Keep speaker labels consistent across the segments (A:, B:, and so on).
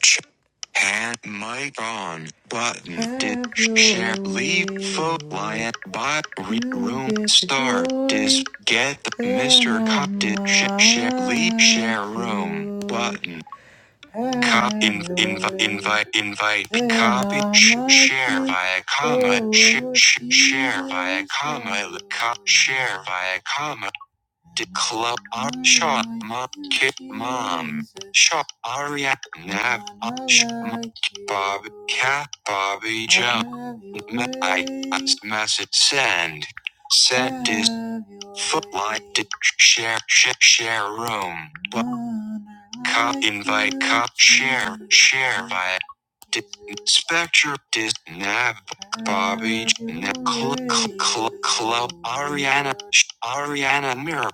A: Ch- Hat mic on button. Hello. Did share leave vote lion bot read room star dis get the Mr. Cop did share sh- leave share room button. Cop in invite invite invite copy sh- share via comma sh- sh- share via comma cop share via comma De club ar shop mop kip mom shop ariak nap shop bob cat bobby jump I message send send is footlight to share share share room but cop invite cop share share via D- Spectre dis nav Bobby J- club cl- club Ariana Ariana mirror.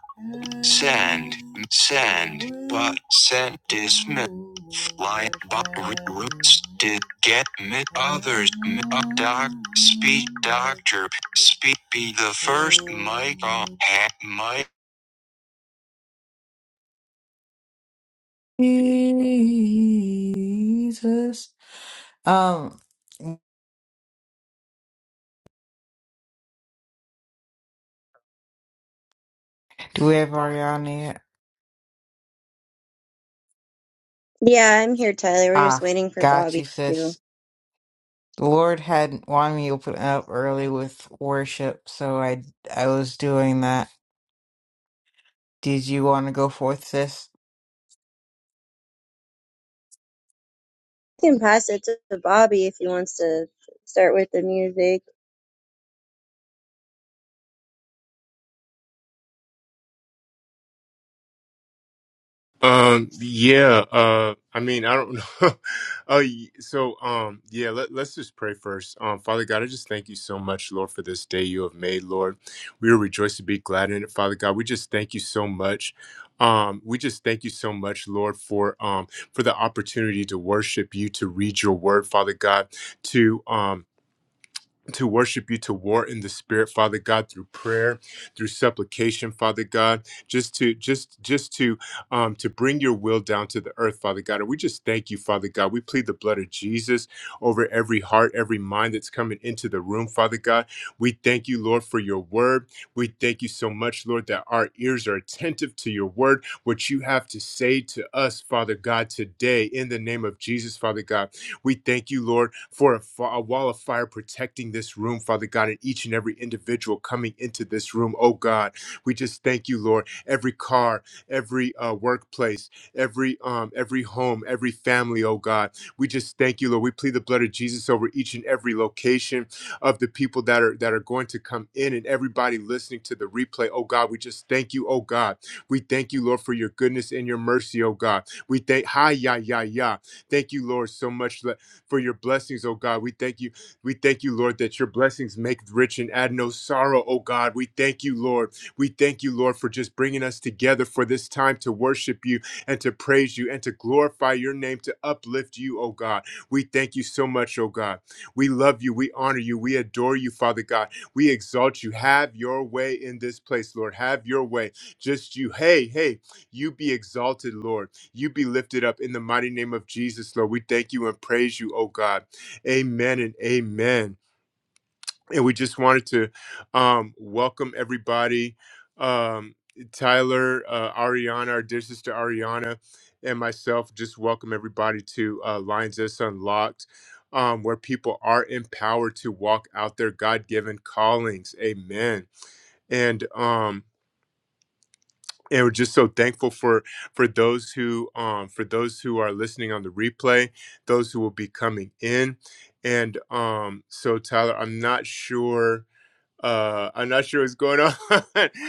A: Send, send, but send dismiss, fly, but roots did get me others, me up doc, speak doctor, speak be the first mic on, hat mic. Jesus. Um, do we have Ariana yet?
B: Yeah, I'm here, Tyler. We're just
A: Ah,
B: waiting for
A: got
B: Bobby
A: you,
B: to. You
A: sis. The Lord had wanted me to open up early with worship, so I I was doing that. Did you want to go forth, sis?
B: can pass it to Bobby if he wants to start with the music.
C: Um, yeah, uh, I mean, I don't know. uh, y- so, um, yeah, let, let's just pray first. Um, Father God, I just thank you so much, Lord, for this day you have made, Lord. We will rejoice to be glad in it, Father God. We just thank you so much. Um, we just thank you so much, Lord, for um for the opportunity to worship you, to read your word, Father God, to um to worship you, to war in the spirit, Father God, through prayer, through supplication, Father God, just to just just to um to bring your will down to the earth, Father God. And we just thank you, Father God. We plead the blood of Jesus over every heart, every mind that's coming into the room, Father God. We thank you, Lord, for your word. We thank you so much, Lord, that our ears are attentive to your word, what you have to say to us, Father God, today in the name of Jesus, Father God. We thank you, Lord, for a, fa- a wall of fire protecting this room, Father God, and each and every individual coming into this room. Oh God, we just thank you, Lord. Every car, every uh, workplace, every um, every home, every family. Oh God, we just thank you, Lord. We plead the blood of Jesus over each and every location of the people that are that are going to come in, and everybody listening to the replay. Oh God, we just thank you. Oh God, we thank you, Lord, for your goodness and your mercy. Oh God, we thank. Hi, ya, ya, ya. Thank you, Lord, so much le- for your blessings, oh God. We thank you. We thank you, Lord, that your blessings make rich and add no sorrow, oh God. We thank you, Lord. We thank you, Lord, for just bringing us together for this time to worship you and to praise you and to glorify your name, to uplift you, oh God. We thank you so much, oh God. We love you. We honor you. We adore you, Father God. We exalt you. Have your way in this place, Lord. Have your way. Just you. Hey, hey, you be exalted, Lord. You be lifted up in the mighty name of Jesus, Lord. We thank you and praise you, oh God. Amen and amen. And we just wanted to um, welcome everybody. Um, Tyler, uh, Ariana, our dear sister Ariana, and myself just welcome everybody to uh, Lines Us Unlocked, um, where people are empowered to walk out their God given callings. Amen. And um, and we're just so thankful for for those who um for those who are listening on the replay those who will be coming in and um so tyler i'm not sure uh i'm not sure what's going on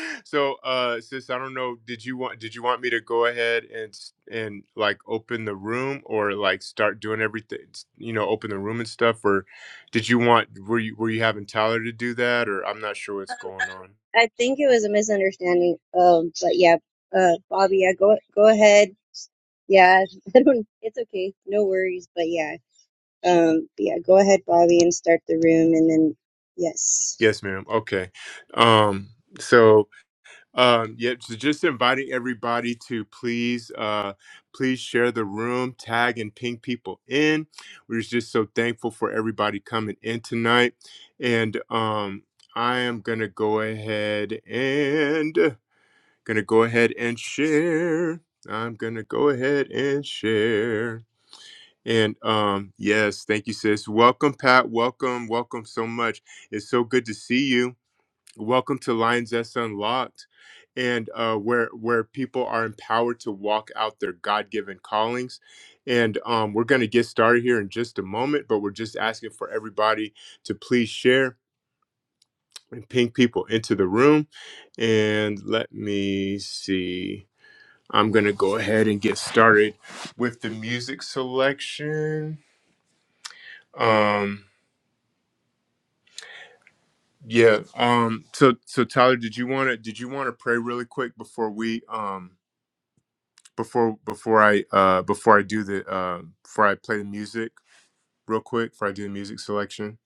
C: so uh sis i don't know did you want did you want me to go ahead and s- and like open the room or like start doing everything you know open the room and stuff or did you want were you were you having tyler to do that or i'm not sure what's going on
B: I think it was a misunderstanding. Um, but yeah, uh, Bobby, yeah, go go ahead. Yeah, I don't. It's okay, no worries. But yeah, um, yeah, go ahead, Bobby, and start the room, and then yes,
C: yes ma'am okay um so Um, yeah, so just inviting everybody to please, uh, please share the room, tag and ping people in. We're just so thankful for everybody coming in tonight, and um, I am gonna go ahead and gonna go ahead and share. I'm gonna go ahead and share. And um, yes, thank you, sis. Welcome, Pat. Welcome, welcome so much. It's so good to see you Welcome to Lions S Unlocked, and uh, where where people are empowered to walk out their God given callings. And um, we're going to get started here in just a moment, but we're just asking for everybody to please share and ping people into the room. And let me see. I'm going to go ahead and get started with the music selection. Um, yeah. Um, so so Tyler, did you want to did you want to pray really quick before we um before before I uh before I do the uh before I play the music real quick before I do the music selection.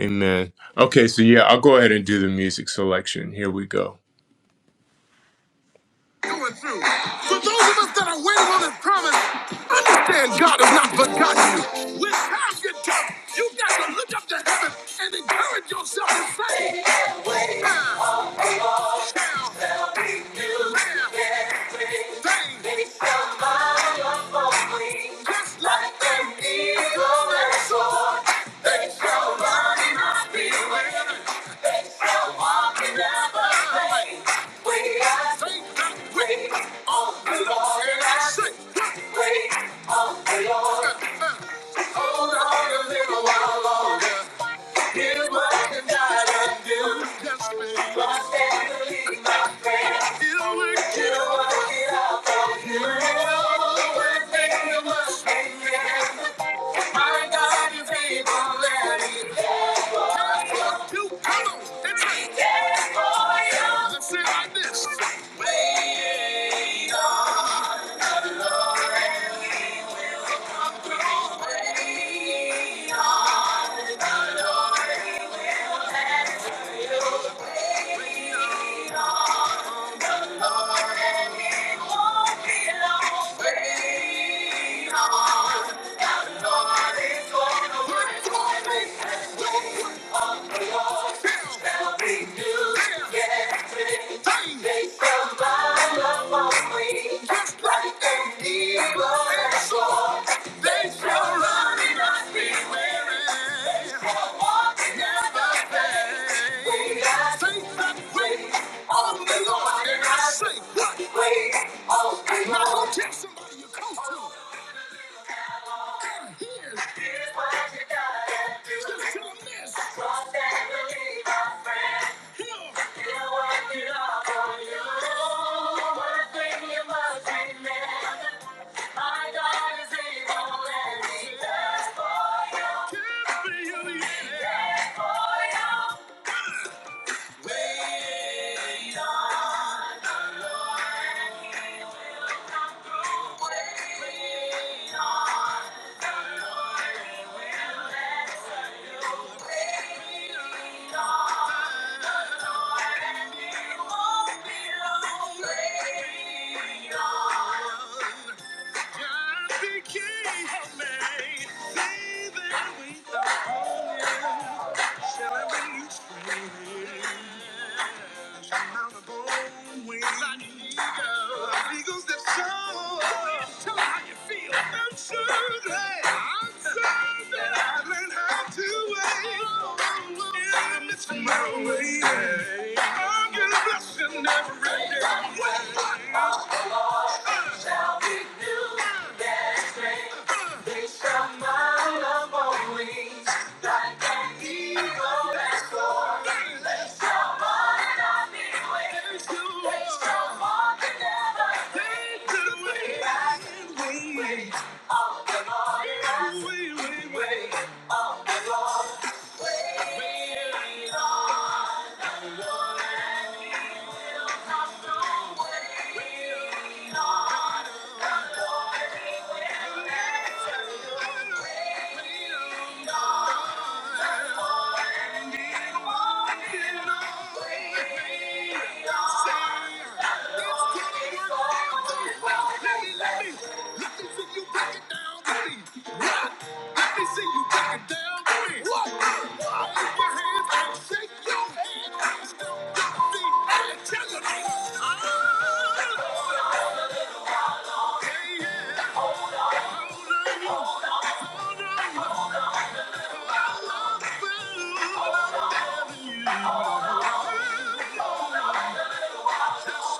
C: Amen. Okay, so yeah, I'll go ahead and do the music selection. Here we go. Going through. For those of us that are waiting on His promise, understand God has not forgotten you. When times get tough, you got to look up to heaven and encourage yourself and say, "I shall have things." Just like an eagle that soared, they shall run and not be weary. Shall walk and never faint. We have to wait on the Lord and I should wait on the Lord. Hold on a little while longer. Here's what I can guide and do. My family, my friends, you work it out. You know everything you must be. My God is able and He. Wait on. Wait on the Lord. Now go tell somebody you come to. Here's what you gotta do. Trust and believe, my friend. He'll work it out for you. One thing you must remember, my God is able and He does for you. He does for you. Wait on the Lord, He will come through. Wait on the Lord, He will answer you. Wait on the Lord, and He won't be long. Wait on. Just be careful, man. Say that we are. My way, I'm gonna bless you every day. It's a mind of wings, like an eagle that's soaring. It's a mind of wings. It's a mind that never fades away. Wings of the Lord. Wings of the Lord. Thank you. Hold on hold on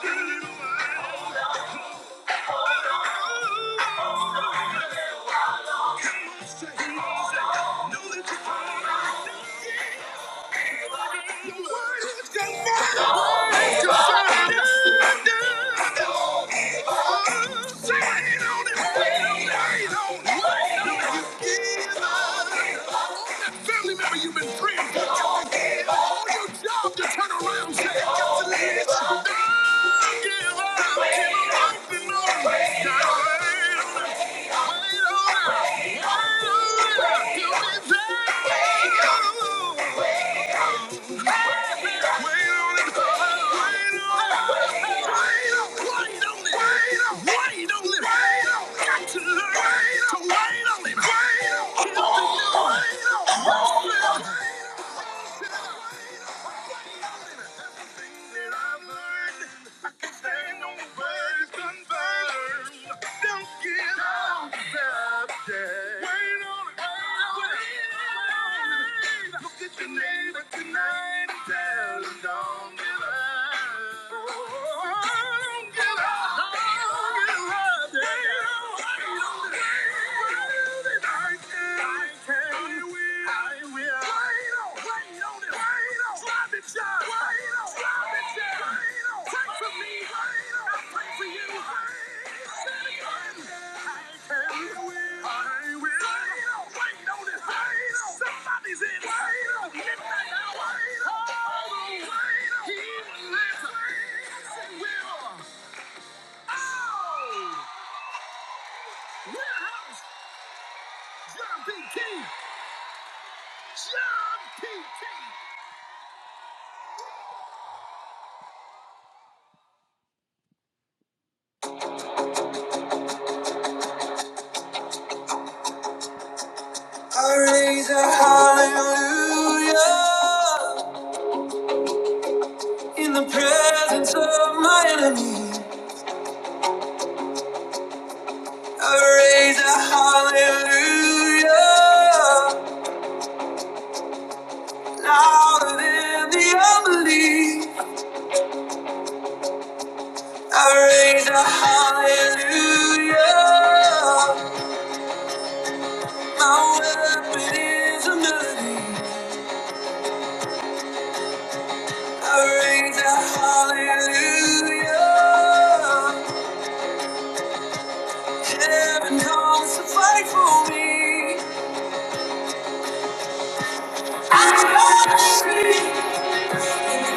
C: Yeah. Family member you've been on your job to turn Wait on it. Everything that I've learned. I can Warehouse, John P. Key. John P. Key. Hallelujah. In the presence of my enemy, I raise a hallelujah. Louder than the unbelief, I raise a hallelujah. My weapon is a melody. I raise a hallelujah. Heaven comes to fight for me. I Hallelujah.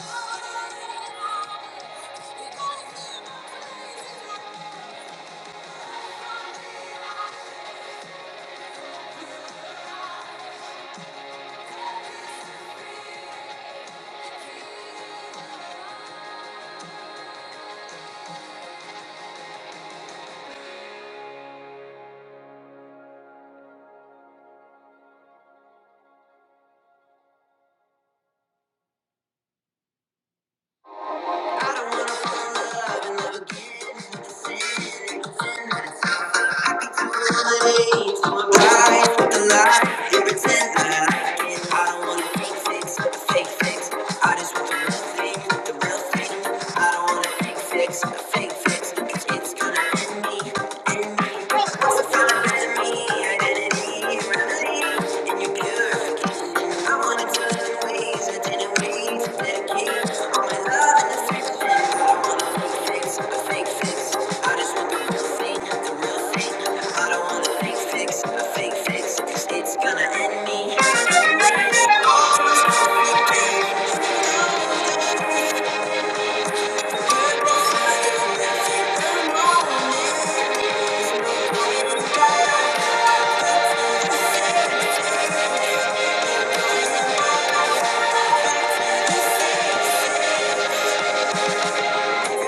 C: I don't wanna fall in love and never get to see it. Relate to my life with the lie and pretend that I like it. I don't wanna fake things fake things. I just want the real thing the real thing. I don't wanna fake fix fake fix. It's gonna end me, end me. What's the feeling of me? identity? It's gonna end me.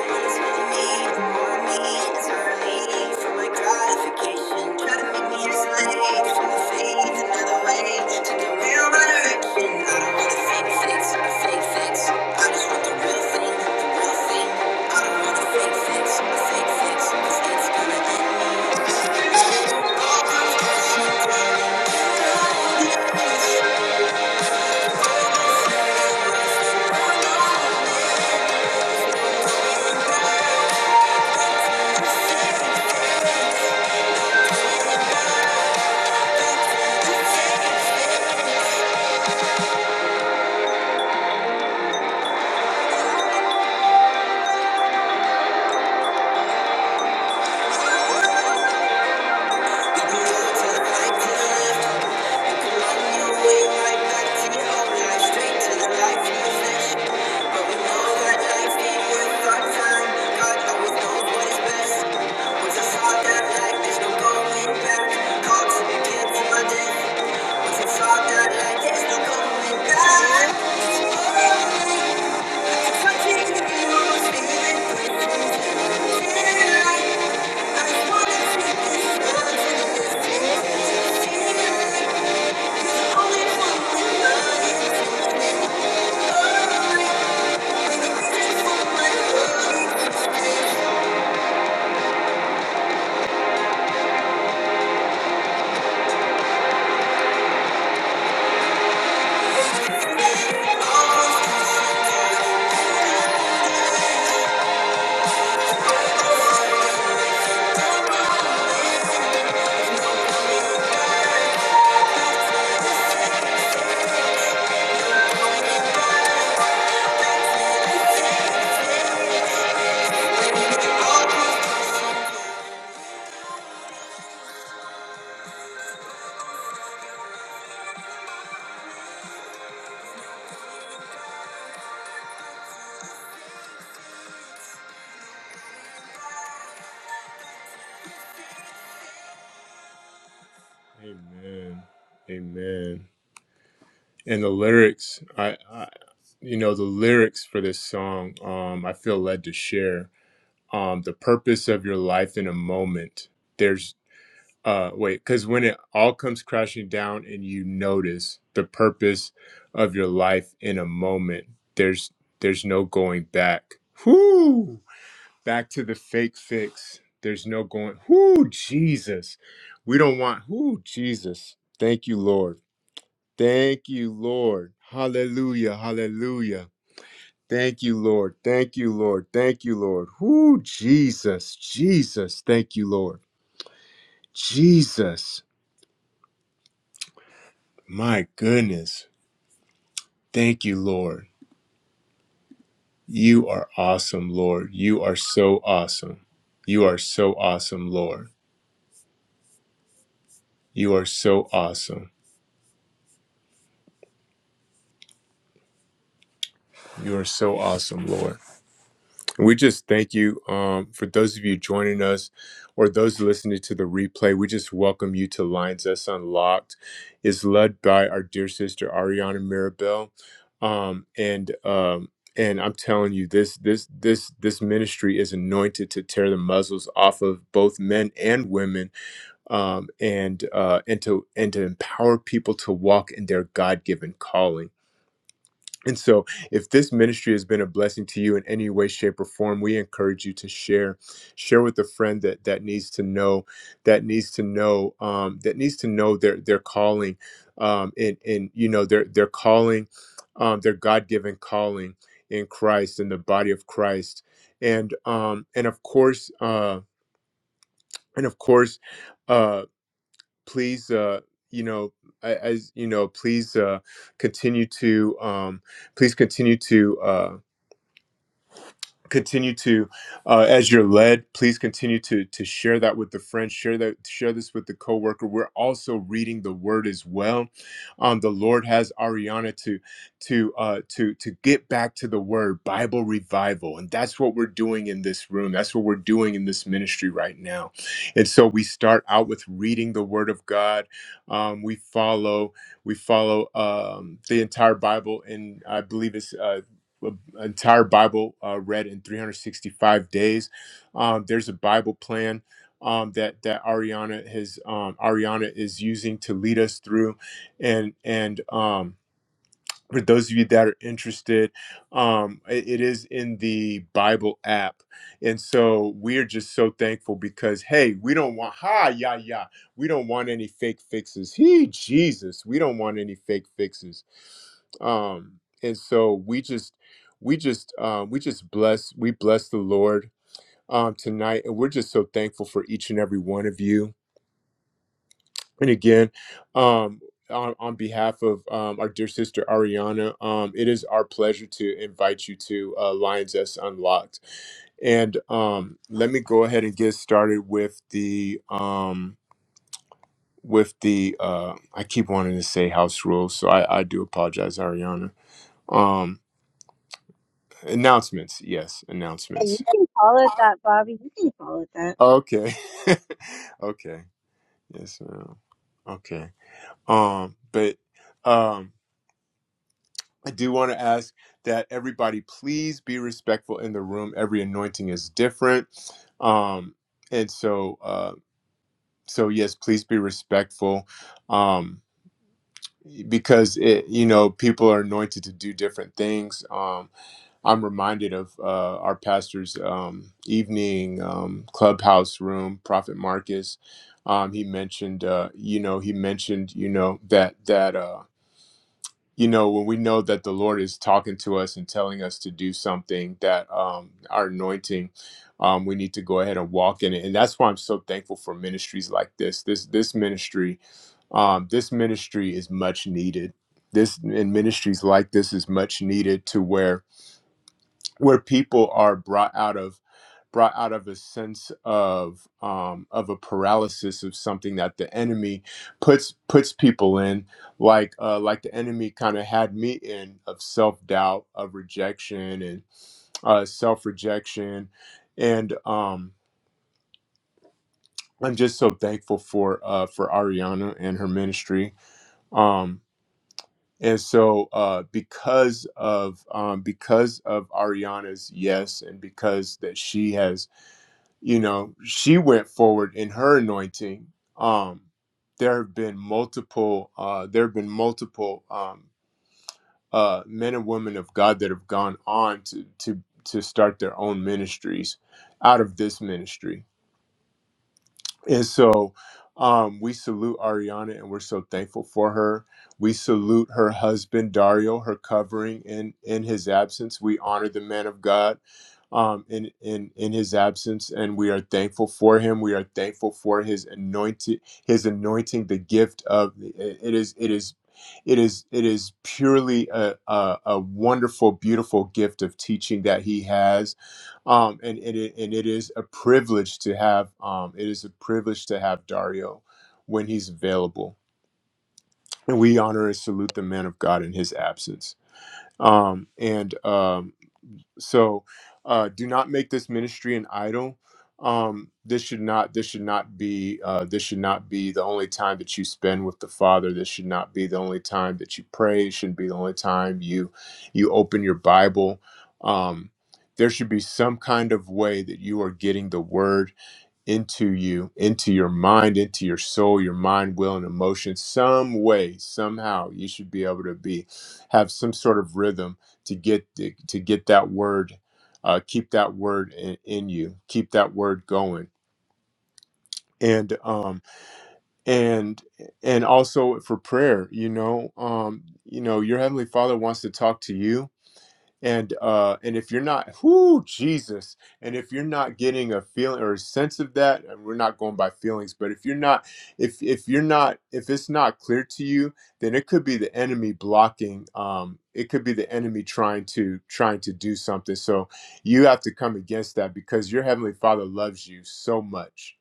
C: Thank you. Thank you. Amen. Amen. And the lyrics, I, I you know, the lyrics for this song, um, I feel led to share. Um, the purpose of your life in a moment. There's uh wait, because when it all comes crashing down and you notice the purpose of your life in a moment, there's there's no going back. Whoo! back to the fake fix. There's no going, whoo, Jesus. We don't want, whoo, Jesus. Thank you, Lord. Thank you, Lord. Hallelujah. Hallelujah. Thank you, Lord. Thank you, Lord. Thank you, Lord. Whoo, Jesus. Jesus. Thank you, Lord. Jesus. My goodness. Thank you, Lord. You are awesome, Lord. You are so awesome. You are so awesome, Lord. You are so awesome. You are so awesome, Lord. We just thank you um, for those of you joining us or those listening to the replay. We just welcome you to Lines Us Unlocked. It's led by our dear sister Ariana Mirabel, um, and um, and I'm telling you, this this this this ministry is anointed to tear the muzzles off of both men and women, um, and uh, and to and to empower people to walk in their God given calling. And so, if this ministry has been a blessing to you in any way, shape, or form, we encourage you to share. Share with a friend that that needs to know, that needs to know, um, that needs to know their their calling, um, and and you know their their calling, um, their God given calling in Christ in the body of Christ, and um, and of course, uh, and of course, uh, please, uh, you know, a- as you know, please uh, continue to. Um, please continue to. uh, continue to uh, as you're led please continue to to share that with the friend share that share this with the coworker we're also reading the word as well um the lord has ariana to to uh to to get back to the word bible revival and that's what we're doing in this room that's what we're doing in this ministry right now and so we start out with reading the word of god um we follow we follow um the entire bible and i believe it's uh, entire Bible uh, read in 365 days. Um, there's a Bible plan um, that that Ariana has um, Ariana is using to lead us through, and and um, for those of you that are interested, um, i- it is in the Bible app. And so we're just so thankful because, hey, we don't want, ha, yeah, yeah, we don't want any fake fixes. He, Jesus, we don't want any fake fixes. Um, and so we just, we just, um, we just bless, we bless the Lord um, tonight. And we're just so thankful for each and every one of you and again, um, on, on behalf of um, our dear sister Ariana, um, it is our pleasure to invite you to uh, Lions S Unlocked. And um, let me go ahead and get started with the um, with the uh, I keep wanting to say house rules, so I, I do apologize, Ariana. Um, announcements, yes,
B: yeah, you
C: announcements.
B: can call it that, Bobby. You can call it that.
C: Okay, okay, yes, ma'am. okay. Um, but um, I do want to ask that everybody please be respectful in the room. Every anointing is different, um, and so uh, so yes, please be respectful um, because it, you know people are anointed to do different things. Um, I'm reminded of uh, our pastor's um, evening um, clubhouse room, Prophet Marcus. Um, he mentioned, uh, you know, he mentioned, you know, that that. uh, you know when we know that the lord is talking to us and telling us to do something that um our anointing um we need to go ahead and walk in it and that's why i'm so thankful for ministries like this this this ministry um this ministry is much needed this and ministries like this is much needed to where where people are brought out of brought out of a sense of um, of a paralysis of something that the enemy puts puts people in, like uh, like the enemy kind of had me in of self doubt, of rejection, and uh, self rejection, and um, I'm just so thankful for uh, for Ariana and her ministry. Um, and so uh, because of um, because of Ariana's yes, and because that she has you know she went forward in her anointing um there have been multiple uh there have been multiple um uh men and women of god that have gone on to to to start their own ministries out of this ministry and so um, we salute Ariana and we're so thankful for her. We salute her husband, Dario, her covering in, in his absence. We honor the man of God um, in, in, in his absence and we are thankful for him. We are thankful for his anointing, his anointing, the gift of it is, it is, it is, it is purely a, a, a wonderful, beautiful gift of teaching that he has um, and, and it and it is a privilege to have um, it is a privilege to have Dario when he's available. And we honor and salute the man of God in his absence. Um, and um, so uh, do not make this ministry an idol. Um, this should not this should not be uh, this should not be the only time that you spend with the Father. This should not be the only time that you pray. It shouldn't be the only time you you open your Bible. Um, there should be some kind of way that you are getting the word into you, into your mind, into your soul, your mind, will, and emotion, some way, somehow, you should be able to be have some sort of rhythm to get to, get that word, uh, keep that word in, in you, keep that word going, and um and and also for prayer, you know, um, you know, your heavenly Father wants to talk to you and uh and if you're not whoo jesus and if you're not getting a feeling or a sense of that and we're not going by feelings but if you're not if if you're not if it's not clear to you then it could be the enemy blocking um it could be the enemy trying to trying to do something so you have to come against that because your heavenly father loves you so much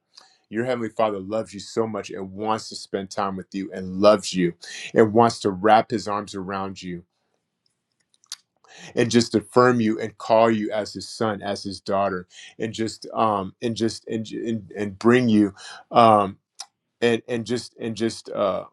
C: your heavenly father loves you so much and wants to spend time with you and loves you and wants to wrap his arms around you and just affirm you and call you as his son as his daughter and just um and just and and, and bring you um and and just and just uh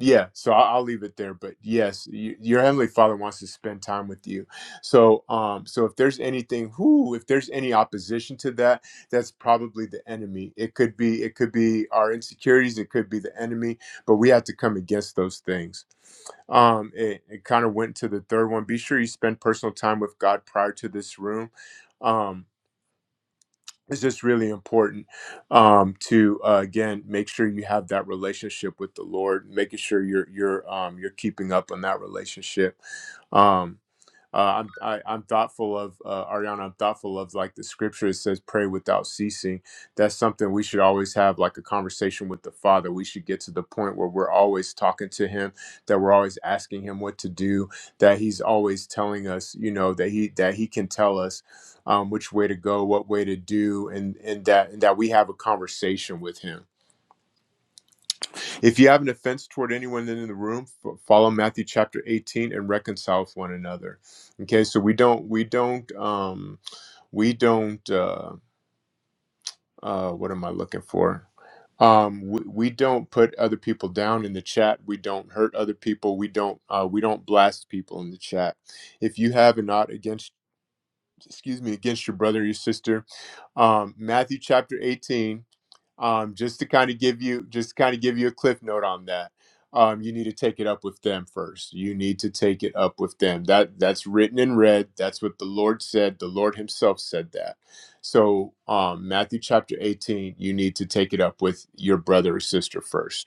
C: yeah so i'll, I'll leave it there but yes you, your heavenly father wants to spend time with you so um so if there's anything who if there's any opposition to that that's probably the enemy it could be it could be our insecurities it could be the enemy but we have to come against those things um it, it kind of went to the third one be sure you spend personal time with god prior to this room um it's just really important um, to uh, again make sure you have that relationship with the Lord, making sure you're you're um, you're keeping up on that relationship Um, uh, I'm I, I'm thoughtful of uh, Ariana. I'm thoughtful of like the scripture. It says, "Pray without ceasing." That's something we should always have, like a conversation with the Father. We should get to the point where we're always talking to Him, that we're always asking Him what to do, that He's always telling us, you know, that He that He can tell us um, which way to go, what way to do, and and that and that we have a conversation with Him if you have an offense toward anyone in the room, f- follow Matthew chapter 18 and reconcile with one another. Okay, so we don't, we don't, um, we don't, uh, uh, what am I looking for? Um, we, we don't put other people down in the chat. We don't hurt other people. We don't, uh, we don't blast people in the chat. If you have a not against, excuse me, against your brother or your sister, um, Matthew chapter 18 um, just to kind of give you just to kind of give you a cliff note on that um, you need to take it up with them first you need to take it up with them that that's written in red that's what the lord said the lord himself said that so um, matthew chapter 18 you need to take it up with your brother or sister first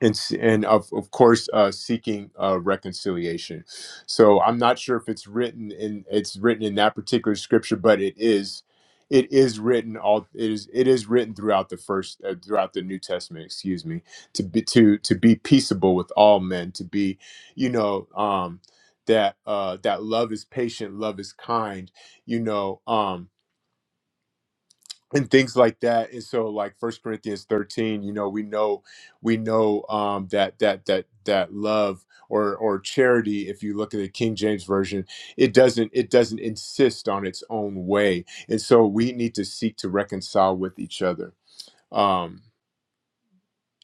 C: and s- and of of course uh, seeking uh, reconciliation. So I'm not sure if it's written in it's written in that particular scripture, but it is it is written all it is it is written throughout the first uh, throughout the New Testament. Excuse me to be to to be peaceable with all men to be you know um, that uh, that love is patient, love is kind. You know. Um, and things like that and so like first corinthians 13 you know we know we know um that that that that love or or charity if you look at the king james version it doesn't it doesn't insist on its own way and so we need to seek to reconcile with each other Um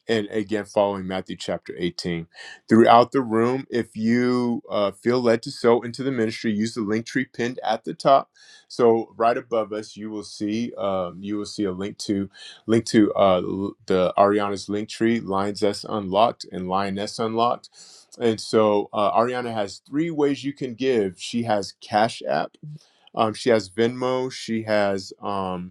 C: and again following Matthew chapter 18. Throughout the room, if you uh, feel led to sow into the ministry, use the link tree pinned at the top. So right above us, you will see um, you will see a link to link to uh, the Ariana's link tree, Lions S Unlocked and Lioness Unlocked. And so uh, Ariana has three ways you can give. She has Cash App, um, she has Venmo, she has. um,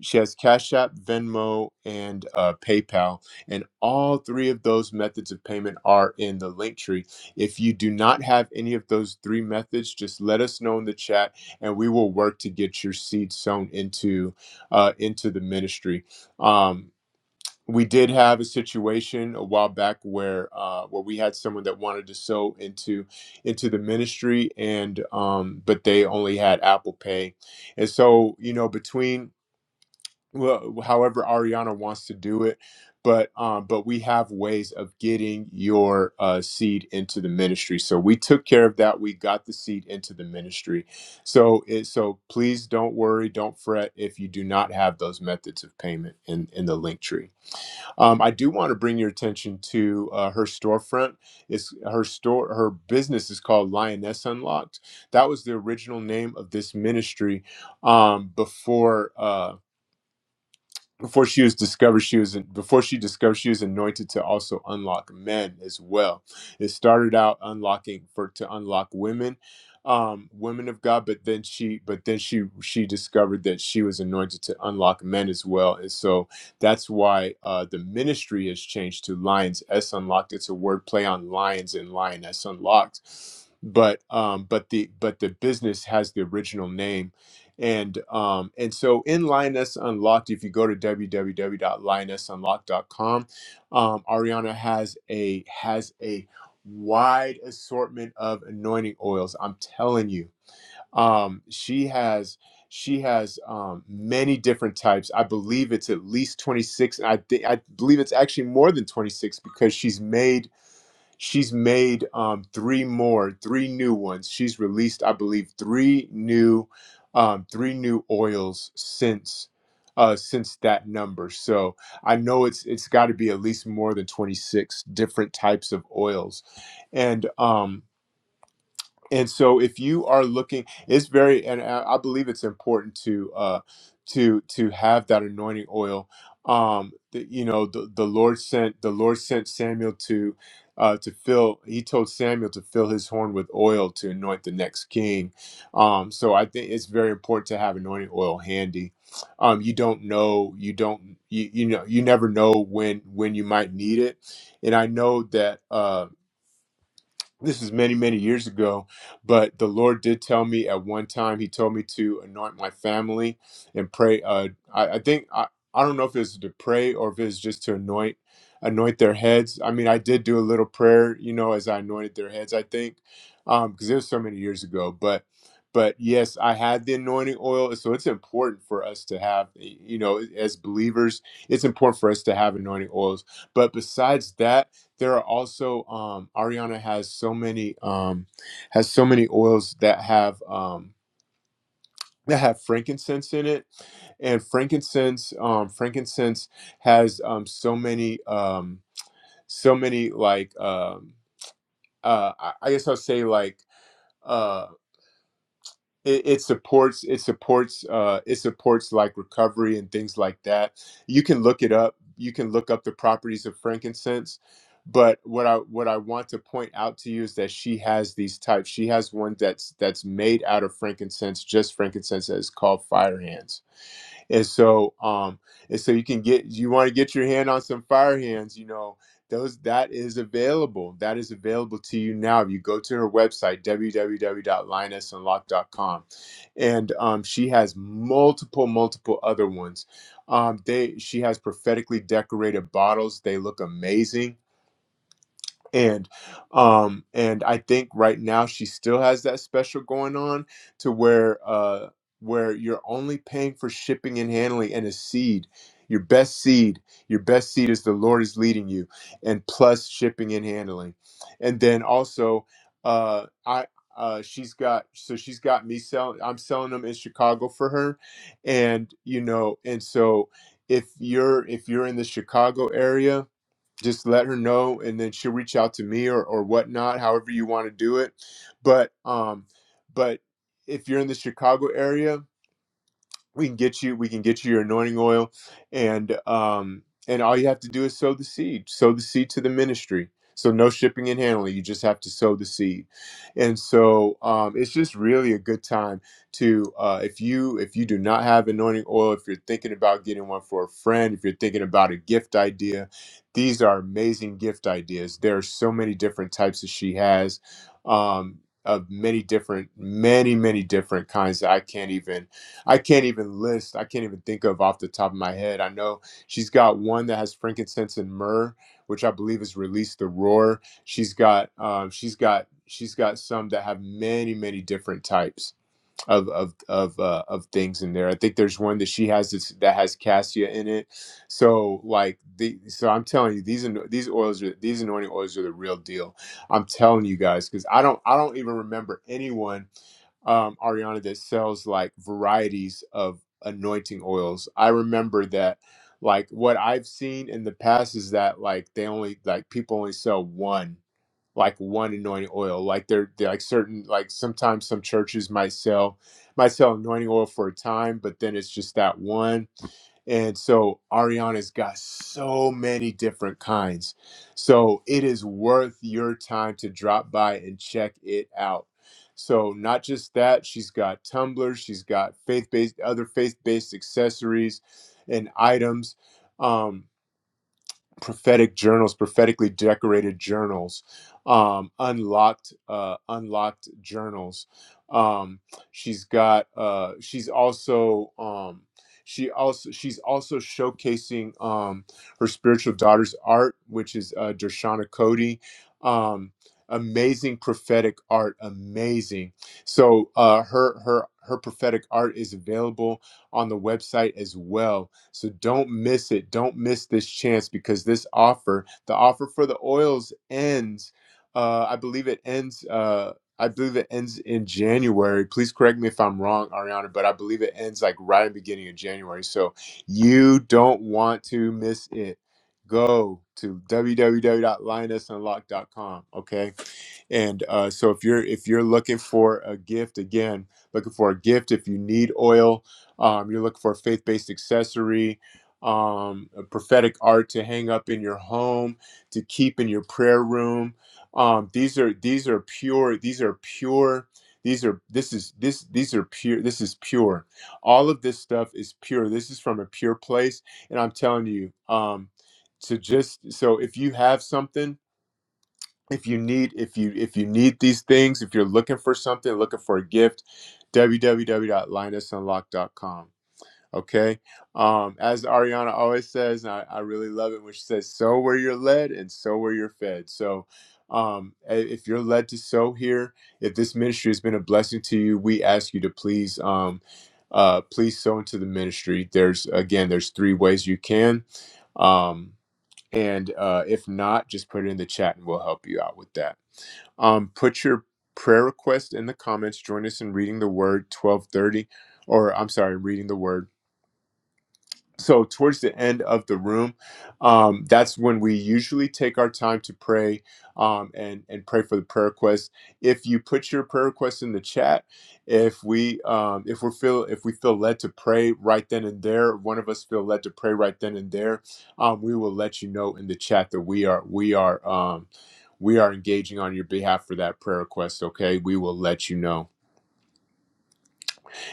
C: she has Cash App, Venmo, and uh, PayPal. And all three of those methods of payment are in the link tree. If you do not have any of those three methods, just let us know in the chat and we will work to get your seed sown into, uh, into the ministry. Um, we did have a situation a while back where uh, where we had someone that wanted to sow into into the ministry and um, but they only had Apple Pay. And so, you know, between well, however Ariana wants to do it. But um, but we have ways of getting your uh, seed into the ministry. So we took care of that. We got the seed into the ministry. So it, so please don't worry, don't fret if you do not have those methods of payment in in the link tree. Um, I do want to bring your attention to uh, her storefront. It's her store. Her business is called Lioness Unlocked. That was the original name of this ministry um, before. Uh, before she was discovered she was before she discovered she was anointed to also unlock men as well it started out unlocking for to unlock women um women of god but then she but then she she discovered that she was anointed to unlock men as well and so that's why uh the ministry has changed to lions s unlocked it's a word play on lions and lioness unlocked but um but the but the business has the original name and um, and so in Linus Unlocked, if you go to w w w dot www.linusunlocked.com, um, Ariana has a has a wide assortment of anointing oils. I'm telling you, um, she has she has um, many different types. I believe it's at least 26. And I think I believe it's actually more than 26 because she's made She's made um, three more, three new ones. She's released, I believe, three new, um, three new oils since uh, since that number. So I know it's it's got to be at least more than twenty six different types of oils, and um, and so if you are looking it's very and i I believe it's important to uh to to have that anointing oil um the, you know the, the lord sent the lord sent samuel to uh to fill he told samuel to fill his horn with oil to anoint the next king um so i think it's very important to have anointing oil handy um you don't know you don't you, you know you never know when when you might need it and i know that uh this is many many years ago but the lord did tell me at one time he told me to anoint my family and pray uh i, I think I, I don't know if it's to pray or if it's just to anoint anoint their heads i mean i did do a little prayer you know as i anointed their heads i think um because it was so many years ago but but yes i had the anointing oil so it's important for us to have you know as believers it's important for us to have anointing oils but besides that there are also um Ariana has so many um has so many oils that have um that have frankincense in it and frankincense um frankincense has um so many um so many like um uh I, I guess I'll say like Uh, it, it supports it supports uh, it supports like recovery and things like that. You can look it up. You can look up the properties of frankincense. But what I what I want to point out to you is that she has these types. She has one that's that's made out of frankincense, just frankincense that is called fire hands and so um and so you can get you want to get your hand on some fire hands you know those that is available that is available to you now you go to her website w w w dot lioness unlocked dot com, and um, she has multiple multiple other ones um, they she has prophetically decorated bottles they look amazing and um and i think right now she still has that special going on to where uh where you're only paying for shipping and handling and a seed your best seed your best seed is the lord is leading you and plus shipping and handling and then also uh i uh, she's got so she's got me selling i'm selling them in chicago for her and you know and so if you're if you're in the chicago area just let her know and then she'll reach out to me or, or whatnot however you want to do it but um but if you're in the chicago area we can get you we can get you your anointing oil and um and all you have to do is sow the seed sow the seed to the ministry so no shipping and handling you just have to sow the seed and so um it's just really a good time to uh if you if you do not have anointing oil if you're thinking about getting one for a friend if you're thinking about a gift idea these are amazing gift ideas there are so many different types that she has um of many different many many different kinds that i can't even I can't even list. I can't even think of off the top of my head. I know she's got one that has frankincense and myrrh, which I believe is release the roar. She's got um, she's got she's got some that have many many different types of of of uh, of things in there. I think there's one that she has this, that has cassia in it. So like the so I'm telling you these ano- these oils are these anointing oils are the real deal. I'm telling you guys because I don't I don't even remember anyone um, Ariana that sells like varieties of anointing oils. I remember that like what I've seen in the past is that like they only like people only sell one like one anointing oil. Like they're, they're like certain like sometimes some churches might sell might sell anointing oil for a time, but then it's just that one. And so Ariana's got so many different kinds. So it is worth your time to drop by and check it out. So not just that, she's got tumblers, she's got faith-based other faith-based accessories and items. Um, prophetic journals, prophetically decorated journals, um, unlocked, uh, unlocked journals. Um, she's got. Uh, she's also. Um, she also she's also showcasing um, her spiritual daughter's art, which is uh, Dershana Cody. Um, amazing prophetic art, amazing. So uh, her her her prophetic art is available on the website as well so don't miss it. Don't miss this chance because this offer, the offer for the oils ends, uh, I believe it ends. Uh, I believe it ends in January. Please correct me if I'm wrong, Ariana, but I believe it ends like right in the beginning of January. So you don't want to miss it. Go to www.lionessunlock.com. Okay. And uh, so if you're if you're looking for a gift again, looking for a gift, if you need oil, um, you're looking for a faith based accessory, um, a prophetic art to hang up in your home, to keep in your prayer room. Um, these are these are pure. These are pure. These are this is this these are pure. This is pure. All of this stuff is pure. This is from a pure place, and I'm telling you. Um, to just so if you have something if you need if you if you need these things if you're looking for something looking for a gift www.linusunlock.com Okay. Um, as Ariana always says, and I, I really love it when she says, sow where you're led and sow where you're fed. So um, i- if you're led to sow here, if this ministry has been a blessing to you, we ask you to please, um, uh, please sow into the ministry. There's, again, there's three ways you can. Um, and uh, if not, just put it in the chat and we'll help you out with that um, put your prayer request in the comments join us in reading the word 1230 or i'm sorry reading the word so towards the end of the room um, that's when we usually take our time to pray um, and and pray for the prayer request if you put your prayer request in the chat if we um, if we feel if we feel led to pray right then and there one of us feel led to pray right then and there um, we will let you know in the chat that we are we are um, we are engaging on your behalf for that prayer request okay we will let you know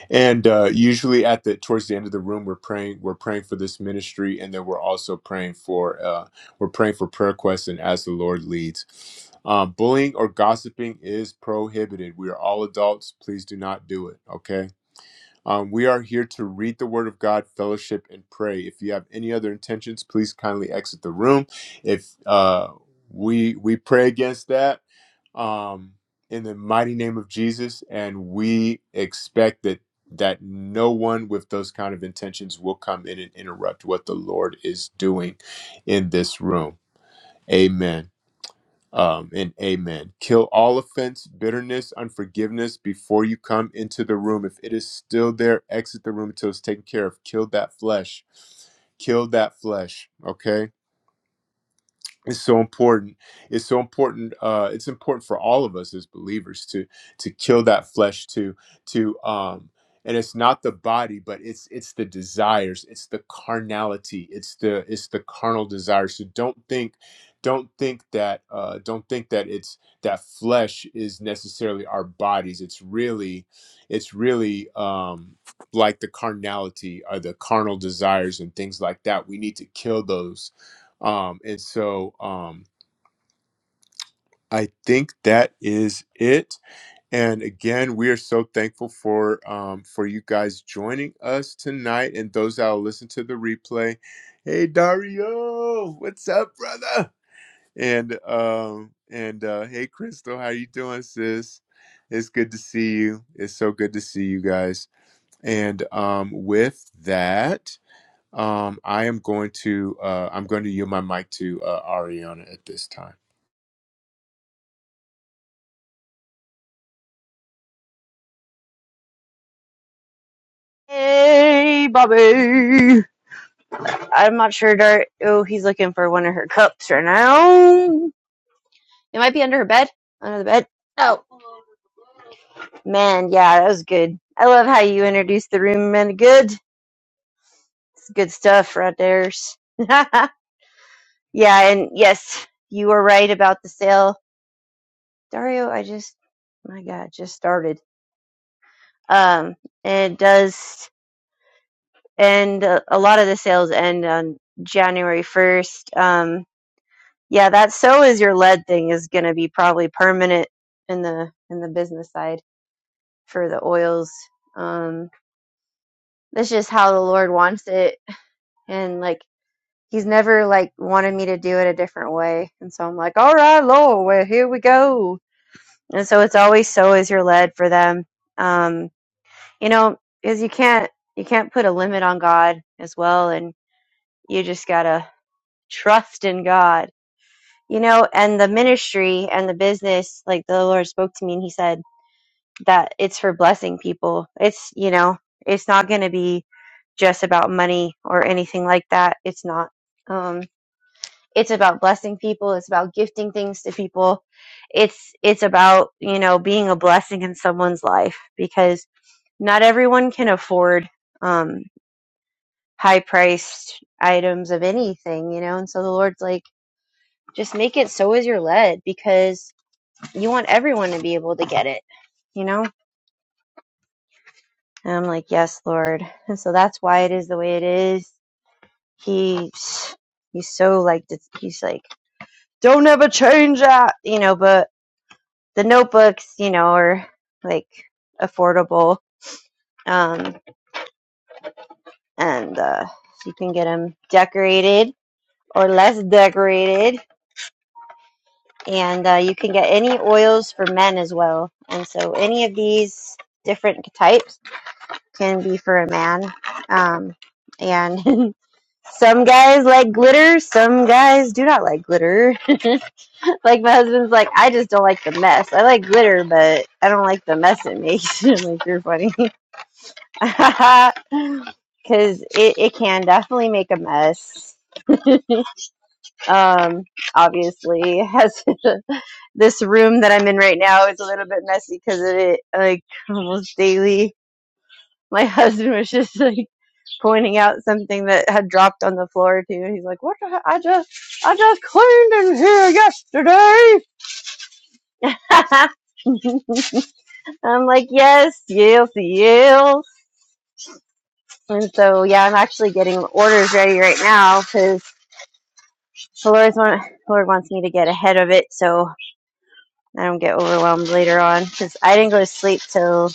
C: and uh, usually at the towards the end of the room we're praying we're praying for this ministry and then we're also praying for uh, we're praying for prayer requests and as the lord leads um, bullying or gossiping is prohibited we are all adults please do not do it okay um, we are here to read the Word of God, fellowship, and pray. If you have any other intentions, please kindly exit the room. If uh, we we pray against that um, in the mighty name of Jesus, and we expect that that no one with those kind of intentions will come in and interrupt what the Lord is doing in this room. Amen um, and amen. Kill all offense, bitterness, unforgiveness before you come into the room. If it is still there, exit the room until it's taken care of. Kill that flesh. Kill that flesh. Okay it's so important it's so important uh it's important for all of us as believers to to kill that flesh to to um and it's not the body but it's it's the desires it's the carnality it's the it's the carnal desires so don't think don't think that uh don't think that it's that flesh is necessarily our bodies it's really it's really um like the carnality or the carnal desires and things like that we need to kill those um, and so um, I think that is it. And again, we are so thankful for um, for you guys joining us tonight, and those that will listen to the replay. Hey Dario, what's up, brother? And um, and uh, hey Crystal, how you doing, sis? It's good to see you. It's so good to see you guys. And um, with that, um, I am going to uh, I'm going to yield my mic to uh, Ariana at this time.
B: Hey, Bobby. I'm not sure. Dar- oh, he's looking for one of her cups right now. It might be under her bed. Under the bed. Oh man, yeah, that was good. I love how you introduced the room, man. Good, it's good stuff right there. yeah, and yes, you were right about the sale, Dario. I just, my God, just started. Um, and it does end. A a lot of the sales end on January first. Um, yeah, that so is your lead thing is going to be probably permanent in the in the business side for the oils. Um. That's just how the Lord wants it. And like, He's never like wanted me to do it a different way. And so I'm like, all right, Lord, well, here we go. And so it's always so as you're led for them. Um, you know, because you can't, you can't put a limit on God as well. And you just gotta trust in God, you know, and the ministry and the business, like the Lord spoke to me and He said, that it's for blessing people. It's, you know, it's not going to be just about money or anything like that. It's not. Um, it's about blessing people. It's about gifting things to people. It's, it's about, you know, being a blessing in someone's life because not everyone can afford, um, high priced items of anything, you know? And so the Lord's like, just make it so as you're led because you want everyone to be able to get it, you know? And I'm like, yes, Lord. And so that's why it is the way it is. He, he's so like, dis- he's like, don't ever change that, you know, but the notebooks, you know, are like affordable. Um, and, uh, you can get them decorated or less decorated. And, uh, you can get any oils for men as well. And so any of these different types can be for a man. Um, and some guys like glitter, some guys do not like glitter. like my husband's like, I just don't like the mess. I like glitter, but I don't like the mess it makes. I'm like, you're funny. Because it, it can definitely make a mess. Um, obviously, has this room that I'm in right now is a little bit messy because of it, like almost daily. My husband was just like pointing out something that had dropped on the floor too. And he's like, "What? The he- I just, I just cleaned in here yesterday." I'm like, "Yes, yes, yes." And so, yeah, I'm actually getting orders ready right now because the Lord's want, Lord wants me to get ahead of it so I don't get overwhelmed later on. Because I didn't go to sleep till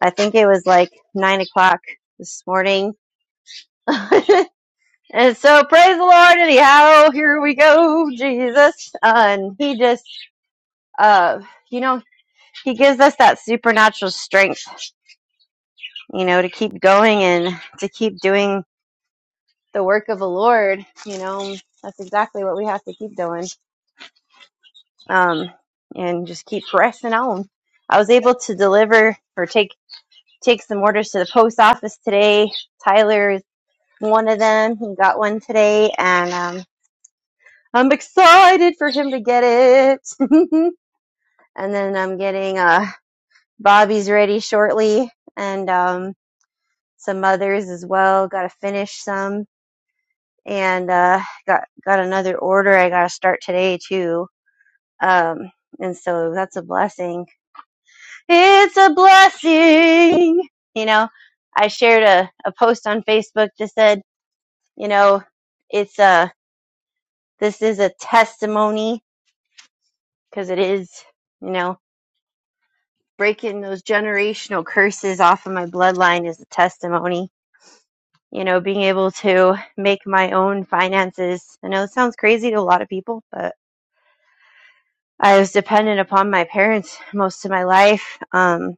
B: I think it was like nine o'clock this morning. And so praise the Lord anyhow. Here we go, Jesus. and he just, uh, you know, he gives us that supernatural strength, you know, to keep going and to keep doing the work of the Lord. You know, that's exactly what we have to keep doing. Um, and just keep pressing on. I was able to deliver or take, take some orders to the post office today. Tyler is one of them. He got one today and, um, I'm excited for him to get it. and then I'm getting uh Bobby's ready shortly and um some others as well. Gotta finish some. And uh got got another order I gotta start today too. Um and so that's a blessing. It's a blessing. You know, I shared a, a post on Facebook that said, you know, it's a this is a testimony because it is, you know. breaking those generational curses off of my bloodline is a testimony. You know, being able to make my own finances. I know it sounds crazy to a lot of people, but I was dependent upon my parents most of my life. Um,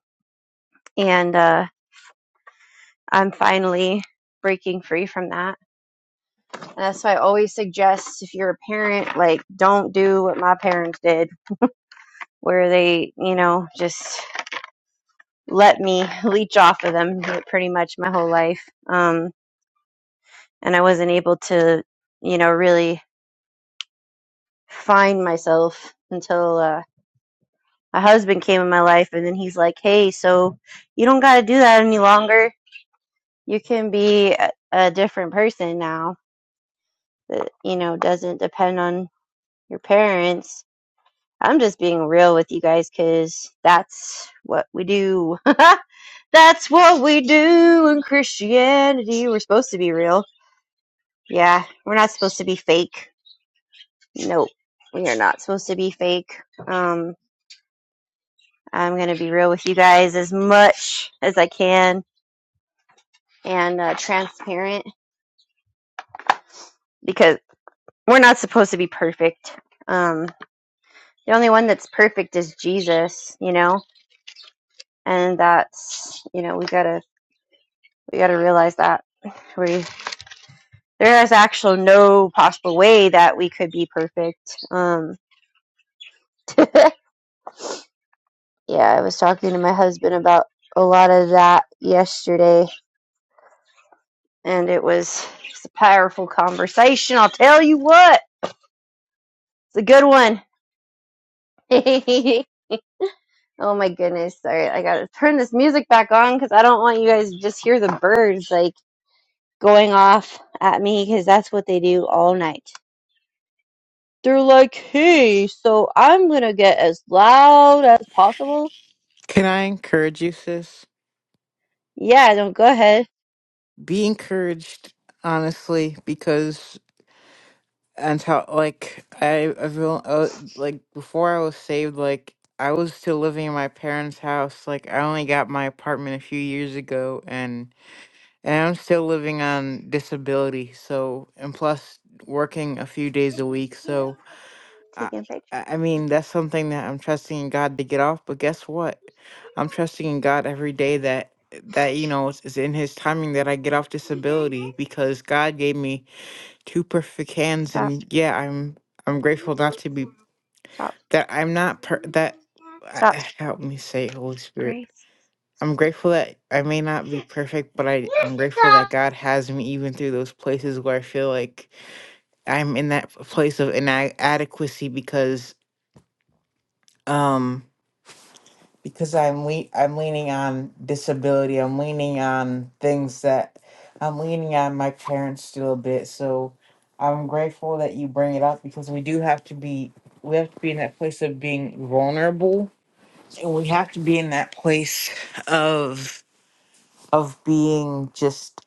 B: and uh, I'm finally breaking free from that. And that's why I always suggest if you're a parent, like, don't do what my parents did, where they, you know, just let me leech off of them pretty much my whole life. Um, and I wasn't able to, you know, really find myself until uh, my husband came in my life, and then he's like, "Hey, so you don't got to do that any longer. You can be a, a different person now. That you know doesn't depend on your parents." I'm just being real with you guys because that's what we do. that's what we do in Christianity. We're supposed to be real. Yeah, we're not supposed to be fake. nope, we are not supposed to be fake. Um, I'm going to be real with you guys as much as I can and uh, transparent because we're not supposed to be perfect. Um, the only one that's perfect is Jesus, you know, and that's, you know, we gotta, we gotta realize that we, there is actual no possible way that we could be perfect. Um, yeah, I was talking to my husband about a lot of that yesterday and it was just a powerful conversation. I'll tell you what, it's a good one. oh my goodness! Sorry, I gotta turn this music back on because I don't want you guys to just hear the birds like going off at me because that's what they do all night. They're like, "Hey, so I'm gonna get as loud as possible."
A: Can I encourage you, sis?
B: Yeah, don't go ahead.
A: Be encouraged, honestly, because until like I, I feel uh, like before I was saved, like I was still living in my parents' house. Like I only got my apartment a few years ago, and and I'm still living on disability. So and plus working a few
B: What are
A: days a
B: you
A: week.
B: doing?
A: So I,
B: Taking a picture.
A: I I mean, that's something that I'm trusting in God to get off. But guess what? I'm trusting in God every day that that you know it's, it's in His timing that I get off disability because God gave me two perfect hands,
B: Stop.
A: and yeah, I'm I'm grateful not to be
B: Stop.
A: that I'm not per, that. I,
B: Stop.
A: I- help me say, Holy Spirit.
B: Grace, stop
A: I'm grateful that I may not be
B: it.
A: perfect, but I,
B: You
A: I'm grateful that
B: stop.
A: God has me even through those places where I feel like I'm in that place of inadequacy because um because I'm le- I'm leaning on disability. I'm leaning on things that I'm leaning on my parents still a bit. So I'm grateful that you bring it up because we do have to be we have to be in that place of being vulnerable and we have to be in that place of of being just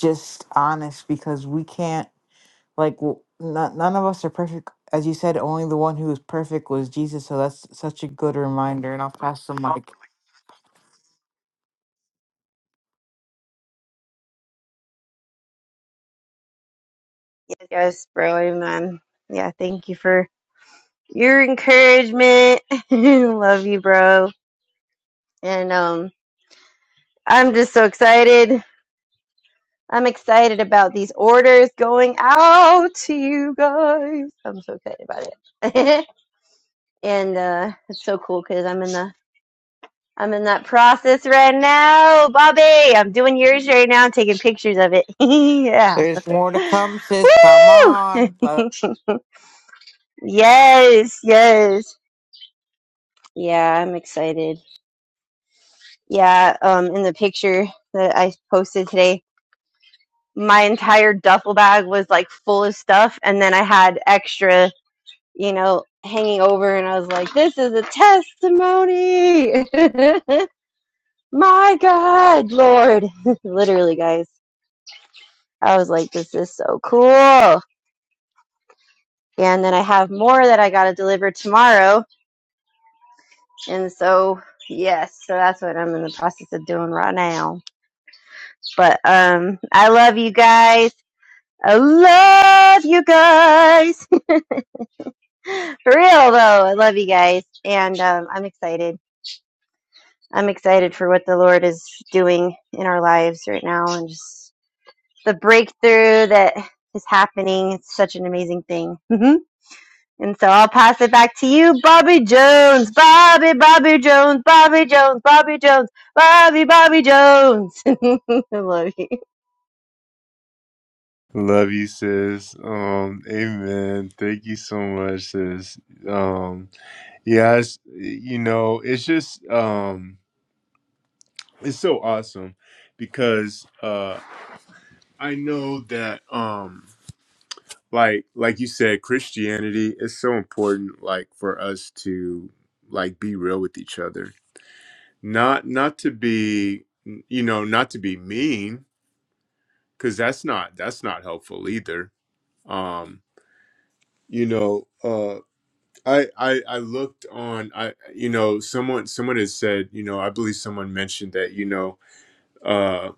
A: just honest because we can't like w- no- none of us are perfect as you said only the one who is perfect was jesus so that's such a good reminder and i'll pass the mic
B: Yes, yes, bro. Amen. Yeah, thank you for your encouragement. Love you, bro. And um, I'm just so excited. I'm excited about these orders going out to you guys. I'm so excited about it. and uh, it's so cool because I'm in the I'm in that process right now, Bobby. I'm doing yours right now, taking pictures of it. yeah.
A: There's more to come, sis. Come on.
B: Woo!
A: Let-
B: Yes, yes. Yeah, I'm excited. Yeah, um in the picture that I posted today, my entire duffel bag was like full of stuff and then I had extra, you know, hanging over and I was like, this is a testimony. my god, Lord. Literally, guys. I was like, this is so cool. Yeah, And then I have more that I got to deliver tomorrow. And so, yes, so that's what I'm in the process of doing right now. But um, I love you guys. I love you guys. for real though, I love you guys, and um, I'm excited. I'm excited for what the Lord is doing in our lives right now, and just the breakthrough that is happening. It's such an amazing thing. Mhm. and so I'll pass it back to you, Bobby Jones, Bobby, Bobby Jones, Bobby Jones, Bobby Jones, Bobby, Bobby Jones. I love you.
C: Love you, sis. Um, amen. Thank you so much, sis. Um, yes, you know, it's just um it's so awesome because uh I know that um like like you said, Christianity is so important like for us to like be real with each other. Not not to be you know, not to be mean, because that's not that's not helpful either. Um, you know, uh I, I I looked on I you know someone someone has said you know I believe someone mentioned that you know uh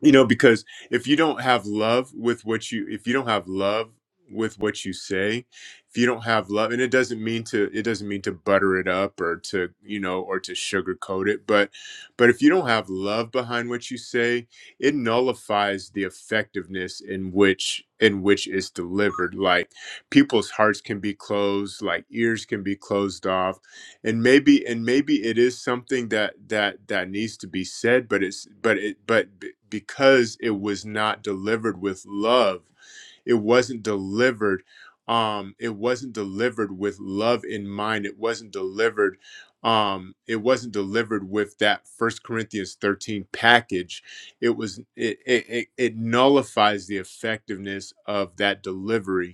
C: you know because if you don't have love with what you if you don't have love with what you say if you don't have love and it doesn't mean to it doesn't mean to butter it up or to you know or to sugarcoat it but but if you don't have love behind what you say it nullifies the effectiveness in which in which it's delivered like people's hearts can be closed like ears can be closed off and maybe and maybe it is something that that that needs to be said but it's but it but b- because it was not delivered with love it wasn't delivered um it wasn't delivered with love in mind it wasn't delivered um it wasn't delivered with that first corinthians 13 package it was it it, it it nullifies the effectiveness of that delivery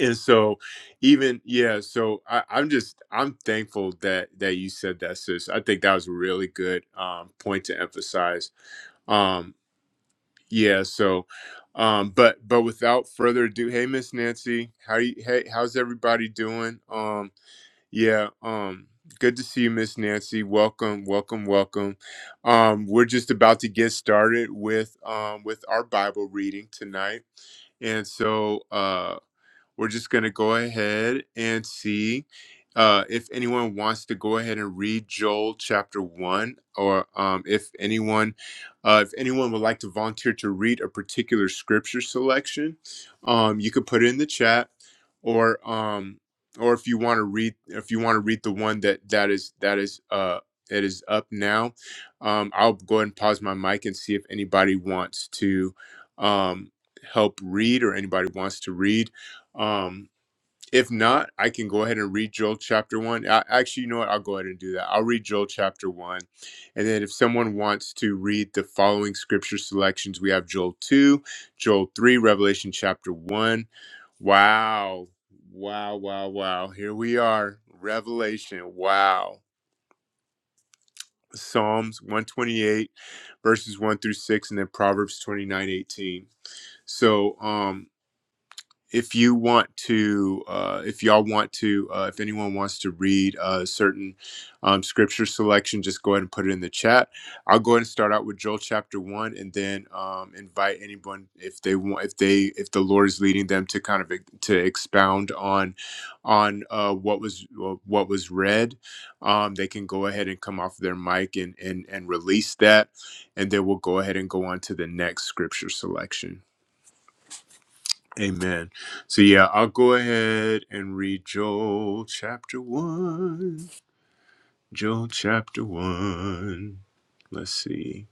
C: and so even yeah so I, i'm just i'm thankful that that you said that sis i think that was a really good um, point to emphasize um yeah so um but but without further ado hey miss nancy how you hey how's everybody doing um yeah um good to see you miss nancy welcome welcome welcome um we're just about to get started with um with our bible reading tonight and so uh, we're just going to go ahead and see uh, if anyone wants to go ahead and read Joel chapter one, or um, if anyone, uh, if anyone would like to volunteer to read a particular scripture selection, um, you could put it in the chat, or um, or if you want to read, if you want to read the one that that is that is uh, that is up now, um, I'll go ahead and pause my mic and see if anybody wants to um, help read or anybody wants to read um, if not, I can go ahead and read Joel chapter one. I, actually, you know what? I'll go ahead and do that. I'll read Joel chapter one. And then if someone wants to read the following scripture selections, we have Joel 2, Joel 3, Revelation chapter 1. Wow. Wow, wow, wow. Here we are. Revelation. Wow. Psalms 128, verses 1 through 6, and then Proverbs 29 18. So, um, if you want to, uh, if y'all want to, uh, if anyone wants to read a certain um, scripture selection, just go ahead and put it in the chat. I'll go ahead and start out with Joel chapter one, and then um, invite anyone if they want, if they, if the Lord is leading them to kind of ex- to expound on, on uh, what was uh, what was read. Um, they can go ahead and come off their mic and and and release that, and then we'll go ahead and go on to the next scripture selection. Amen. So, yeah, I'll go ahead and read Joel chapter 1. Joel chapter 1. Let's see.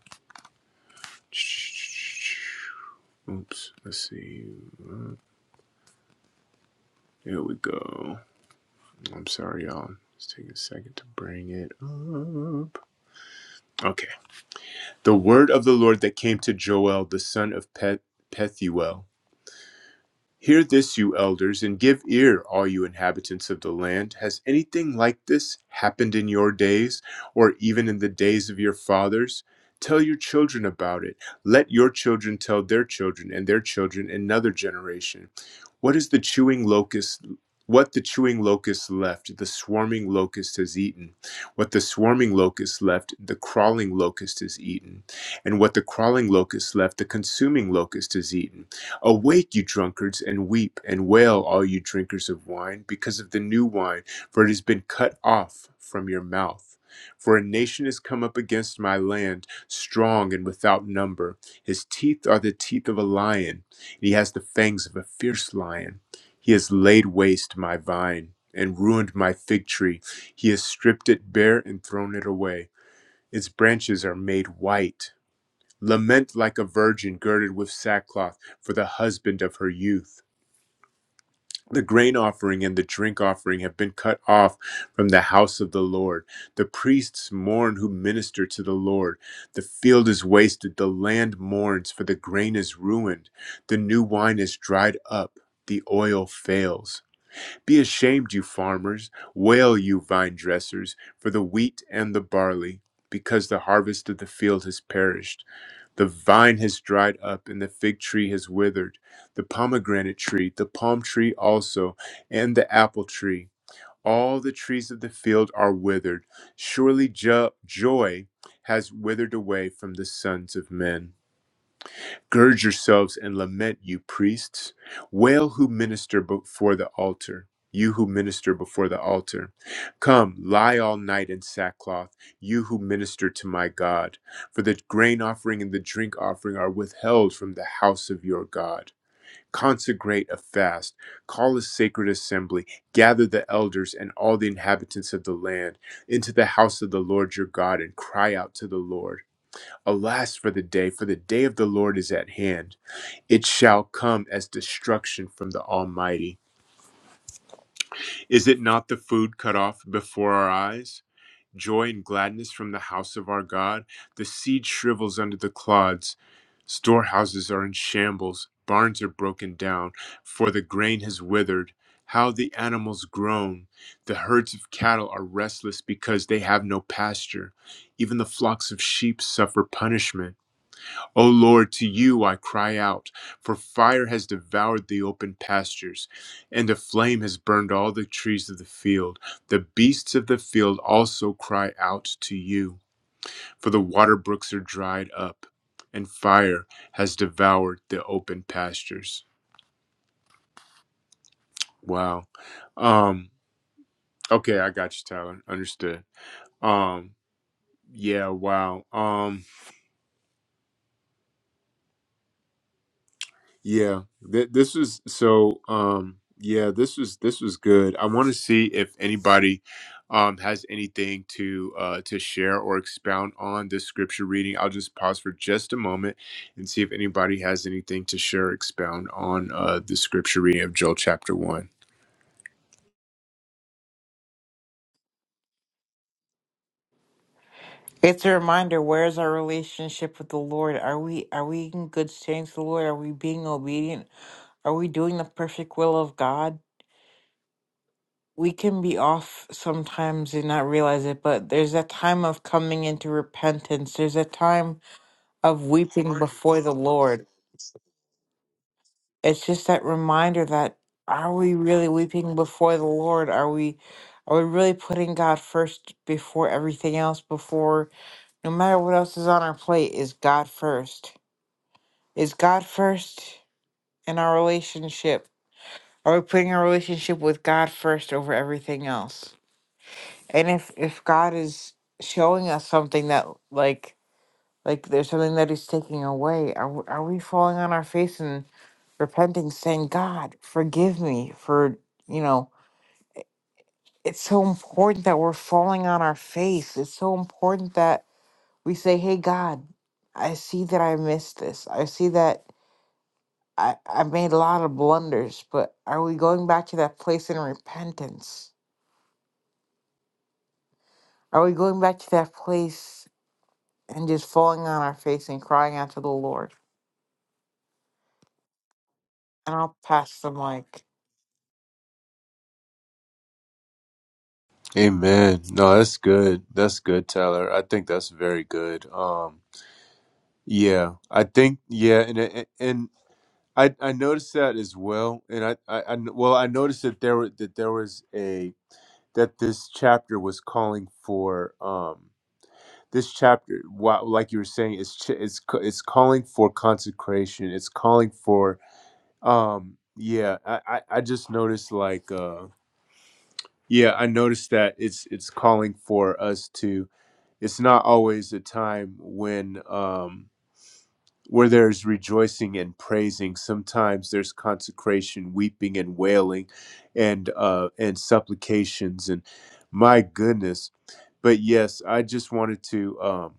C: Oops. Let's see. Here we go. I'm sorry, y'all. Let's take a second to bring it up. Okay. The word of the Lord that came to Joel, the son of Pet- Pethuel Hear this, you elders, and give ear, all you inhabitants of the land. Has anything like this happened in your days, or even in the days of your fathers? Tell your children about it. Let your children tell their children and their children another generation. What is the chewing locust? What the chewing locust left, the swarming locust has eaten. What the swarming locust left, the crawling locust has eaten. And what the crawling locust left, the consuming locust has eaten. Awake, you drunkards, and weep and wail, all you drinkers of wine, because of the new wine, for it has been cut off from your mouth. For a nation has come up against my land, strong and without number. His teeth are the teeth of a lion, and he has the fangs of a fierce lion. He has laid waste my vine and ruined my fig tree. He has stripped it bare and thrown it away. Its branches are made white Lament like a virgin girded with sackcloth for the husband of her youth. The grain offering and the drink offering have been cut off from the house of the Lord. The priests mourn who minister to the Lord. The field is wasted, the land mourns, for the grain is ruined. The new wine is dried up, the oil fails. Be ashamed, you farmers, wail, you vine dressers, for the wheat and the barley, because the harvest of the field has perished. The vine has dried up, and the fig tree has withered. The pomegranate tree, the palm tree also, and the apple tree. All the trees of the field are withered. Surely jo- joy has withered away from the sons of men. Gird yourselves and lament, you priests. Wail who minister before the altar, you who minister before the altar. Come, lie all night in sackcloth, you who minister to my God. For the grain offering and the drink offering are withheld from the house of your God. Consecrate a fast, call a sacred assembly, gather the elders and all the inhabitants of the land into the house of the Lord your God and cry out to the Lord. Alas for the day, for the day of the Lord is at hand it shall come as destruction from the Almighty. Is it not the food cut off before our eyes? Joy and gladness from the house of our God. The seed shrivels under the clods. Storehouses are in shambles. Barns are broken down, for the grain has withered. How the animals groan. The herds of cattle are restless because they have no pasture. Even the flocks of sheep suffer punishment. O Lord, to you I cry out, for fire has devoured the open pastures, and a flame has burned all the trees of the field. The beasts of the field also cry out to you, for the water brooks are dried up, and fire has devoured the open pastures. Wow. Um, okay, I got you, Tyler. Understood. Um, yeah, wow. Um, Yeah, th- this was so. Um, yeah, this was this was good. I want to see if anybody um, has anything to uh, to share or expound on this scripture reading. I'll just pause for just a moment and see if anybody has anything to share, or expound on uh, the scripture reading of Joel chapter one.
A: It's a reminder. Where's our relationship with the Lord? Are we are we in good stands with the Lord? Are we being obedient? Are we doing the perfect will of God? We can be off sometimes and not realize it, but there's a time of coming into repentance. There's a time of weeping before the Lord. It's just that reminder that are we really weeping before the Lord? Are we are we really putting God first before everything else? Before no matter what else is on our plate, is God first? Is God first in our relationship? Are we putting our relationship with God first over everything else? And if if God is showing us something that like like there's something that He's taking away, are we- are we falling on our face and repenting, saying, "God, forgive me for you know." It's so important that we're falling on our face. It's so important that we say, "Hey, God, I see that I missed this. I see that." I, I made a lot of blunders, but are we going back to that place in repentance? Are we going back to that place and just falling on our face and crying out to the Lord? And I'll pass the mic.
C: Amen. No, that's good. That's good, Tyler. I think that's very good. Um, yeah, I think yeah, and and and I I noticed that as well. And I I, I well I noticed that there were that there was a that this chapter was calling for um this chapter wow, like you were saying it's ch- it's c- it's calling for consecration. It's calling for um yeah. I I, I just noticed like uh yeah I noticed that it's it's calling for us to it's not always a time when um, where there's rejoicing and praising. Sometimes there's consecration, weeping and wailing, and uh, and supplications. And my goodness, but yes, I just wanted to um,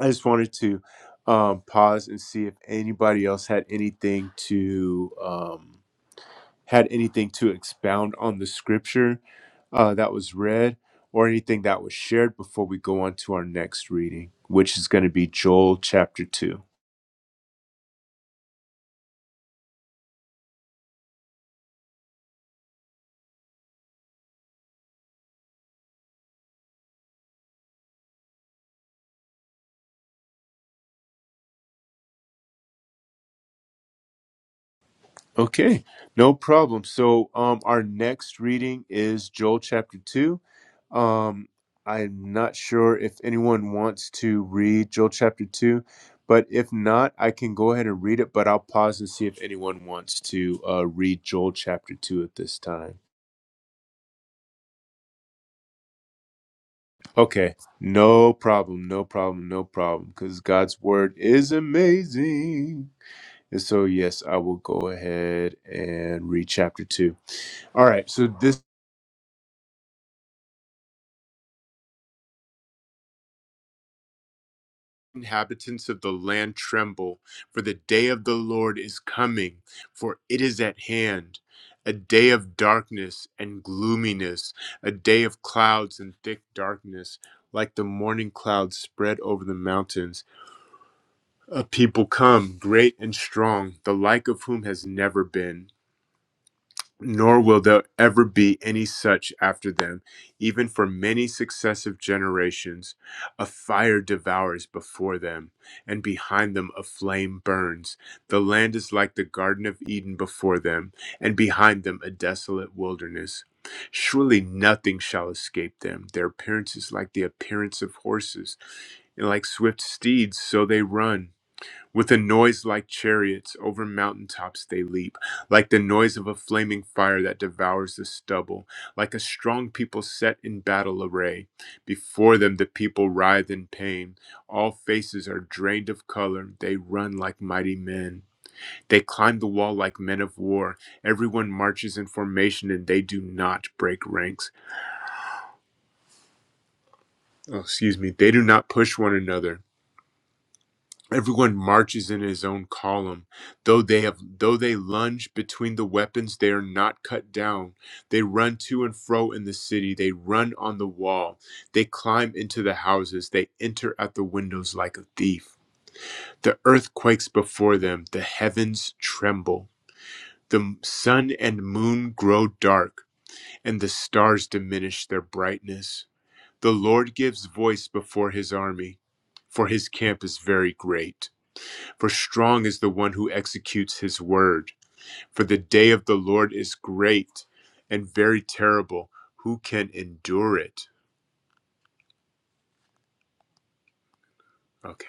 C: I just wanted to um, pause and see if anybody else had anything to. Um, had anything to expound on the scripture uh, that was read or anything that was shared before we go on to our next reading, which is going to be Joel chapter 2. Okay, no problem. So, um, our next reading is Joel chapter 2. Um, I'm not sure if anyone wants to read Joel chapter 2, but if not, I can go ahead and read it, but I'll pause and see if anyone wants to uh, read Joel chapter 2 at this time. Okay. No problem. No problem. No problem. Because God's word is amazing. And so, yes, I will go ahead and read chapter two. All right. So, this inhabitants of the land tremble, for the day of the Lord is coming, for it is at hand. A day of darkness and gloominess, a day of clouds and thick darkness, like the morning clouds spread over the mountains. Uh, people come great and strong, the like of whom has never been, nor will there ever be any such after them, even for many successive generations. A fire devours before them, and behind them a flame burns. The land is like the Garden of Eden before them, and behind them a desolate wilderness. Surely nothing shall escape them. Their appearance is like the appearance of horses, and like swift steeds, so they run. With a noise like chariots over mountaintops they leap, like the noise of a flaming fire that devours the stubble, like a strong people set in battle array. Before them the people writhe in pain. All faces are drained of color. They run like mighty men. They climb the wall like men of war. Everyone marches in formation and they do not break ranks. Oh, excuse me. They do not push one another. Everyone marches in his own column. Though they have though they lunge between the weapons, they are not cut down. They run to and fro in the city, they run on the wall, they climb into the houses, they enter at the windows like a thief. The earth quakes before them, the heavens tremble. The sun and moon grow dark, and the stars diminish their brightness. The Lord gives voice before his army, for his camp is very great. For strong is the one who executes his word. For the day of the Lord is great and very terrible. Who can endure it? Okay.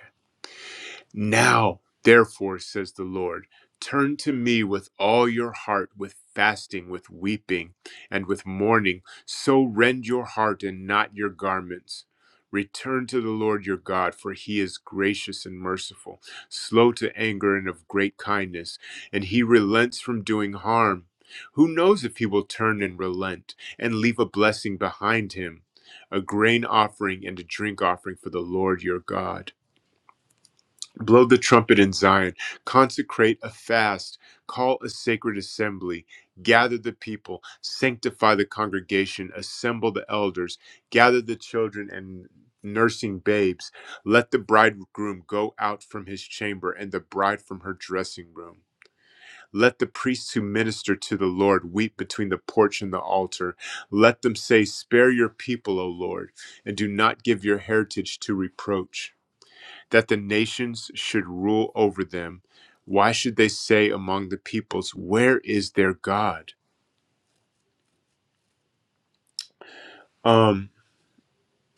C: Now, therefore, says the Lord, turn to me with all your heart, with fasting, with weeping, and with mourning. So rend your heart and not your garments. Return to the Lord your God, for he is gracious and merciful, slow to anger and of great kindness, and he relents from doing harm. Who knows if he will turn and relent and leave a blessing behind him, a grain offering and a drink offering for the Lord your God? Blow the trumpet in Zion, consecrate a fast, call a sacred assembly, gather the people, sanctify the congregation, assemble the elders, gather the children and nursing babes. Let the bridegroom go out from his chamber and the bride from her dressing room. Let the priests who minister to the Lord weep between the porch and the altar. Let them say, Spare your people, O Lord, and do not give your heritage to reproach that the nations should rule over them. Why should they say among the peoples, where is their God? Um,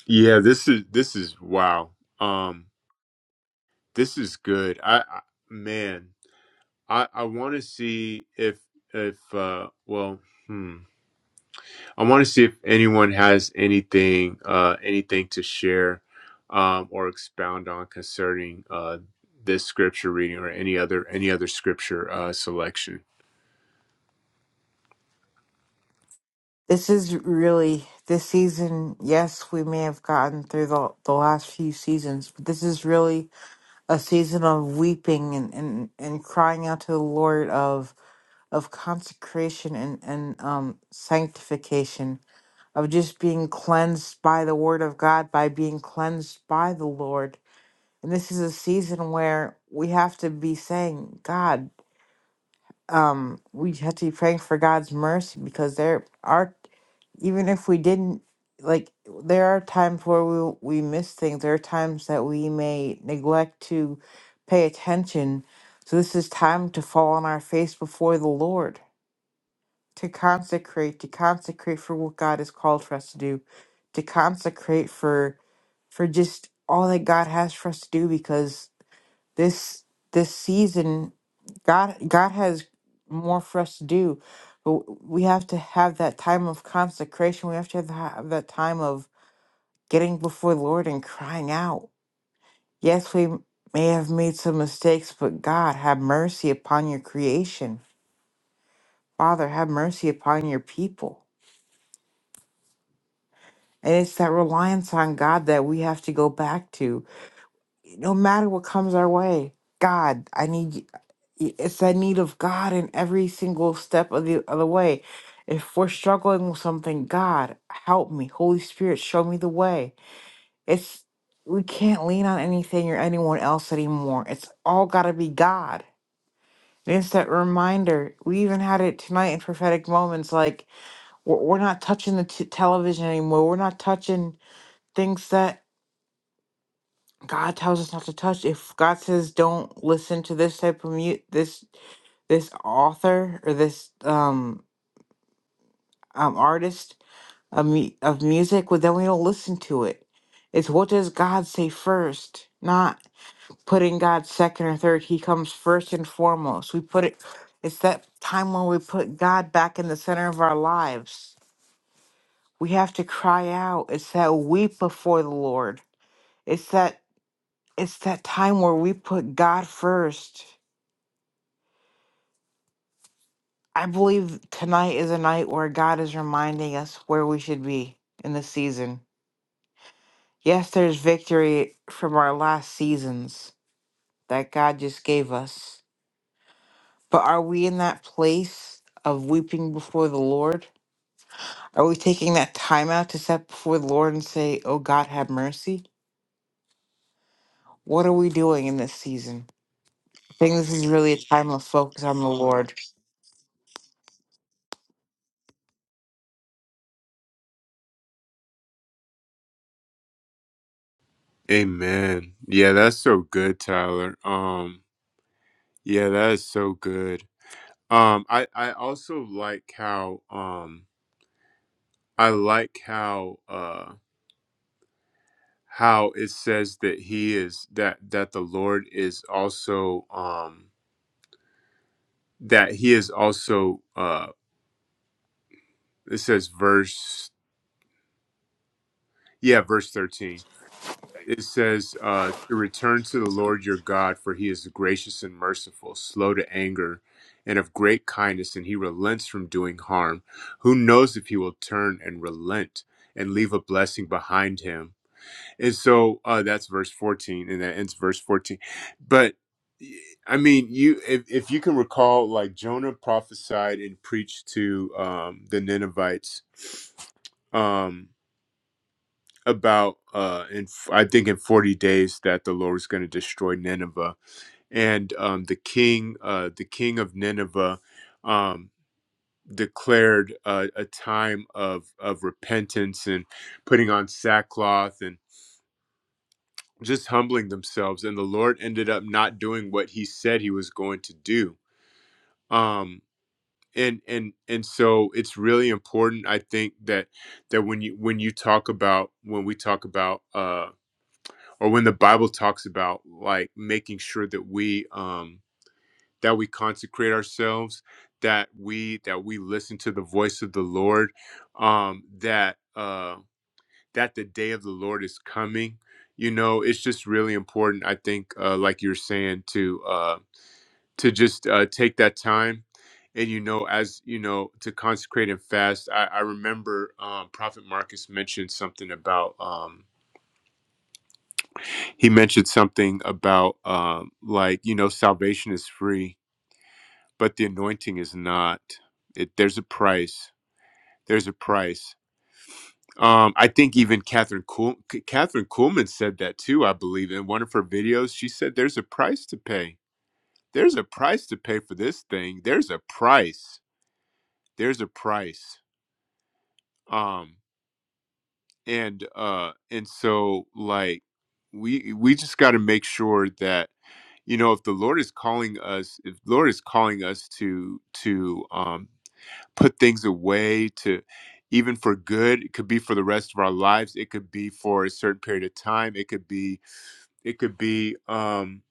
C: yeah, this is this is wow. Um, this is good. I, I man, I I want to see if if uh well, hmm. I want to see if anyone has anything uh anything to share um or expound on concerning uh this scripture reading or any other any other scripture uh selection.
A: This is really this season. Yes, we may have gotten through the, the last few seasons, but this is really a season of weeping and, and, and crying out to the Lord of of consecration and, and um sanctification of just being cleansed by the word of God, by being cleansed by the Lord. And this is a season where we have to be saying, God, um, we have to be praying for God's mercy because there are, even if we didn't, like, there are times where we, we miss things. There are times that we may neglect to pay attention. So this is time to fall on our face before the Lord to consecrate, to consecrate for what God has called for us to do, to consecrate for for just all that God has for us to do because this this season God God has more for us to do. But we have to have that time of consecration. We have to have that that time of getting before the Lord and crying out. Yes, we may have made some mistakes, but God, have mercy upon your creation. Father, have mercy upon your people. And it's that reliance on God that we have to go back to. No matter what comes our way, God, I need y- y- it's that need of God in every single step of the of the way. If we're struggling with something, God, help me. Holy Spirit, show me the way. It's we can't lean on anything or anyone else anymore. It's all got to be God. And it's that reminder. We even had it tonight in prophetic moments. Like we're, we're not touching the t- television anymore. We're not touching things that God tells us not to touch. If God says don't listen to this type of mu this this author or this um um artist of mu- of music, well then we don't listen to it. It's what does God say first, not putting God second or third. He comes first and foremost. We put it. It's that time when we put God back in the center of our lives. We have to cry out. It's that weep before the Lord. It's that it's that time where we put God first I believe tonight is a night where God is reminding us where we should be in this season. Yes, there's victory from our last seasons that God just gave us. But are we in that place of weeping before the Lord? Are we taking that time out to set before the Lord and say, Oh God, have mercy? What are we doing in this season? I think this is really a time of focus on the Lord.
C: Amen. Yeah, that's so good, Tyler. Um, yeah, that is so good. Um, I I also like how um I like how uh how it says that he is that that the Lord is also um that he is also uh it says verse yeah verse 13 it says uh, to return to the Lord your God, for he is gracious and merciful, slow to anger, and of great kindness, and he relents from doing harm. Who knows if he will turn and relent and leave a blessing behind him? And so uh, that's verse 14, and that ends verse 14. But I mean, you if, if you can recall, like Jonah prophesied and preached to um, the Ninevites. Um, about uh in f- I think in 40 days that the Lord is going to destroy Nineveh and um the king uh the king of Nineveh um declared uh, a time of of repentance and putting on sackcloth and just humbling themselves and the Lord ended up not doing what he said he was going to do um and and and so it's really important I think that that when you when you talk about when we talk about uh. or when the bible talks about like making sure that we um that we consecrate ourselves that we that we listen to the voice of the lord um that uh that the day of the lord is coming you know it's just really important i think uh like you're saying to uh to just uh take that time and you know as you know to consecrate and fast i, I remember um prophet marcus mentioned something about um he mentioned something about um, like you know salvation is free but the anointing is not it, there's a price there's a price um, i think even catherine Kuhl, K- catherine kuhlman said that too i believe in one of her videos she said there's a price to pay there's a price to pay for this thing there's a price there's a price Um, and uh and so like we we just got to make sure that you know if the lord is calling us if the lord is calling us to to um put things away to even for good it could be for the rest of our lives it could be for a certain period of time it could be it could be um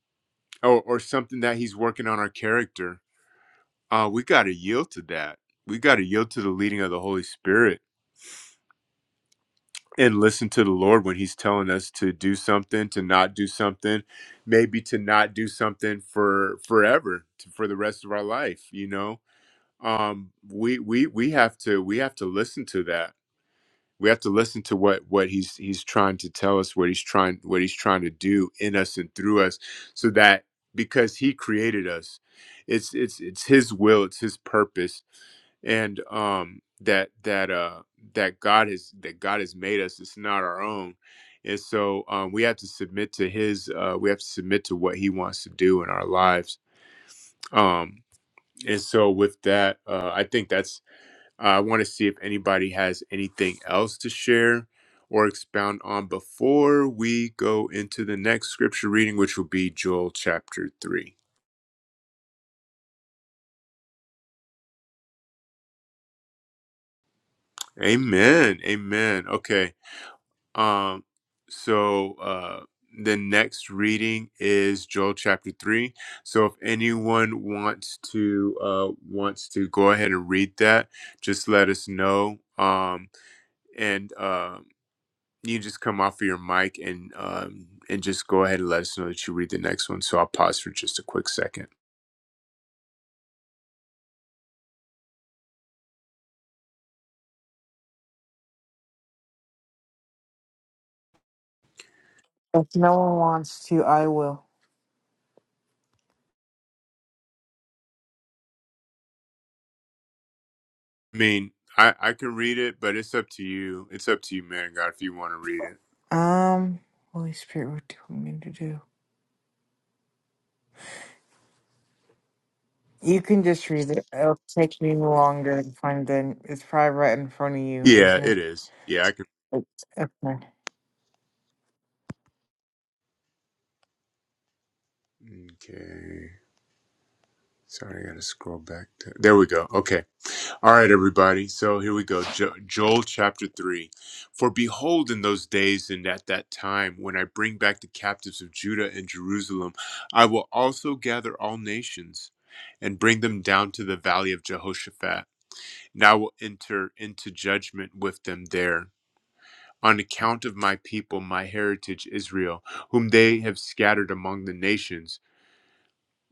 C: or, or something that he's working on our character uh we got to yield to that we got to yield to the leading of the holy spirit and listen to the Lord when He's telling us to do something, to not do something, maybe to not do something for forever, to, for the rest of our life. You know, um, we we we have to we have to listen to that we have to listen to what what he's he's trying to tell us what he's trying what he's trying to do in us and through us so that because he created us it's it's it's his will it's his purpose and um that that uh that god has that god has made us it's not our own and so um we have to submit to his uh we have to submit to what he wants to do in our lives um and so with that uh i think that's uh, I want to see if anybody has anything else to share or expound on before we go into the next scripture reading, which will be Joel chapter 3. Amen. Amen. Okay. Um, so uh the next reading is Joel chapter 3. So if anyone wants to uh wants to go ahead and read that, just let us know. Um and um you just come off of your mic and um, and just go ahead and let us know that you read the next one. So I'll pause for just a quick second.
A: If no one wants to, I will.
C: I mean, I, I can read it, but it's up to you. It's up to you, man, God, if you want to read it.
A: Um, Holy Spirit, what do you want me to do? You can just read it. It'll take me longer to find it. It's probably right in front of you,
C: Yeah,
A: isn't
C: it
A: it?
C: is. Yeah, I can.
A: It's- Okay.
C: Okay. Sorry, I got to scroll back. To, there we go. Okay. All right, everybody. So here we go. Jo- Joel chapter 3. For behold, in those days and at that time, when I bring back the captives of Judah and Jerusalem, I will also gather all nations and bring them down to the valley of Jehoshaphat. And I will enter into judgment with them there. On account of my people, my heritage Israel, whom they have scattered among the nations.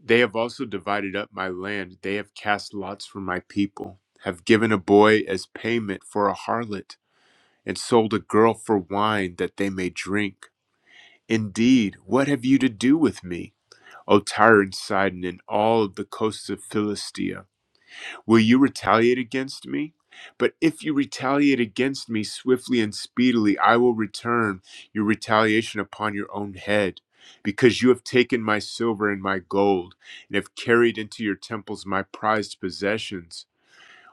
C: They have also divided up my land. They have cast lots for my people, have given a boy as payment for a harlot, and sold a girl for wine that they may drink. Indeed, what have you to do with me, O Tyre and Sidon, and all of the coasts of Philistia? Will you retaliate against me? But if you retaliate against me swiftly and speedily, I will return your retaliation upon your own head. Because you have taken my silver and my gold, and have carried into your temples my prized possessions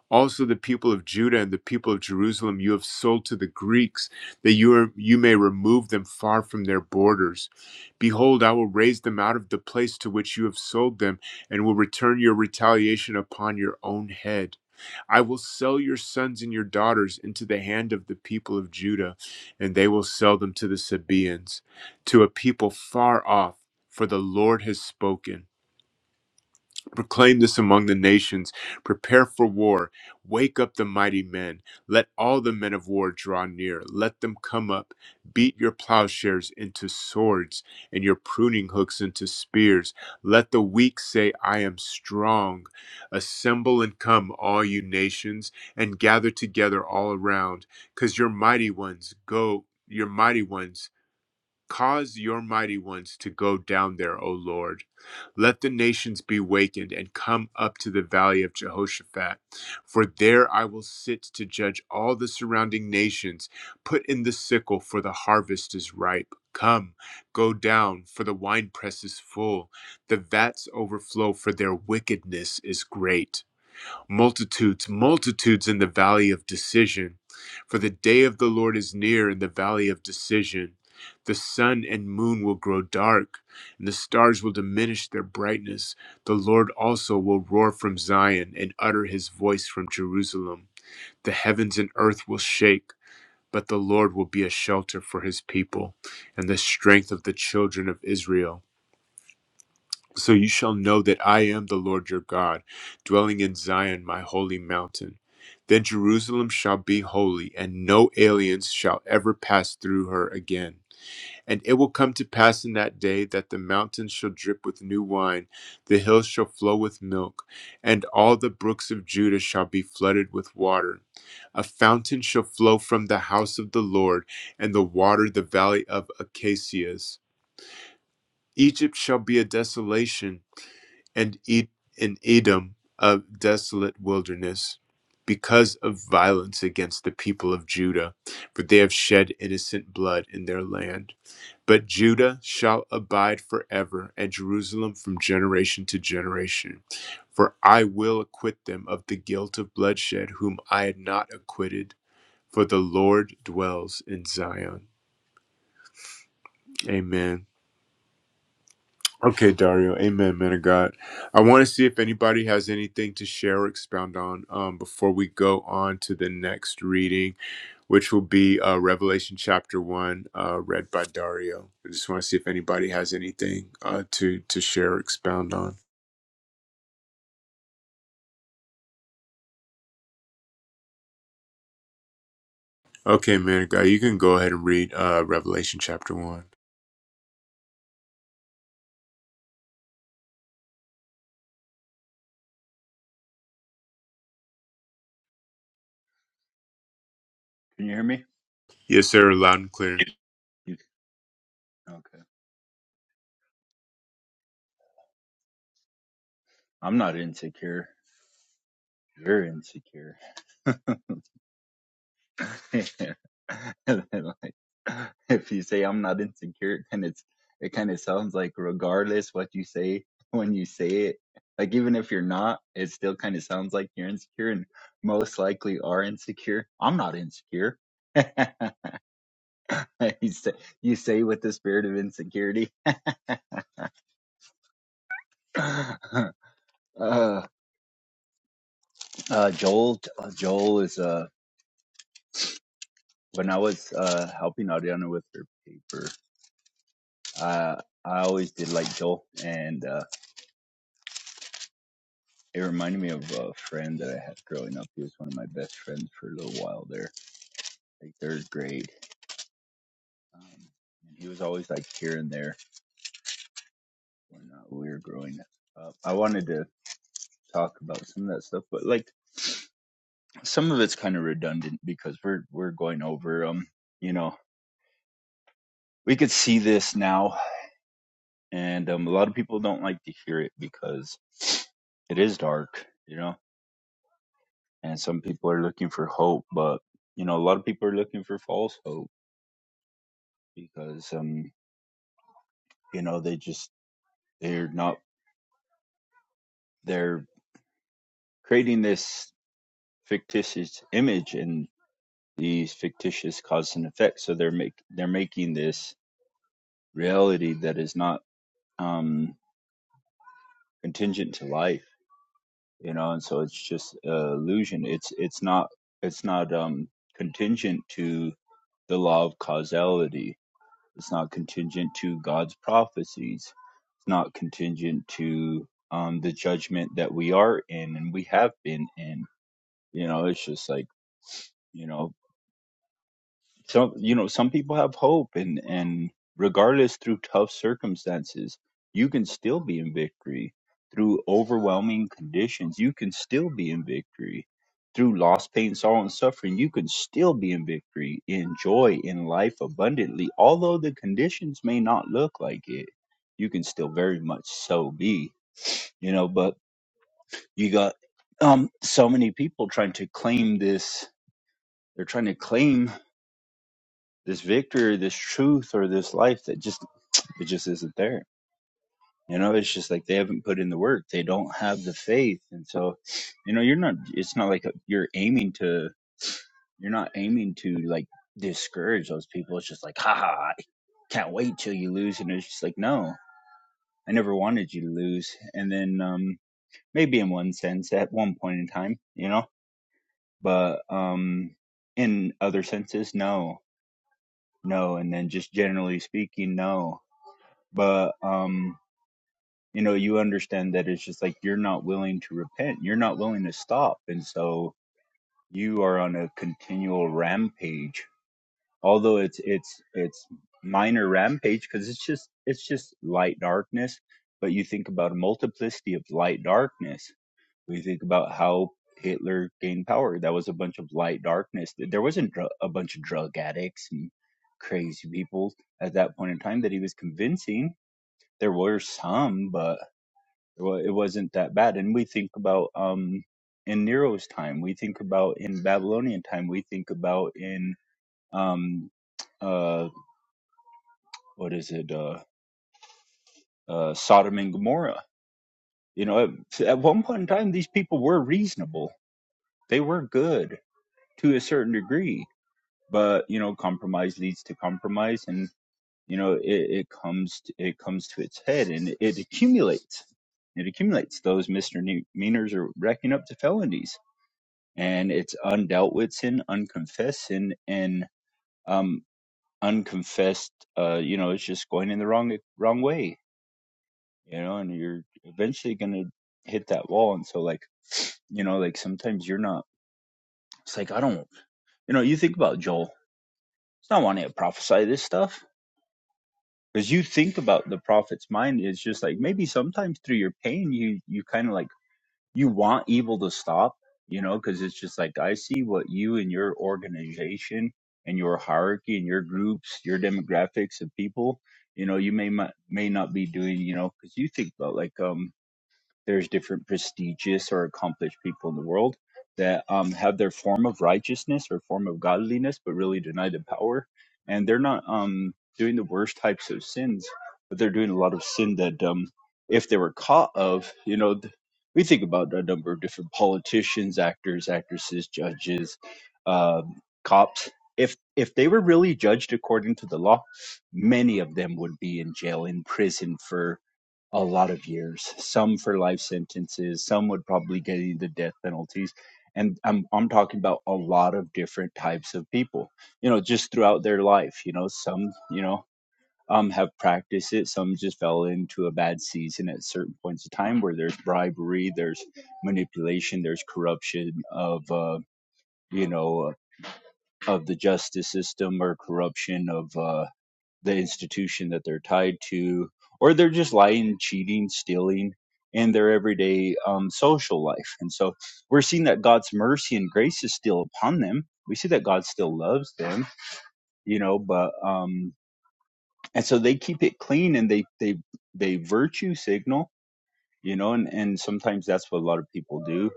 C: also the people of Judah and the people of Jerusalem you have sold to the Greeks, that you, are, you may remove them far from their borders. Behold, I will raise them out of the place to which you have sold them, and will return your retaliation upon your own head. I will sell your sons and your daughters into the hand of the people of Judah, and they will sell them to the Sabaeans, to a people far off, for the Lord has spoken. Proclaim this among the nations. Prepare for war. Wake up the mighty men. Let all the men of war draw near. Let them come up. Beat your plowshares into swords and your pruning hooks into spears. Let the weak say, I am strong. Assemble and come, all you nations, and gather together all around, because your mighty ones go. Your mighty ones. Cause your mighty ones to go down there, O Lord. Let the nations be wakened and come up to the valley of Jehoshaphat. For there I will sit to judge all the surrounding nations. Put in the sickle, for the harvest is ripe. Come, go down, for the winepress is full. The vats overflow, for their wickedness is great. Multitudes, multitudes in the valley of decision. For the day of the Lord is near in the valley of decision. The sun and moon will grow dark, and the stars will diminish their brightness. The Lord also will roar from Zion and utter his voice from Jerusalem. The heavens and earth will shake, but the Lord will be a shelter for his people and the strength of the children of Israel. So you shall know that I am the Lord your God, dwelling in Zion, my holy mountain. Then Jerusalem shall be holy, and no aliens shall ever pass through her again. And it will come to pass in that day that the mountains shall drip with new wine, the hills shall flow with milk, and all the brooks of Judah shall be flooded with water. A fountain shall flow from the house of the Lord, and the water the valley of Acacias. Egypt shall be a desolation and Ed- in Edom a desolate wilderness because of violence against the people of Judah, for they have shed innocent blood in their land. But Judah shall abide forever, and Jerusalem from generation to generation. For I will acquit them of the guilt of bloodshed, whom I had not acquitted, for the Lord dwells in Zion. Amen. Okay, Dario. Amen, man of God. I want to see if anybody has anything to share or expound on um, before we go on to the next reading, which will be uh, Revelation chapter 1, uh, read by Dario. I just want to see if anybody has anything uh, to, to share or expound on. Okay, man of God, you can go ahead and read uh, Revelation chapter 1.
D: Can you hear me?
C: Yes, sir, loud and clear.
D: You, okay. I'm not insecure. You're insecure. like, if you say I'm not insecure, then it's it kind of sounds like regardless what you say when you say it, like even if you're not, it still kind of sounds like you're insecure and most likely are insecure. I'm not insecure. you say you say with the spirit of insecurity. uh, uh, Joel, Joel is a. when I was uh, helping Ariana with her paper, uh, I always did like Joel, and uh, it reminded me of a friend that I had growing up. He was one of my best friends for a little while there, like third grade. Um, and he was always like here and there when uh, we were growing up. I wanted to talk about some of that stuff, but like some of it's kind of redundant because we're we're going over um you know we could see this now and um, a lot of people don't like to hear it because it is dark you know and some people are looking for hope but you know a lot of people are looking for false hope because um you know they just they're not they're creating this fictitious image and these fictitious cause and effects so they're make they're making this reality that is not um contingent to life you know and so it's just uh, illusion it's it's not it's not um contingent to the law of causality It's not contingent to God's prophecies. It's not contingent to um, the judgment that we are in and we have been in. You know, it's just like, you know, some you know some people have hope and and regardless through tough circumstances you can still be in victory through overwhelming conditions you can still be in victory through loss pain sorrow and suffering you can still be in victory in joy in life abundantly although the conditions may not look like it you can still very much so be you know but you got um so many people trying to claim this they're trying to claim this victory, this truth, or this life that just it just isn't there. You know, it's just like they haven't put in the work. They don't have the faith, and so you know, you're not. It's not like you're aiming to. You're not aiming to like discourage those people. It's just like, ha ha, I can't wait till you lose, and it's just like, no, I never wanted you to lose. And then um maybe in one sense, at one point in time, you know, but um in other senses, no, no, and then just generally speaking, no but um you know you understand that it's just like you're not willing to repent you're not willing to stop and so you are on a continual rampage although it's it's it's minor rampage because it's just it's just light darkness but you think about a multiplicity of light darkness we think about how hitler gained power that was a bunch of light darkness there wasn't dr- a bunch of drug addicts and crazy people at that point in time that he was convincing there were some, but well, it wasn't that bad. And we think about um, in Nero's time, we think about in Babylonian time, we think about in um, uh, what is it, uh, uh, Sodom and Gomorrah. You know, at, at one point in time, these people were reasonable. They were good to a certain degree, but you know, compromise leads to compromise, and you know, it, it comes to, it comes to its head, and it accumulates. It accumulates. Those misdemeanors are racking up to felonies and it's undealt with sin, unconfessed sin, and um, unconfessed, uh, you know, it's just going in the wrong wrong way, you know, and you're eventually gonna hit that wall. And so, like, you know, like sometimes you're not. It's like I don't, you know, you think about Joel. It's not wanting to prophesy this stuff because you think about the prophet's mind. It's just like maybe sometimes through your pain, you you kind of like you want evil to stop, you know, because it's just like I see what you and your organization and your hierarchy and your groups, your demographics of people, you know, you may not, may not be doing, you know, because you think about like um there's different prestigious or accomplished people in the world that um, have their form of righteousness or form of godliness, but really deny the power. And they're not um, doing the worst types of sins, but they're doing a lot of sin that, um, if they were caught of, you know, th- we think about a number of different politicians, actors, actresses, judges, um cops. If if they were really judged according to the law, many of them would be in jail, in prison for a lot of years, some for life sentences, some would probably get the death penalties. And I'm I'm talking about a lot of different types of people, you know, just throughout their life. You know, some, you know, um have practiced it, some just fell into a bad season at certain points of time where there's bribery, there's manipulation, there's corruption of uh, you know, of the justice system or corruption of uh the institution that they're tied to, or they're just lying, cheating, stealing in their everyday um, social life. And so we're seeing that God's mercy and grace is still upon them. We see that God still loves them, you know, but um and so they keep it clean and they they they virtue signal, you know, and and sometimes that's what a lot of people do.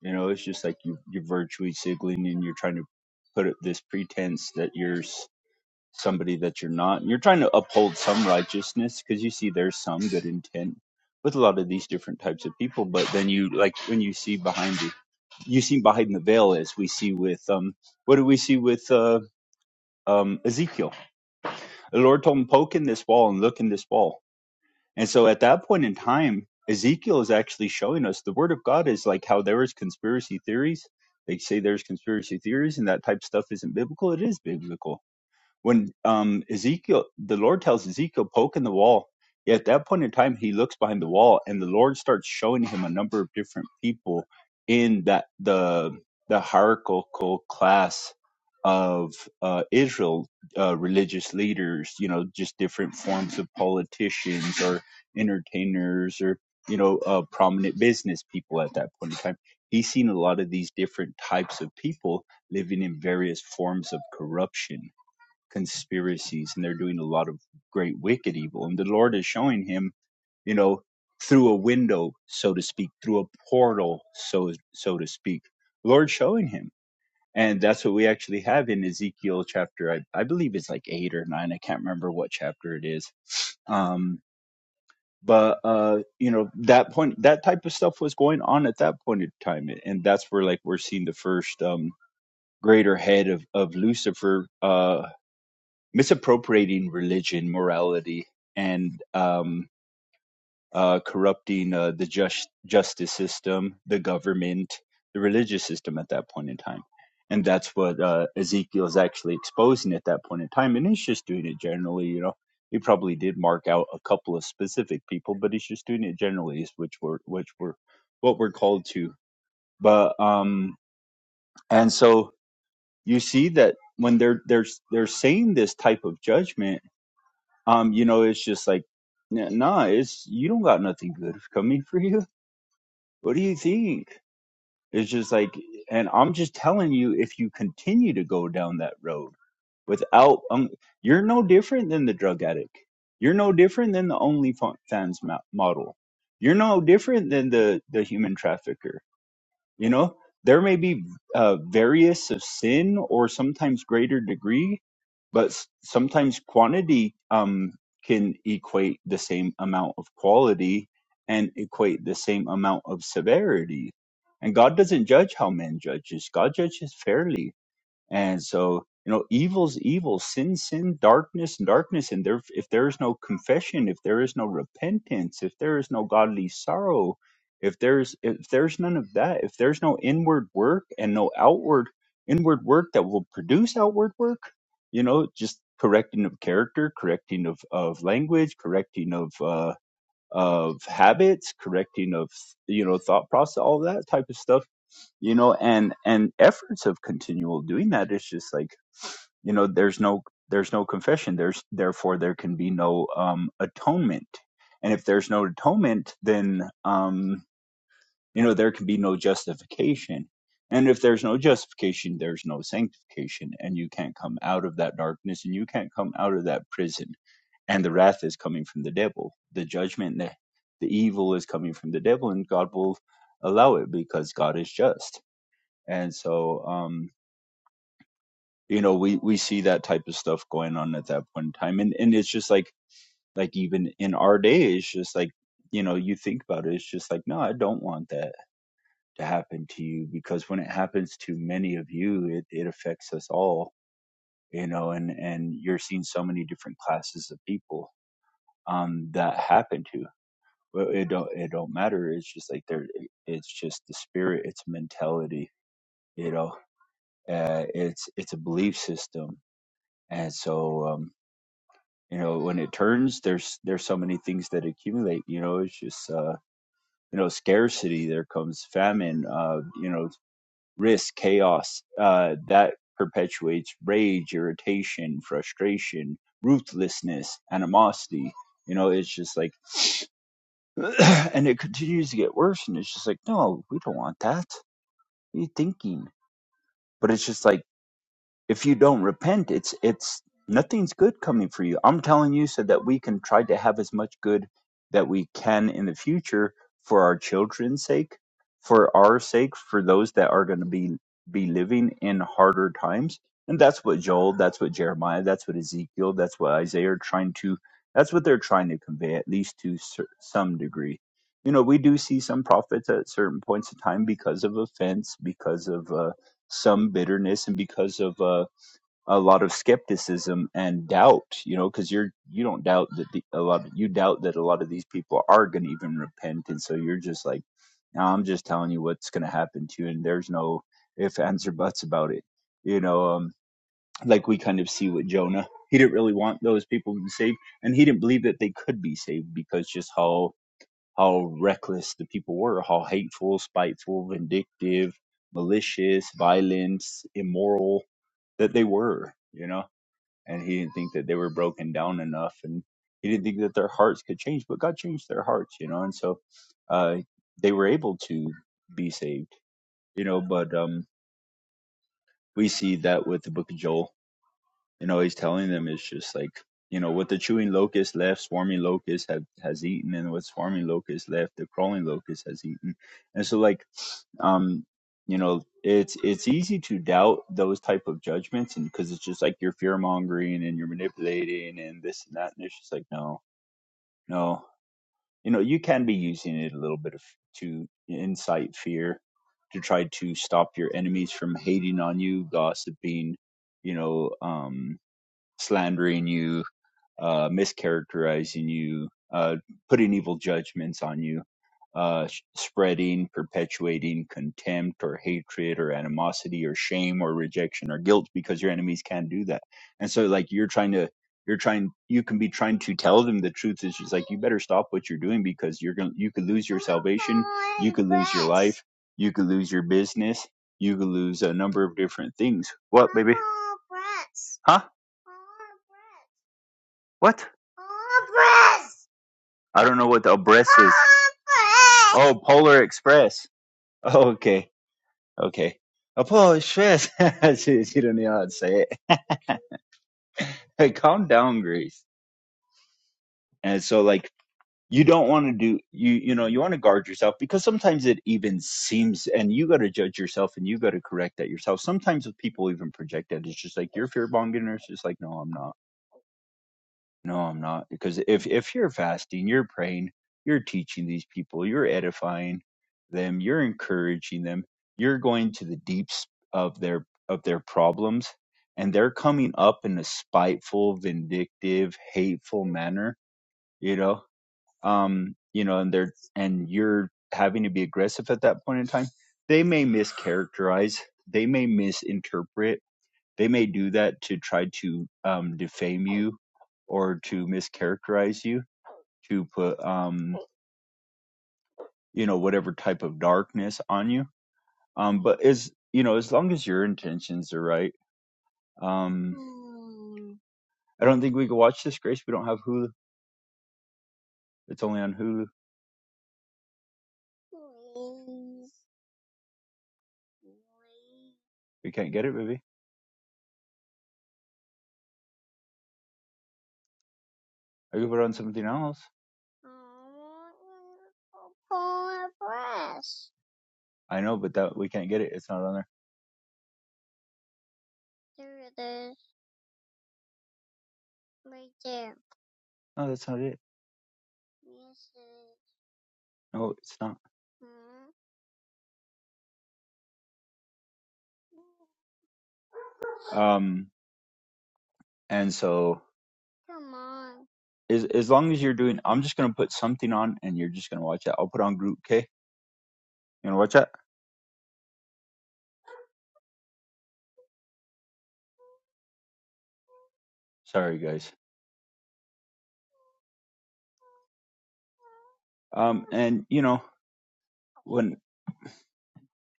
D: You know, it's just like you you're virtue signaling and you're trying to put up this pretense that yours somebody that you're not. and You're trying to uphold some righteousness because you see there's some good intent with a lot of these different types of people. But then you like when you see behind the you see behind the veil as we see with um what do we see with uh um Ezekiel? The Lord told him, Poke in this wall and look in this wall. And so at that point in time, Ezekiel is actually showing us the word of God is like how there is conspiracy theories. They say there's conspiracy theories and that type of stuff isn't biblical. It is biblical when um, Ezekiel, the Lord tells Ezekiel, poke in the wall. Yeah, at that point in time, he looks behind the wall, and the Lord starts showing him a number of different people in that the the hierarchical class of uh, Israel, uh, religious leaders. You know, just different forms of politicians or entertainers or you know uh, prominent business people at that point in time. He's seen a lot of these different types of people living in various forms of corruption conspiracies and they're doing a lot of great wicked evil and the lord is showing him you know through a window so to speak through a portal so so to speak lord showing him and that's what we actually have in ezekiel chapter i, I believe it's like eight or nine i can't remember what chapter it is um but uh you know that point that type of stuff was going on at that point in time and that's where like we're seeing the first um greater head of of lucifer uh, misappropriating religion, morality, and um, uh, corrupting uh, the just, justice system, the government, the religious system at that point in time. And that's what uh, Ezekiel is actually exposing at that point in time. And he's just doing it generally, you know. He probably did mark out a couple of specific people, but he's just doing it generally, which we're which we're what we're called to. But um, and so you see that when they're they're they're saying this type of judgment, Um, you know, it's just like, n- nah, it's you don't got nothing good coming for you. What do you think? It's just like, and I'm just telling you, if you continue to go down that road without, um, you're no different than the drug addict. You're no different than the OnlyFans ma- model. You're no different than the the human trafficker you know, there may be uh, various of sin or sometimes greater degree, but s- sometimes quantity um, can equate the same amount of quality and equate the same amount of severity. And God doesn't judge how man judges, God judges fairly and so, you know, evil's evil, sin, sin, darkness, and darkness. And there, if there is no confession, if there is no repentance, if there is no godly sorrow, if there's if there's none of that, if there's no inward work and no outward inward work that will produce outward work, you know, just correcting of character, correcting of of language, correcting of uh of habits, correcting of you know thought process, all that type of stuff you know and and efforts of continual doing that is just like you know there's no there's no confession there's therefore there can be no um atonement and if there's no atonement then um you know there can be no justification and if there's no justification there's no sanctification and you can't come out of that darkness and you can't come out of that prison and the wrath is coming from the devil. The judgment, the, the evil is coming from the devil, and God will allow it because God is just and so um you know we we see that type of stuff going on at that point in time and and it's just like like even in our day it's just like you know you think about it it's just like no i don't want that to happen to you because when it happens to many of you it it affects us all you know and and you're seeing so many different classes of people um that happen to but it don't it don't matter it's just like there it's just the spirit it's mentality you know uh, it's it's a belief system and so um, you know when it turns there's there's so many things that accumulate you know it's just uh, you know scarcity there comes famine uh, you know risk chaos uh, that perpetuates rage irritation frustration ruthlessness animosity you know it's just like and it continues to get worse and it's just like no we don't want that what are you thinking but it's just like if you don't repent, it's it's nothing's good coming for you. I'm telling you so that we can try to have as much good that we can in the future for our children's sake, for our sake, for those that are going to be be living in harder times. And that's what Joel, that's what Jeremiah, that's what Ezekiel, that's what Isaiah are trying to that's what they're trying to convey at least to cer- some degree. You know, we do see some prophets at certain points of time because of offense, because of uh, some bitterness, and because of uh, a lot of skepticism and doubt you know because you're you don't doubt that the, a lot of, you doubt that a lot of these people are going to even repent and so you're just like "Nah, i'm just telling you what's going to happen to you and there's no if ands or buts about it you know um like we kind of see with jonah he didn't really want those people to be saved and he didn't believe that they could be saved because just how how reckless the people were how hateful spiteful vindictive malicious violent, immoral that they were you know and he didn't think that they were broken down enough and he didn't think that their hearts could change but god changed their hearts you know and so uh, they were able to be saved you know but um, we see that with the book of joel you know he's telling them it's just like you know what the chewing locust left swarming locust have, has eaten and what swarming locust left the crawling locust has eaten and so like um you know it's it's easy to doubt those type of judgments and because it's just like you're fear mongering and you're manipulating and this and that and it's just like no no you know you can be using it a little bit of to incite fear to try to stop your enemies from hating on you gossiping you know um slandering you uh, mischaracterizing you, uh, putting evil judgments on you, uh, spreading, perpetuating contempt or hatred or animosity or shame or rejection or guilt because your enemies can do that. And so, like, you're trying to, you're trying, you can be trying to tell them the truth. It's just like, you better stop what you're doing because you're going to, you could lose your salvation. You could lose your life. You could lose your business. You could lose a number of different things. What, baby? Huh? What? I don't know what the Obres is. Oh, Polar Express. Oh, okay. Okay. A Polar Express. she, she don't know how to say it. Hey, calm down, Grace. And so, like, you don't want to do, you, you know, you want to guard yourself because sometimes it even seems, and you got to judge yourself and you got to correct that yourself. Sometimes if people even project that, it's just like, you're fear mongering. It's just like, no, I'm not. No, I'm not. Because if if you're fasting, you're praying, you're teaching these people, you're edifying them, you're encouraging them, you're going to the deeps of their of their problems, and they're coming up in a spiteful, vindictive, hateful manner, you know. Um, you know, and they're and you're having to be aggressive at that point in time. They may mischaracterize, they may misinterpret they may do that to try to um, defame you or to mischaracterize you, to put um, you know whatever type of darkness on you. Um, but as you know, as long as your intentions are right, um, I don't think we can watch this, Grace. We don't have Hulu. It's only on Hulu. We can't get it, baby. I could put it on something else. I know, but that we can't get it. It's not on there. No, that's not it. No, it's not. Um, and so as as long as you're doing i'm just going to put something on and you're just going to watch that i'll put on groot okay you want to watch that sorry guys um and you know when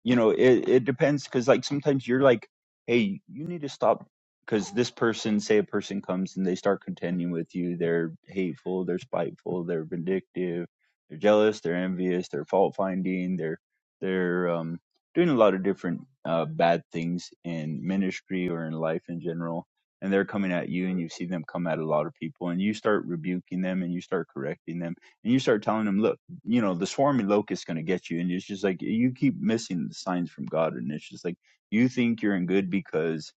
D: you know it, it depends because like sometimes you're like hey you need to stop because this person say a person comes and they start contending with you they're hateful they're spiteful they're vindictive they're jealous they're envious they're fault finding they're they're um doing a lot of different uh bad things in ministry or in life in general and they're coming at you and you see them come at a lot of people and you start rebuking them and you start correcting them and you start telling them look you know the swarming locust is going to get you and it's just like you keep missing the signs from god and it's just like you think you're in good because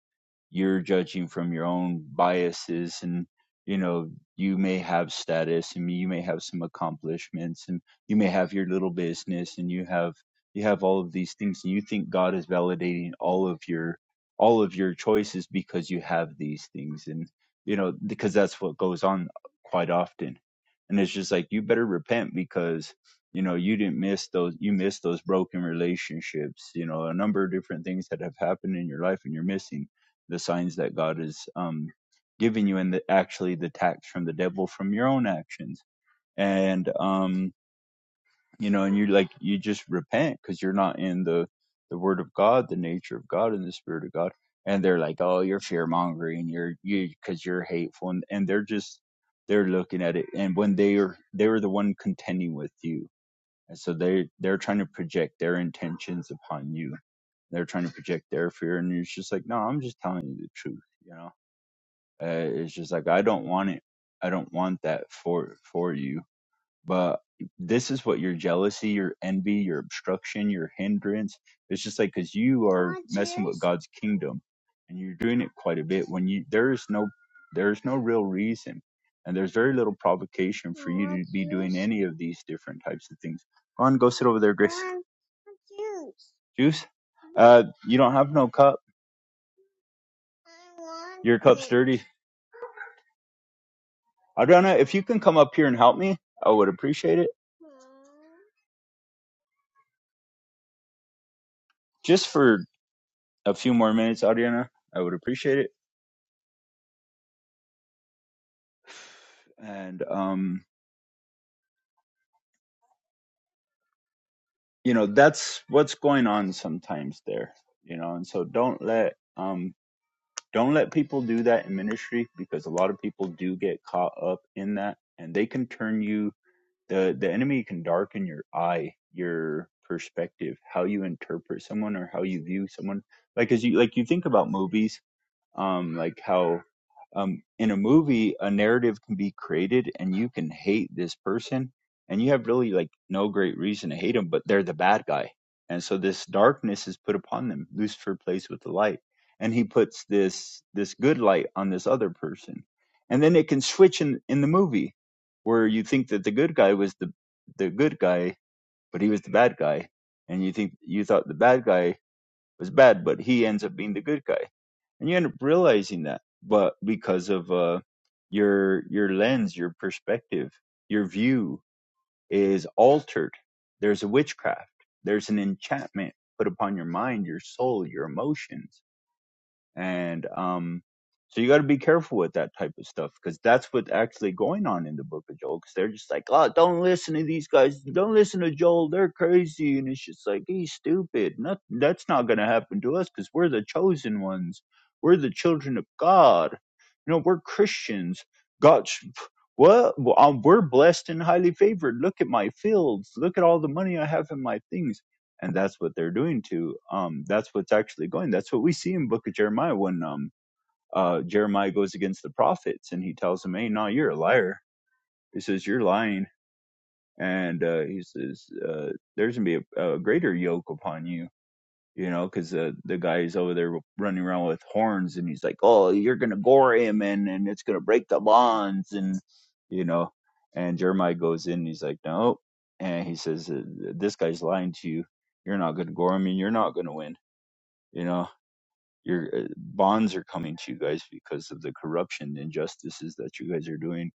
D: you're judging from your own biases and you know you may have status and you may have some accomplishments and you may have your little business and you have you have all of these things and you think God is validating all of your all of your choices because you have these things and you know because that's what goes on quite often and it's just like you better repent because you know you didn't miss those you missed those broken relationships you know a number of different things that have happened in your life and you're missing the signs that God is um, giving you, and the, actually the attacks from the devil from your own actions. And um, you know, and you like you just repent because you're not in the the Word of God, the nature of God, and the Spirit of God. And they're like, "Oh, you're fear mongering. You're you because you're hateful," and, and they're just they're looking at it. And when they are they were the one contending with you, and so they they're trying to project their intentions upon you they're trying to project their fear and it's just like no i'm just telling you the truth you know uh, it's just like I don't want it. I don't want that for for you. But this is what your jealousy, your envy, your obstruction, your hindrance. It's just like because you are messing with God's kingdom, and you're doing it quite a bit. When you there is no there is no real reason, and there's very little provocation for you to be doing any of these different types of things. Go on, go sit over there, Grace. Juice. Uh, you don't have no cup. Your cup's dirty. Adriana, if you can come up here and help me, I would appreciate it just for a few more minutes, Ariana, I would appreciate it. And um, you know, that's what's going on sometimes there, you know, and so don't let um don't let people do that in ministry because a lot of people do get caught up in that and they can turn you the the enemy can darken your eye, your perspective, how you interpret someone or how you view someone. Like as you like you think about movies um, like how um, in a movie a narrative can be created and you can hate this person and you have really like no great reason to hate them but they're the bad guy and so this darkness is put upon them lucifer plays with the light and he puts this this good light on this other person and then it can switch in in the movie where you think that the good guy was the the good guy but he was the bad guy and you think you thought the bad guy was bad, but he ends up being the good guy. And you end up realizing that, but because of uh, your your lens, your perspective, your view is altered. There's a witchcraft. There's an enchantment put upon your mind, your soul, your emotions and um so you got to be careful with that type of stuff because that's what's actually going on in the book of joel because they're just like oh don't listen to these guys don't listen to joel they're crazy and it's just like he's stupid not, that's not going to happen to us because we're the chosen ones we're the children of god you know we're christians god what Well, um, we're blessed and highly favored look at my fields look at all the money i have in my things and that's what they're doing to um that's what's actually going that's what we see in book of jeremiah when um uh jeremiah goes against the prophets and he tells them hey no you're a liar he says you're lying and uh he says uh there's gonna be a, a greater yoke upon you you know because uh, the guy's over there running around with horns and he's like oh you're gonna gore him and and it's gonna break the bonds and you know and jeremiah goes in and he's like no and he says uh, this guy's lying to you you're not going to gore him and you're not going to win you know your uh, bonds are coming to you guys because of the corruption the injustices that you guys are doing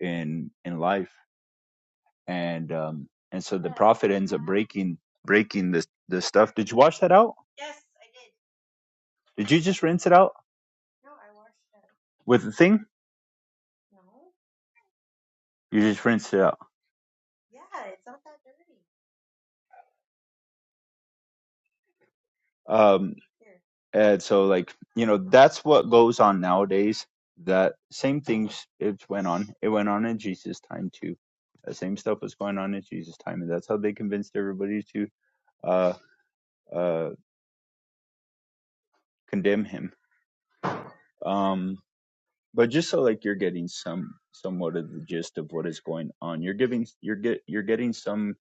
D: in in life and um and so the prophet ends up breaking breaking the the stuff did you wash that out did you just rinse it out with the thing you just rinsed it out um and so like you know that's what goes on nowadays that same things it went on it went on in jesus time too that same stuff was going on in jesus time and that's how they convinced everybody to uh uh condemn him. Um, but just so like you're getting some somewhat of the gist of what is going on, you're giving you're get you're getting some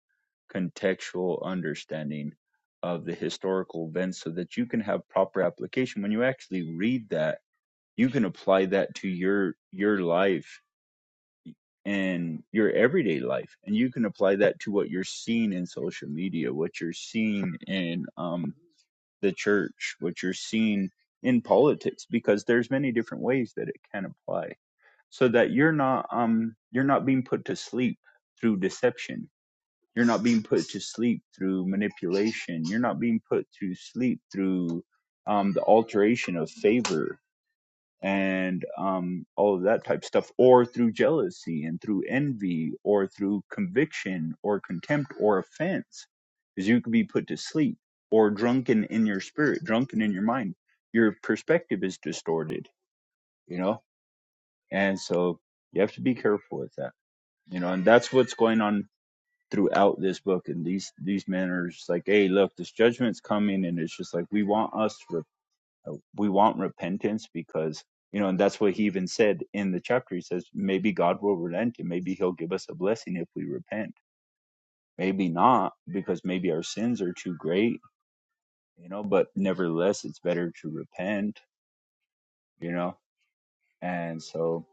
D: contextual understanding of the historical events so that you can have proper application. When you actually read that, you can apply that to your your life and your everyday life, and you can apply that to what you're seeing in social media, what you're seeing in um, the church, what you're seeing in politics, because there's many different ways that it can apply, so that you're not um you're not being put to sleep through deception. You're not being put to sleep through manipulation. You're not being put to sleep through um, the alteration of favor and um, all of that type of stuff, or through jealousy and through envy, or through conviction, or contempt, or offense, because you could be put to sleep, or drunken in your spirit, drunken in your mind. Your perspective is distorted, you know, and so you have to be careful with that, you know, and that's what's going on throughout this book. And these these men are just like, hey, look, this judgment's coming, and it's just like we want us to. Uh, We want repentance because, you know, and that's what he even said in the chapter. He says, maybe God will relent and maybe he'll give us a blessing if we repent. Maybe not because maybe our sins are too great, you know, but nevertheless, it's better to repent, you know, and so,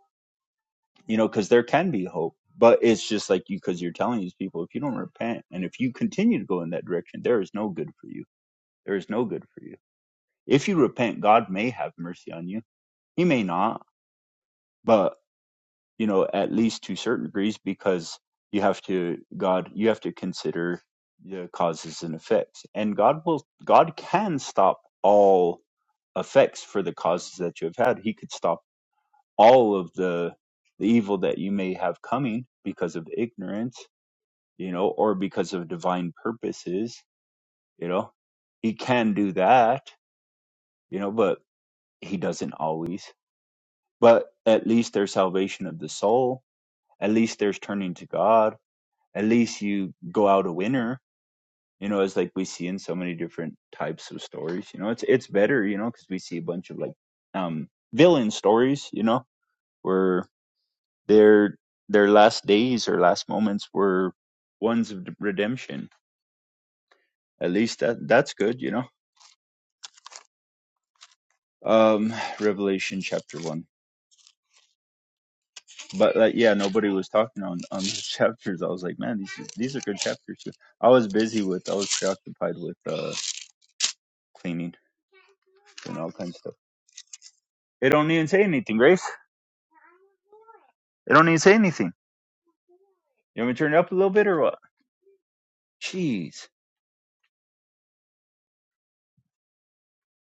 D: you know, because there can be hope. But it's just like you, because you're telling these people, if you don't repent and if you continue to go in that direction, there is no good for you. There is no good for you. If you repent, God may have mercy on you. He may not, but. you know at least to certain degrees because you have to god you have to consider the causes and effects and god will god can stop all effects for the causes that you have had he could stop all of the the evil that you may have coming because of ignorance you know or because of divine purposes you know he can do that you know but he doesn't always but at least there's salvation of the soul at least there's turning to god at least you go out a winner. You know, as like we see in so many different types of stories. You know, it's it's better. You know, because we see a bunch of like um villain stories. You know, where their their last days or last moments were ones of redemption. At least that that's good. You know, um, Revelation chapter one. But like, yeah, nobody was talking on on these chapters. I was like, man, these are- these are good chapters. Too. I was busy with I was preoccupied with uh cleaning and all kinds of stuff. It don't even say anything, Grace. It don't even say anything. You want me to turn it up a little bit or what? Jeez.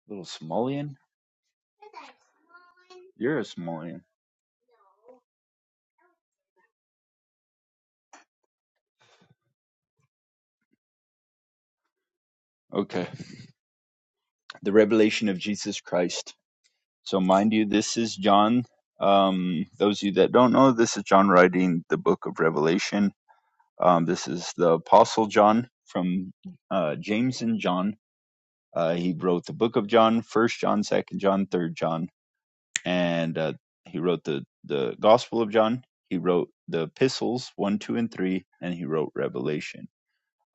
D: Little Smollyan. You're a Smollyan. Okay. The revelation of Jesus Christ. So mind you, this is John. Um, those of you that don't know, this is John writing the book of Revelation. Um, this is the Apostle John from uh, James and John. Uh, he wrote the book of John, First John, Second John, Third John. and uh, he wrote the the Gospel of John. He wrote the epistles one, two, and three, and he wrote Revelation.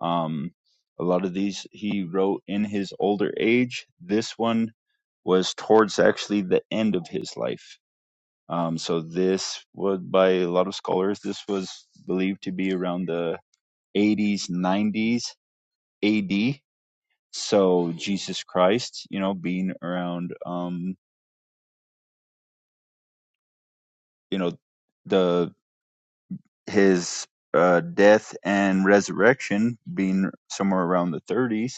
D: Um, a lot of these he wrote in his older age. This one was towards actually the end of his life. Um, so this was by a lot of scholars. This was believed to be around the 80s, 90s A.D. So Jesus Christ, you know, being around, um, you know, the his uh, death and resurrection being somewhere around the 30s,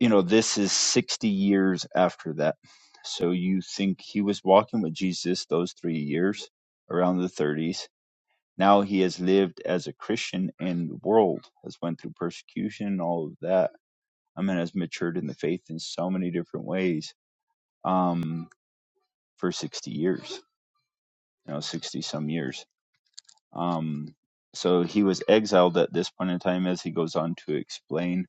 D: you know, this is 60 years after that. So you think he was walking with Jesus those three years around the 30s. Now he has lived as a Christian in the world, has went through persecution and all of that. I mean, has matured in the faith in so many different ways um, for 60 years, you know, 60 some years Um, so he was exiled at this point in time, as he goes on to explain,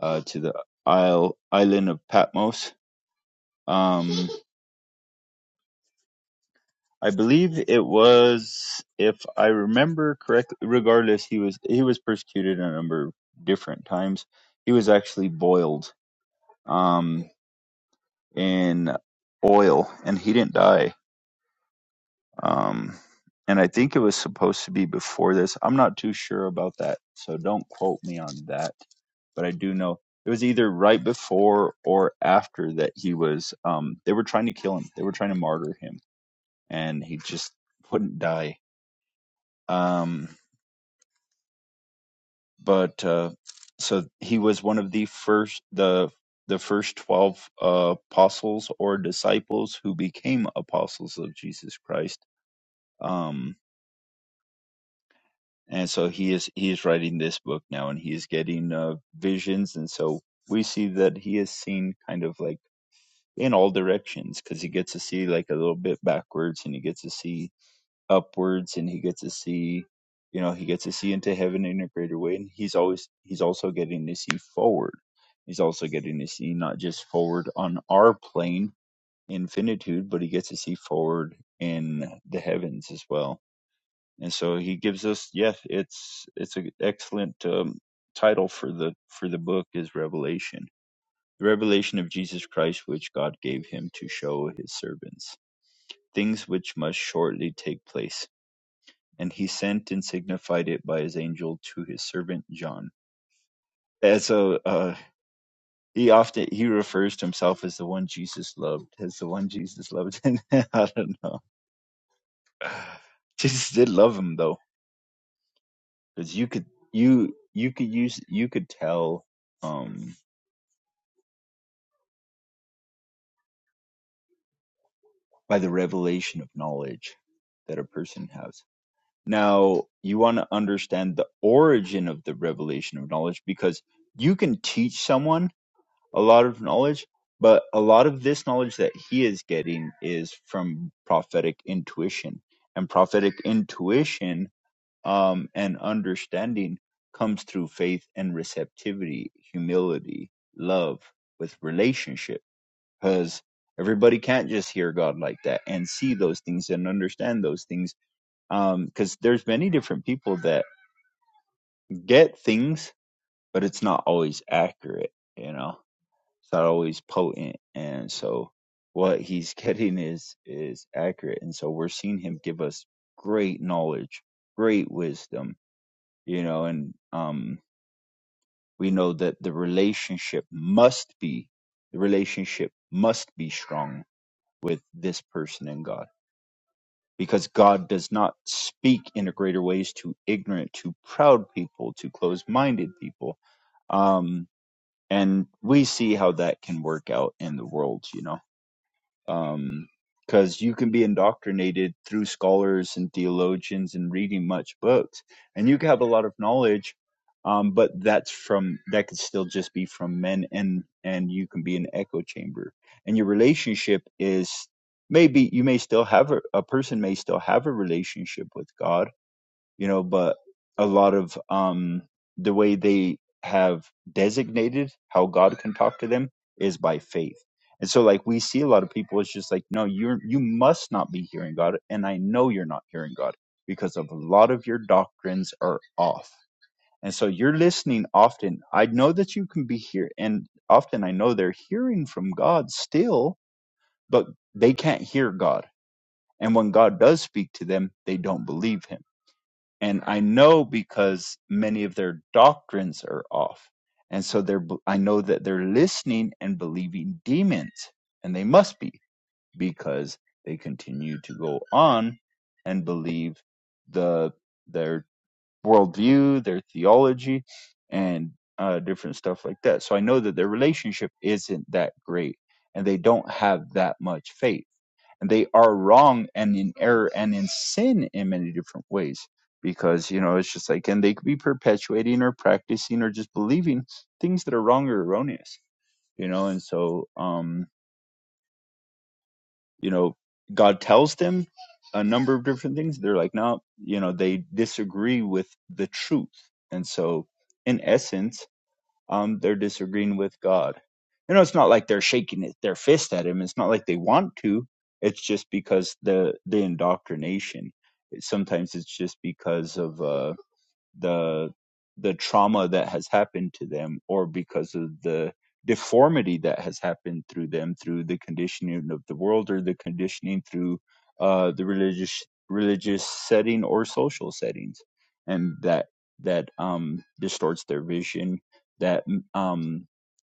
D: uh, to the isle, island of Patmos. Um, I believe it was, if I remember correctly. Regardless, he was he was persecuted a number of different times. He was actually boiled um, in oil, and he didn't die Um, and I think it was supposed to be before this. I'm not too sure about that, so don't quote me on that. But I do know it was either right before or after that he was. Um, they were trying to kill him. They were trying to martyr him, and he just wouldn't die. Um, but uh, so he was one of the first the the first twelve uh, apostles or disciples who became apostles of Jesus Christ. Um, and so he is he is writing this book now and he is getting uh, visions and so we see that he is seen kind of like in all directions because he gets to see like a little bit backwards and he gets to see upwards and he gets to see you know he gets to see into heaven in a greater way and he's always he's also getting to see forward he's also getting to see not just forward on our plane infinitude, but he gets to see forward in the heavens as well and so he gives us yes it's it's an excellent um, title for the for the book is revelation the revelation of jesus christ which god gave him to show his servants things which must shortly take place and he sent and signified it by his angel to his servant john and so uh he often he refers to himself as the one jesus loved as the one jesus loved and i don't know jesus did love him though because you could you you could use you could tell um by the revelation of knowledge that a person has now you want to understand the origin of the revelation of knowledge because you can teach someone a lot of knowledge but a lot of this knowledge that he is getting is from prophetic intuition and prophetic intuition um, and understanding comes through faith and receptivity, humility, love with relationship. Because everybody can't just hear God like that and see those things and understand those things. Um, Because there's many different people that get things, but it's not always accurate. You know, it's not always potent, and so what he's getting is is accurate. And so we're seeing him give us great knowledge, great wisdom. You know, and um we know that the relationship must be the relationship must be strong with this person and God because God does not speak in a greater ways to ignorant to proud people to closed-minded people um and we see how that can work out in the world you know um because you can be indoctrinated through scholars and theologians and reading much books and you can have a lot of knowledge um but that's from that could still just be from men and and you can be an echo chamber and your relationship is maybe you may still have a, a person may still have a relationship with god you know, but a lot of um, the way they have designated how God can talk to them is by faith. And so, like, we see a lot of people, it's just like, no, you're, you must not be hearing God. And I know you're not hearing God because of a lot of your doctrines are off. And so you're listening often. I know that you can be here. And often I know they're hearing from God still, but they can't hear God. And when God does speak to them, they don't believe him and I know because many of their doctrines are off, and so they're b- I know that they're listening and believing demons, and they must be because they continue to go on and believe the their worldview, their theology, and uh, different stuff like that. So I know that their relationship isn't that great, and they don't have that much faith and they are wrong and in error and in sin in many different ways because you know it's just like and they could be perpetuating or practicing or just believing things that are wrong or erroneous you know and so um you know god tells them a number of different things they're like no you know they disagree with the truth and so in essence um, they're disagreeing with God. You know, it's not like they're shaking it, their fist at him. It's not like they want to. It's just because the the indoctrination. It, sometimes it's just because of uh, the the trauma that has happened to them or because of the deformity that has happened through them through the conditioning of the world or the conditioning through uh, the religious religious setting or social settings and that that um, distorts their vision that mm, um,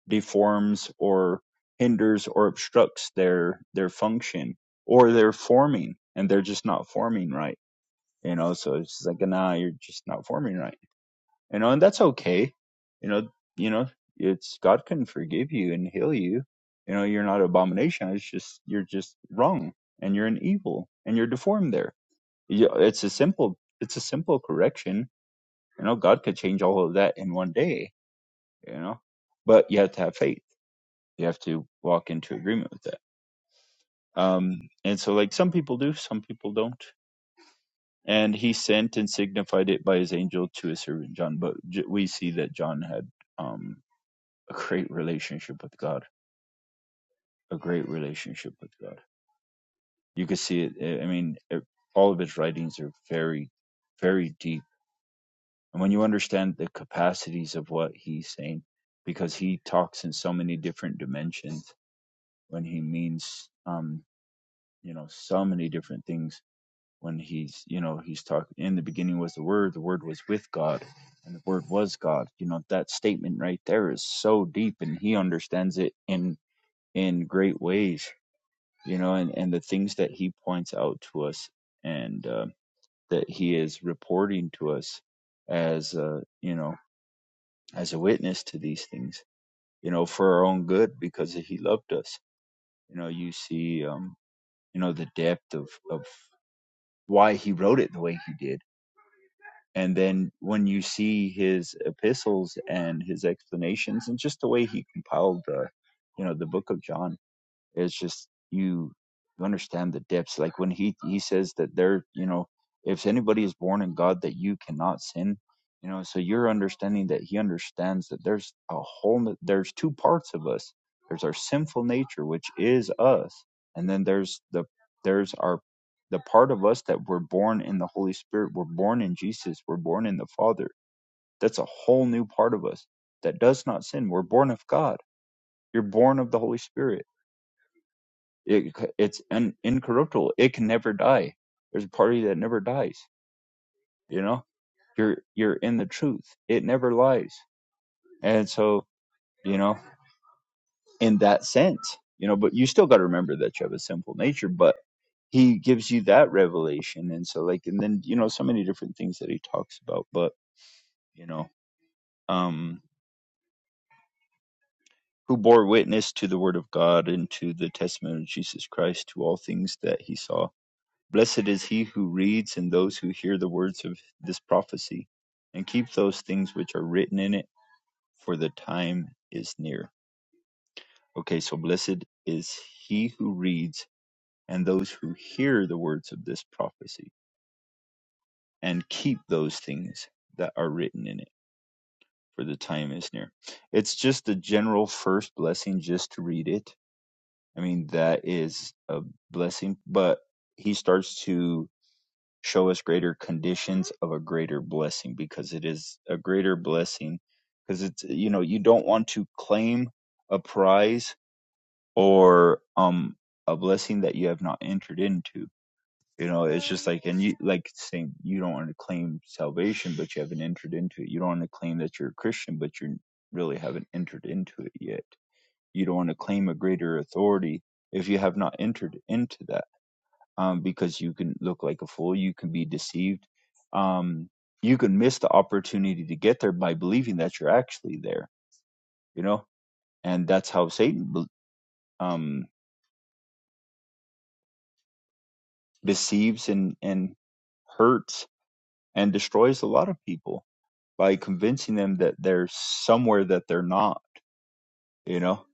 D: deforms or hinders or obstructs their their function or their forming and they're just not forming right you know so it's just like nah you're just not forming right you know, and that's okay. You know, you know, it's God can forgive you and heal you. You know, you're not an abomination. It's just you're just wrong, and you're an evil, and you're deformed. There, you, it's a simple, it's a simple correction. You know, God could change all of that in one day. You know, but you have to have faith. You have to walk into agreement with that. Um, and so, like some people do, some people don't. And he sent and signified it by his angel to his servant John. But j- we see that John had um a great relationship with God, a great relationship with God. You could see it. eh, I mean, eh, all of his writings are very, very deep. And when you understand the capacities of what he's saying, because he talks in so many different dimensions when he means, um, you know, so many different things when he's, you know, he's talking in the beginning was the word, the word was with God and the word was God. You know, that statement right there is so deep and he understands it in, in great ways you know, and, and the things that he points out to us and uh, that he is reporting to us as, uh, you know, as a witness to these things, you know, for our own good because he loved us. You know, you see, um, you know, the depth of, of why he wrote it the way he did. And then when you see his epistles and his explanations and just the way he compiled the, you know, the book of John, it's just you you understand the depths like when he he says that there you know if anybody is born in god that you cannot sin you know so you're understanding that he understands that there's a whole no- there's two parts of us there's our sinful nature which is us and then there's the there's our the part of us that we're born in the holy spirit we're born in jesus we're born in the father that's a whole new part of us that does not sin we're born of god you're born of the holy spirit it it's un, incorruptible. It can never die. There's a part of you that never dies. You know, you're you're in the truth. It never lies. And so you know, in that sense, you know, but you still got to remember that you have a sinful nature. But he gives you that revelation, and so like, and then you know, so many different things that he talks about. But you know, um, who bore witness to the word of God and to the testimony of Jesus Christ to all things that he saw Blessed is he who reads and those who hear the words of this prophecy and keep those things which are written in it, for the time is near. Okay, so blessed is he who reads and those who hear the words of this prophecy and keep those things that are written in it, for the time is near. It's just a general first blessing just to read it. I mean, that is a blessing, but he starts to show us greater conditions of a greater blessing because it is a greater blessing because it's you know you don't want to claim a prize or um a blessing that you have not entered into you know it's just like and you like saying you don't want to claim salvation but you haven't entered into it you don't want to claim that you're a christian but you really haven't entered into it yet you don't want to claim a greater authority if you have not entered into that um, because you can look like a fool, you can be deceived, um, you can miss the opportunity to get there by believing that you're actually there, you know, and that's how Satan um, deceives and and hurts and destroys a lot of people by convincing them that they're somewhere that they're not, you know.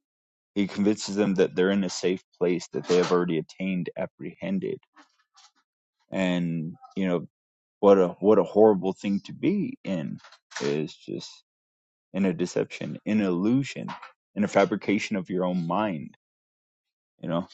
D: He convinces them that they're in a safe place that they have already attained, apprehended, and you know what a what a horrible thing to be in is just in a deception, in illusion, in a fabrication of your own mind, you know.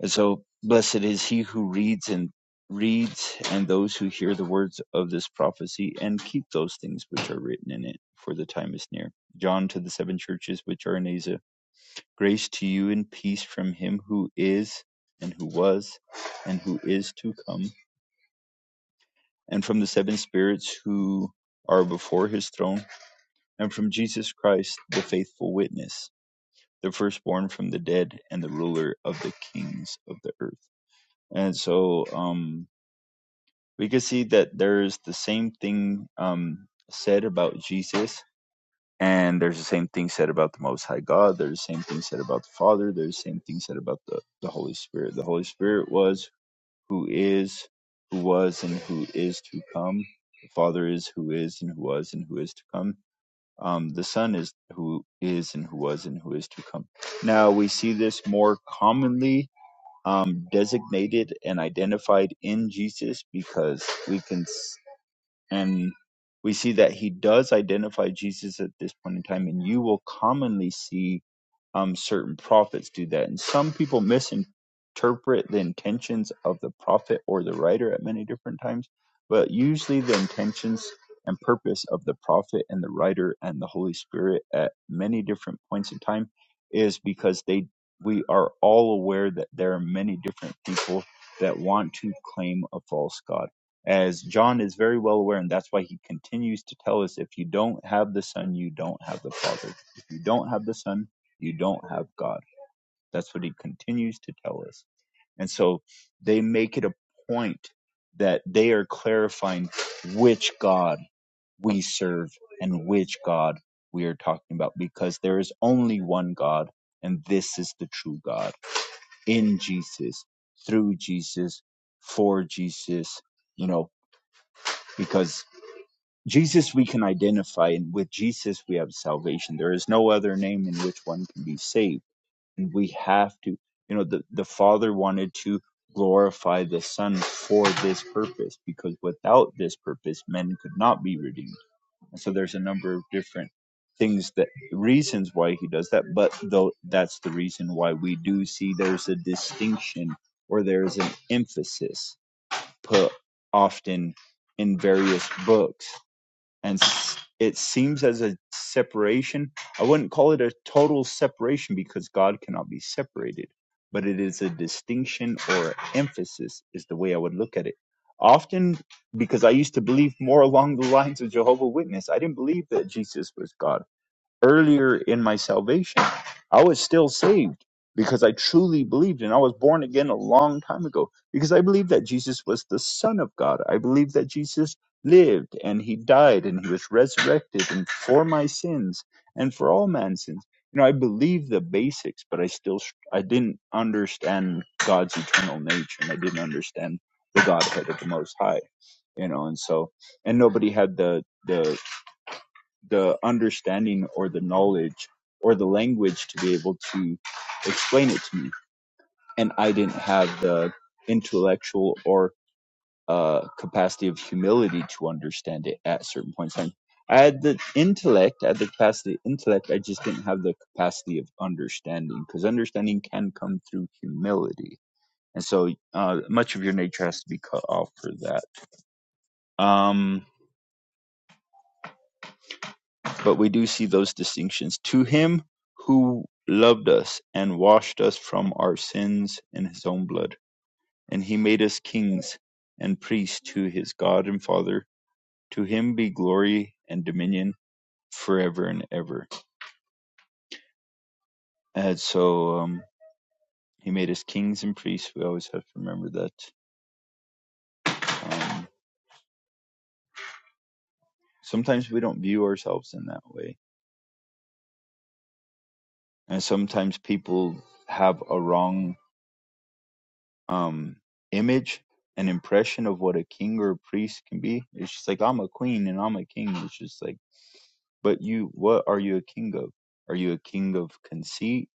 D: And so blessed is he who reads and reads and those who hear the words of this prophecy and keep those things which are written in it, for the time is near. John to the seven churches which are in Asia, grace to you and peace from him who is and who was and who is to come, and from the seven spirits who are before his throne, and from Jesus Christ, the faithful witness the firstborn from the dead and the ruler of the kings of the earth. And so um, we can see that there's the same thing um, said about Jesus, and there's the same thing said about the Most High God. There's the same thing said about the Father. There's the same thing said about the, the Holy Spirit. The Holy Spirit was who is, who was, and who is to come. The Father is who is, and who was, and who is to come um, the Son is who is and who was and who is to come. Now we see this more commonly um, designated and identified in Jesus because we can s- and we see that he does identify Jesus at this point in time, and you will commonly see um, certain prophets do that. And some people misinterpret the intentions of the prophet or the writer at many different times, but usually the intentions and purpose of the prophet and the writer and the Holy Spirit at many different points in time is because they we are all aware that there are many different people that want to claim a false god. As John is very well aware, and that's why he continues to tell us if you don't have the Son, you don't have the Father. If you don't have the Son, you don't have God. That's what he continues to tell us. And so they make it a point that they are clarifying which God we serve and which God we are talking about because there is only one God and this is the true God in Jesus, through Jesus, for Jesus, you know, because Jesus we can identify and with Jesus we have salvation. There is no other name in which one can be saved and we have to you know the, the father wanted to glorify the son for this purpose because without this purpose men could not be redeemed and so there's a number of different things that reasons why he does that but though that's the reason why we do see there's a distinction or there's an emphasis put often in various books and it seems as a separation. I wouldn't call it a total separation because God cannot be separated, but it is a distinction or emphasis, is the way I would look at it. Often, because I used to believe more along the lines of Jehovah Witness, I didn't believe that Jesus was God earlier in my salvation, I was still saved because I truly believed and I was born again a long time ago because I believed that Jesus was the Son of God. I believed that Jesus lived and he died and he was resurrected and for my sins and for all man's sins. You know, I believed the basics, but I still I didn't understand God's eternal nature and I didn't understand the Godhead of the Most High. You know, and so and nobody had the the the understanding or the knowledge or the language to be able to explain it to me. And I didn't have the intellectual or uh, capacity of humility to understand it at certain points in time. I had the intellect, I had the capacity of intellect, I just didn't have the capacity of understanding because understanding can come through humility. And so uh, much of your nature has to be cut off for that. Um, But we do see those distinctions. To him who loved us and washed us from our sins in his own blood, and he made us kings and priests to his God and Father, to him be glory and dominion forever and ever. And so um, he made us kings and priests. We always have to remember that. Um, sometimes we don't view ourselves in that way. And sometimes people have a wrong um image and impression of what a king or a priest can be. It's just like I'm a queen and I'm a king. It's just like, but you, what are you a king of? Are you a king of conceit?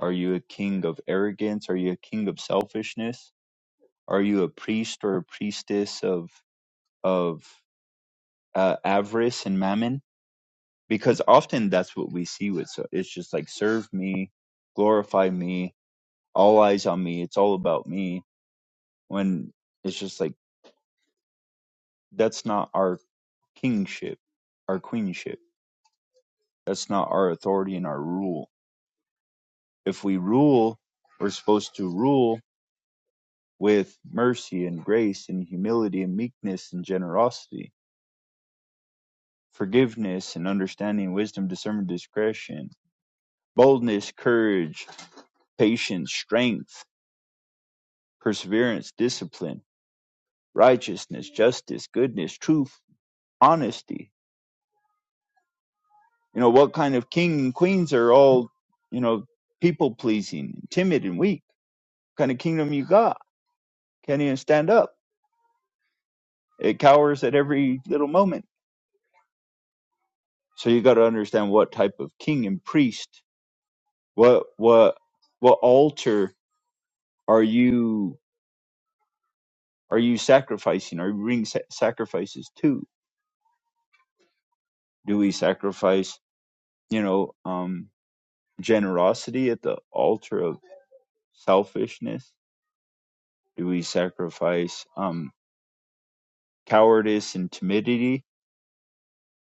D: Are you a king of arrogance? Are you a king of selfishness? Are you a priest or a priestess of of uh, avarice and mammon? Because often that's what we see with. So it's just like serve me, glorify me, all eyes on me. It's all about me. When it's just like That's not our kingship, our queenship. That's not our authority and our rule. If we rule, we're supposed to rule with mercy and grace and humility and meekness and generosity, forgiveness and understanding, wisdom, discernment, discretion, boldness, courage, patience, strength, perseverance, discipline, righteousness, justice, goodness, truth, honesty. You know, what kind of king and queens are all, you know, people pleasing, timid and weak? kind of kingdom you got? Can't even stand up. It cowers at every little moment. So you got to understand what type of king and priest, what what what altar are you are you sacrificing? Are you bringing sa- sacrifices to? Do we sacrifice, you know, um, generosity at the altar of selfishness? Do we sacrifice um, cowardice and timidity,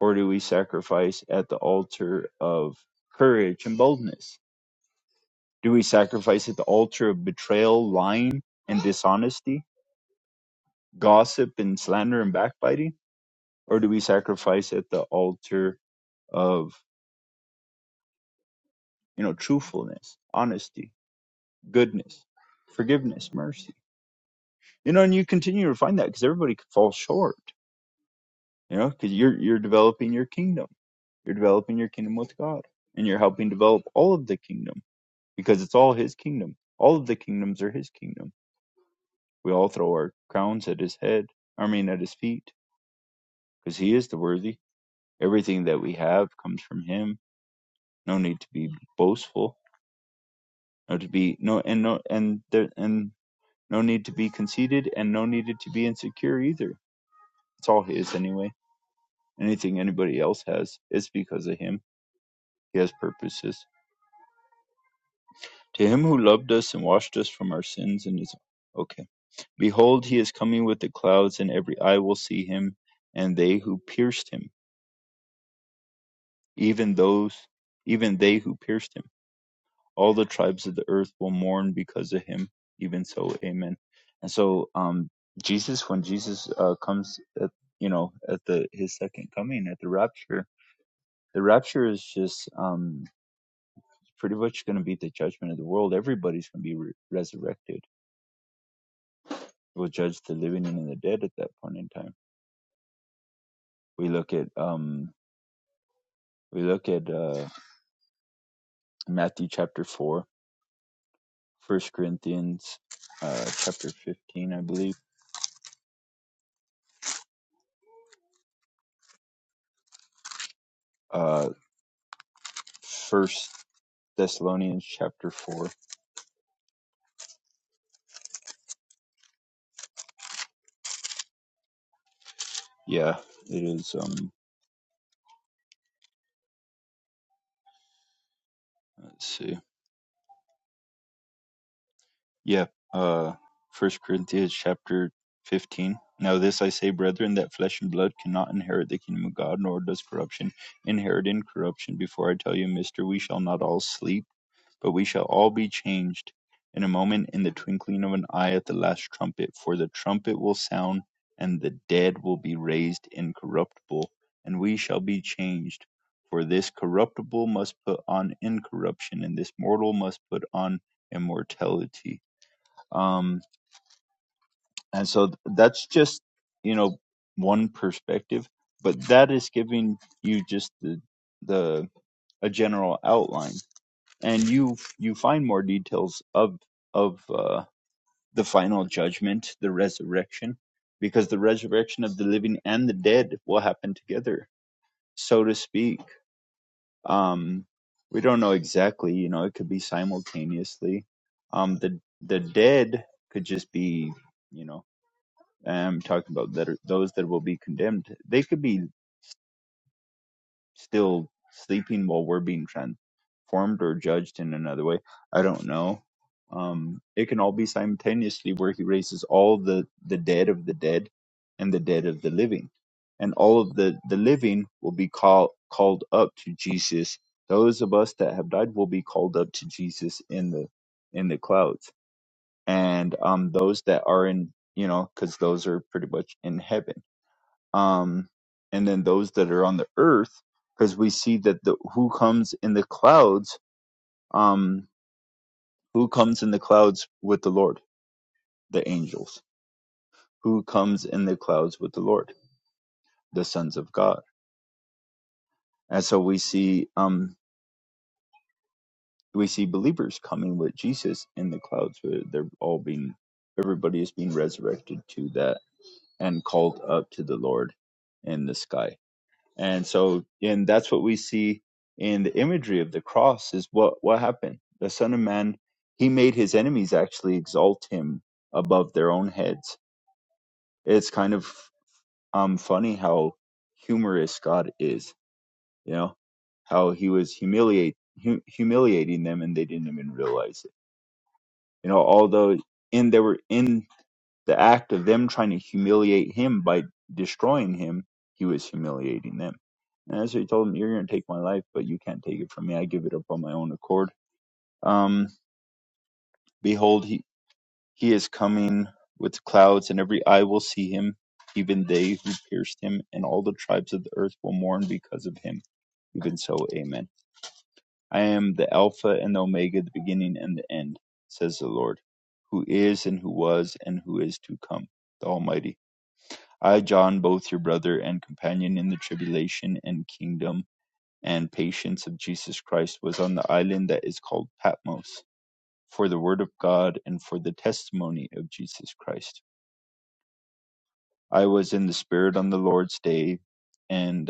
D: or do we sacrifice at the altar of courage and boldness? Do we sacrifice at the altar of betrayal, lying, and dishonesty, gossip and slander and backbiting? Or do we sacrifice at the altar of, you know, truthfulness, honesty, goodness, forgiveness, mercy? You know, and you continue to find that because everybody could fall short, you know, because you're, you're developing your kingdom. You're developing your kingdom with God and you're helping develop all of the kingdom because it's all His kingdom. All of the kingdoms are His kingdom. We all throw our crowns at His head, I mean, at His feet because he is the worthy. Everything that we have comes from him. No need to be boastful. No to be no and no and there and no need to be conceited and no need to be insecure either. It's all his anyway. Anything anybody else has, it's because of him. He has purposes. To him who loved us and washed us from our sins and his okay. Behold he is coming with the clouds and every eye will see him and they who pierced him, even those even they who pierced him all the tribes of the earth will mourn because of him. Even so, amen. And so, um, Jesus, when Jesus uh, comes, at, you know, at the his second coming, at the rapture, the rapture is just um, pretty much going to be the judgment of the world. Everybody's going to be re- resurrected. We'll judge the living and the dead at that point in time. We look at um, we look at uh, Matthew chapter four, First Corinthians uh, chapter fifteen, I believe. Uh, First Thessalonians chapter four. Yeah, it is. Um, let's see. Yeah, uh, First Corinthians chapter fifteen. Now this I say, brethren, that flesh and blood cannot inherit the kingdom of God, nor does corruption inherit incorruption. Before I tell you, Mister, we shall not all sleep But we shall all be changed in a moment, in the twinkling of an eye, at the last trumpet. For the trumpet will sound, and the dead will be raised incorruptible, and we shall be changed. For this corruptible must put on incorruption, and this mortal must put on immortality. Um, and so th- that's just, you know, one perspective, but that is giving you just the, the, a general outline and you you find more details of of uh, the final judgment, the resurrection, because the resurrection of the living and the dead will happen together, so to speak. Um, we don't know exactly, you know, it could be simultaneously. Um, the the dead could just be, you know, I'm talking about that are, those that will be condemned. They could be still sleeping while we're being transformed or judged in another way. I don't know. Um, it can all be simultaneously where he raises all the, the dead of the dead and the dead of the living. And all of the, the living will be call, called up to Jesus. Those of us that have died will be called up to Jesus in the in the clouds. And um, those that are in, you know, because those are pretty much in heaven um, and then those that are on the earth, because we see that the who comes in the clouds, um, who comes in the clouds with the Lord, the angels, who comes in the clouds with the Lord, the sons of God, and so we see um, we see believers coming with Jesus in the clouds. where They're all being everybody is being resurrected to that and called up to the Lord in the sky And so, and that's what we see in the imagery of the cross is what, what happened. The son of man, he made his enemies actually exalt him above their own heads. It's kind of, um, funny how humorous God is, you know, how he was humiliate, hu- humiliating them and they didn't even realize it. You know, although in, they were in The act of them trying to humiliate him by destroying him, he was humiliating them. And that's he told him, You're going to take my life, but you can't take it from me. I give it up on my own accord. Um, behold, he, he is coming with clouds, and every eye will see him, even they who pierced him, and all the tribes of the earth will mourn because of him. Even so, amen. I am the Alpha and the Omega, the beginning and the end, says the Lord, who is and who was and who is to come, the Almighty. I John both your brother and companion in the tribulation and kingdom and patience of Jesus Christ was on the island that is called Patmos for the word of God and for the testimony of Jesus Christ. I was in the spirit on the Lord's day and.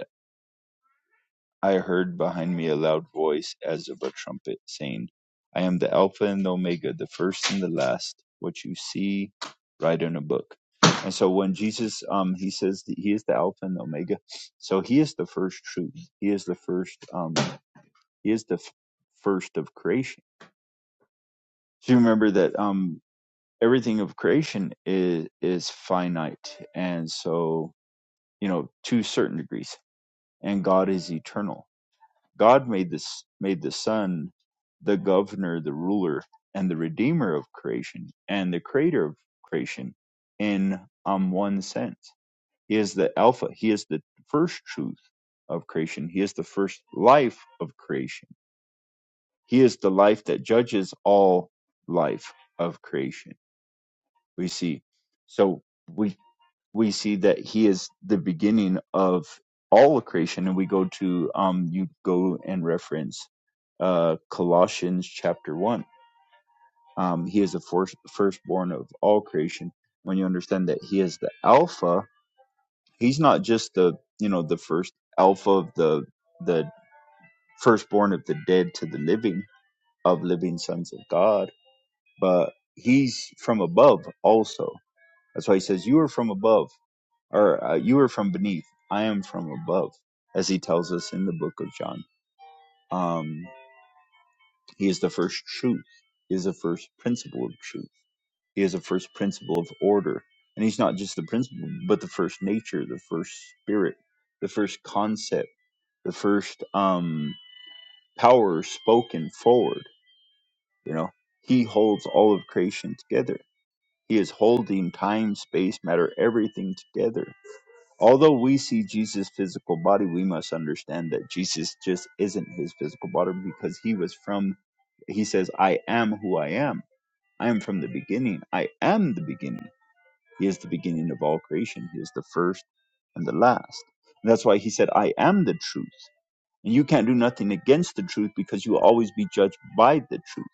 D: I heard behind me a loud voice, as of a trumpet, saying, I am the Alpha and the Omega, the first and the last. What you see, write in a book. And so when Jesus, um, he says that he is the Alpha and the Omega. So he is the first truth. He is the first, um, he is the f- first of creation. So you remember that, um, everything of creation is, is finite. And so, you know, to certain degrees and God is eternal God made this made the Son the governor, the ruler, and the redeemer of creation, and the creator of creation in um one sense. He is the Alpha, he is the first truth of creation, he is the first life of creation. He is the life that judges all life of creation. We see. So we we see that he is the beginning of all of creation and we go to um you go and reference uh colossians chapter 1 um he is the first firstborn of all creation when you understand that he is the alpha he's not just the you know the first alpha of the the firstborn of the dead to the living of living sons of god but he's from above also that's why he says you are from above or uh, you are from beneath, I am from above, as he tells us in the book of John. Um, he is the first truth. He is the first principle of truth. He is the first principle of order. And he's not just the principle, but the first nature, the first spirit, the first concept, the first um, power spoken forward. You know, he holds all of creation together. He is holding time, space, matter, everything together Although we see Jesus' physical body, we must understand that Jesus just isn't his physical body because he was from, he says, I am who I am. I am from the beginning. I am the beginning. He is the beginning of all creation. He is the first and the last. And that's why he said, I am the truth. And you can't do nothing against the truth because you will always be judged by the truth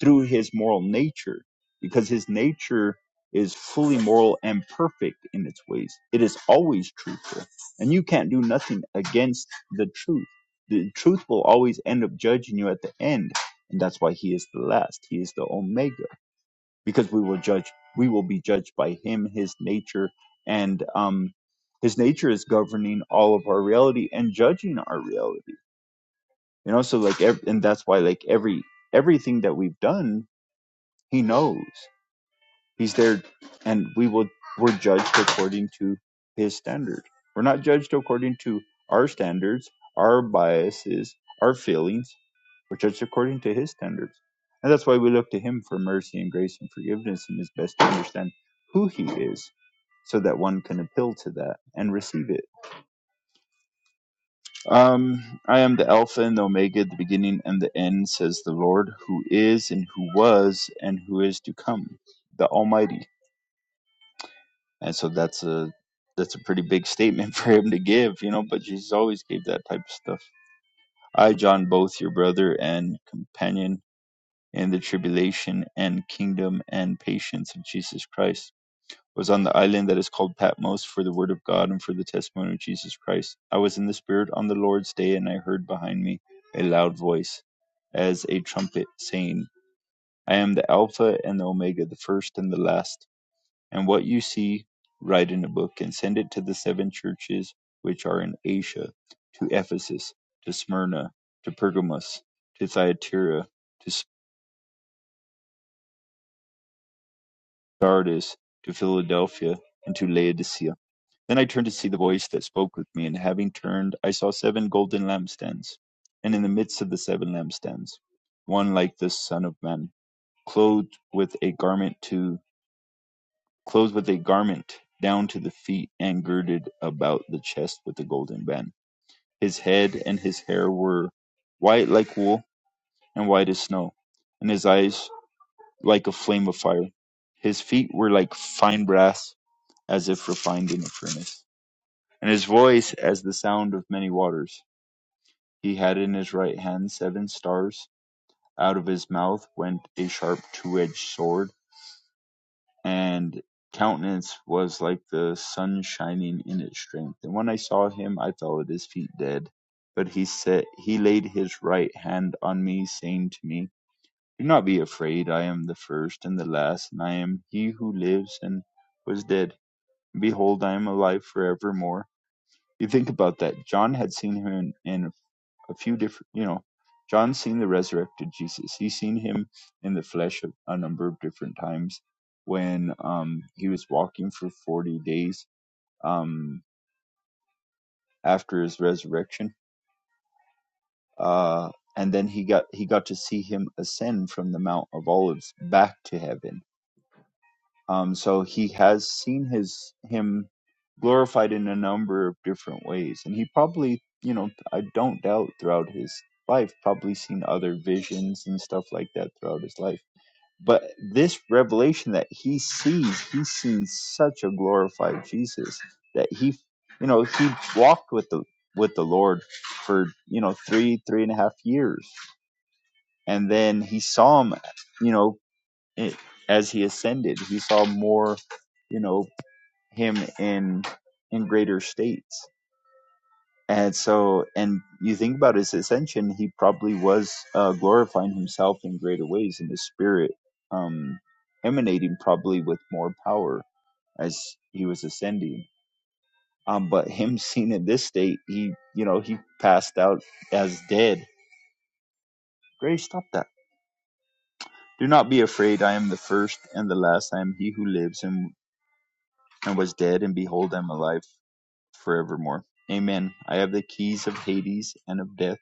D: through his moral nature, because his nature is fully moral and perfect in its ways. It is always truthful. And you can't do nothing against the truth. The truth will always end up judging you at the end. And that's why he is the last. He is the Omega. Because we will judge we will be judged by him, his nature, and um his nature is governing all of our reality and judging our reality you know so like ev- and that's why like every everything that we've done he knows he's there and we will we're judged according to his standard we're not judged according to our standards our biases our feelings we're judged according to his standards and that's why we look to him for mercy and grace and forgiveness and is best to understand who he is so that one can appeal to that and receive it Um, I am the Alpha and the Omega, the beginning and the end, says the Lord, who is and who was and who is to come, the Almighty. And so that's a that's a pretty big statement for him to give, you know. But Jesus always gave that type of stuff. I, John, both your brother and companion in the tribulation and kingdom and patience of Jesus Christ was on the island that is called Patmos for the word of God and for the testimony of Jesus Christ. I was in the Spirit on the Lord's day, and I heard behind me a loud voice, as a trumpet, saying, I am the Alpha and the Omega, the first and the last. And what you see, write in a book, and send it to the seven churches which are in Asia to Ephesus, to Smyrna, to Pergamos, to Thyatira, to Sardis, to Philadelphia, and to Laodicea. Then I turned to see the voice that spoke with me, and having turned, I saw seven golden lampstands, and in the midst of the seven lampstands, one like the Son of Man, clothed with a garment to clothed with a garment down to the feet, and girded about the chest with a golden band. His head and his hair were white like wool, and white as snow, and his eyes like a flame of fire. His feet were like fine brass, as if refined in a furnace and his voice as the sound of many waters. He had in his right hand seven stars. Out of his mouth went a sharp two edged sword, and countenance was like the sun shining in its strength. And when I saw him, I fell at his feet dead. But he said, he laid his right hand on me, saying to me, Do not be afraid. I am the first and the last, and I am he who lives and was dead. Behold, I am alive forevermore. You think about that. John had seen him in, in a few different, you know, John's seen the resurrected Jesus. He's seen him in the flesh a, a number of different times when um, he was walking for 40 days um, after his resurrection. Uh, and then he got he got to see him ascend from the Mount of Olives back to heaven Um, so he has seen his him glorified in a number of different ways, and he probably, you know, I don't doubt throughout his life, probably seen other visions and stuff like that throughout his life. But this revelation that he sees, he's seen such a glorified Jesus that he, you know, he walked with the with the Lord for you know three three and a half years, and then he saw him, you know, it- as he ascended he saw more you know him in in greater states and so and you think about his ascension he probably was uh, glorifying himself in greater ways in his spirit um emanating probably with more power as he was ascending um but him seen in this state he you know he passed out as dead grace stop that do not be afraid i am the first and the last i am he who lives and and was dead, and behold, I am alive. forevermore. Amen. I have the keys of Hades and of death.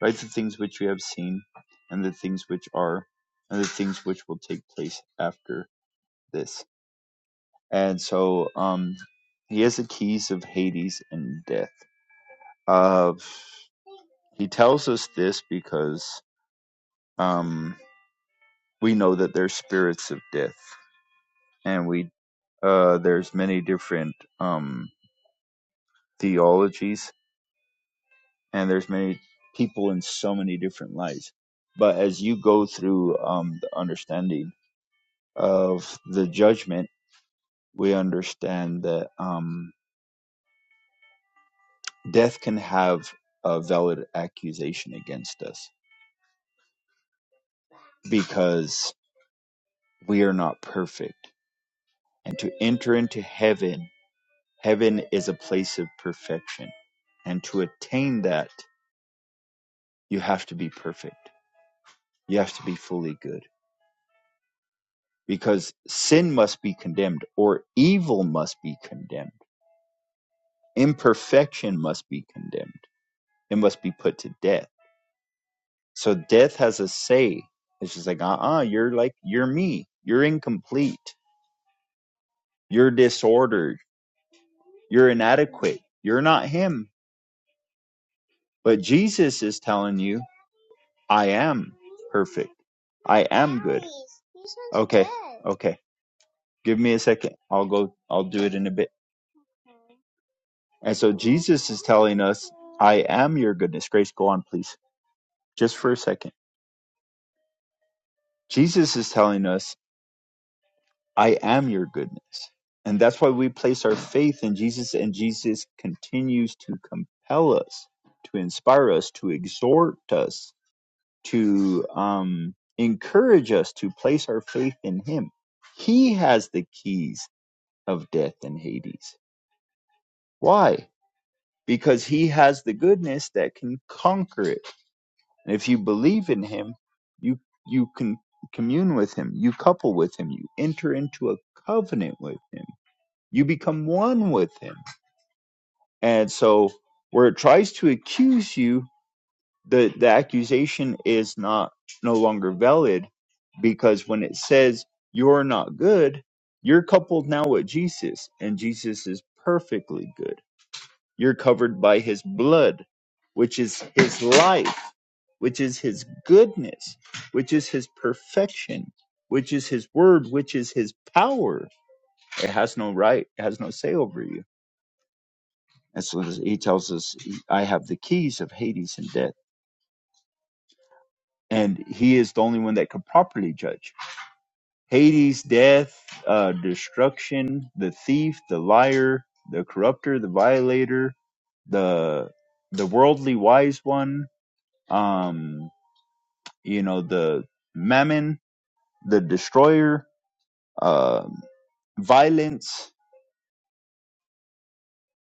D: Write the things which you have seen, and the things which are, and the things which will take place after this. And so, um, he has the keys of Hades and death. Uh, he tells us this because um, we know that there's spirits of death, and we uh, there's many different um, theologies and there's many people in so many different lights but as you go through um, the understanding of the judgment we understand that um, death can have a valid accusation against us because we are not perfect and to enter into heaven heaven is a place of perfection and to attain that you have to be perfect you have to be fully good because sin must be condemned or evil must be condemned imperfection must be condemned it must be put to death so death has a say it's just like uh-uh you're like you're me you're incomplete you're disordered you're inadequate you're not him but jesus is telling you i am perfect i am good okay okay give me a second i'll go i'll do it in a bit And so Jesus is telling us, I am your goodness. Grace, go on, please, just for a second. Jesus is telling us, I am your goodness. And that's why we place our faith in Jesus, and Jesus continues to compel us, to inspire us, to exhort us, to um, encourage us to place our faith in Him. He has the keys of death and Hades. Why? Because He has the goodness that can conquer it And if you believe in him, you you can commune with him, you couple with him, you enter into a covenant with him. You become one with him. And so where it tries to accuse you, the, the accusation is not no longer valid because when it says you're not good, you're coupled now with Jesus, and Jesus is perfectly good you're covered by his blood, which is his life, which is his goodness, which is his perfection, which is his word, which is his power. It has no right, it has no say over you. And so he tells us, I have the keys of Hades and death. And he is the only one that could properly judge. Hades, death, uh, destruction, the thief, the liar, the corrupter, the violator, the the worldly wise one, um, you know, the Mammon, the Destroyer, uh, violence,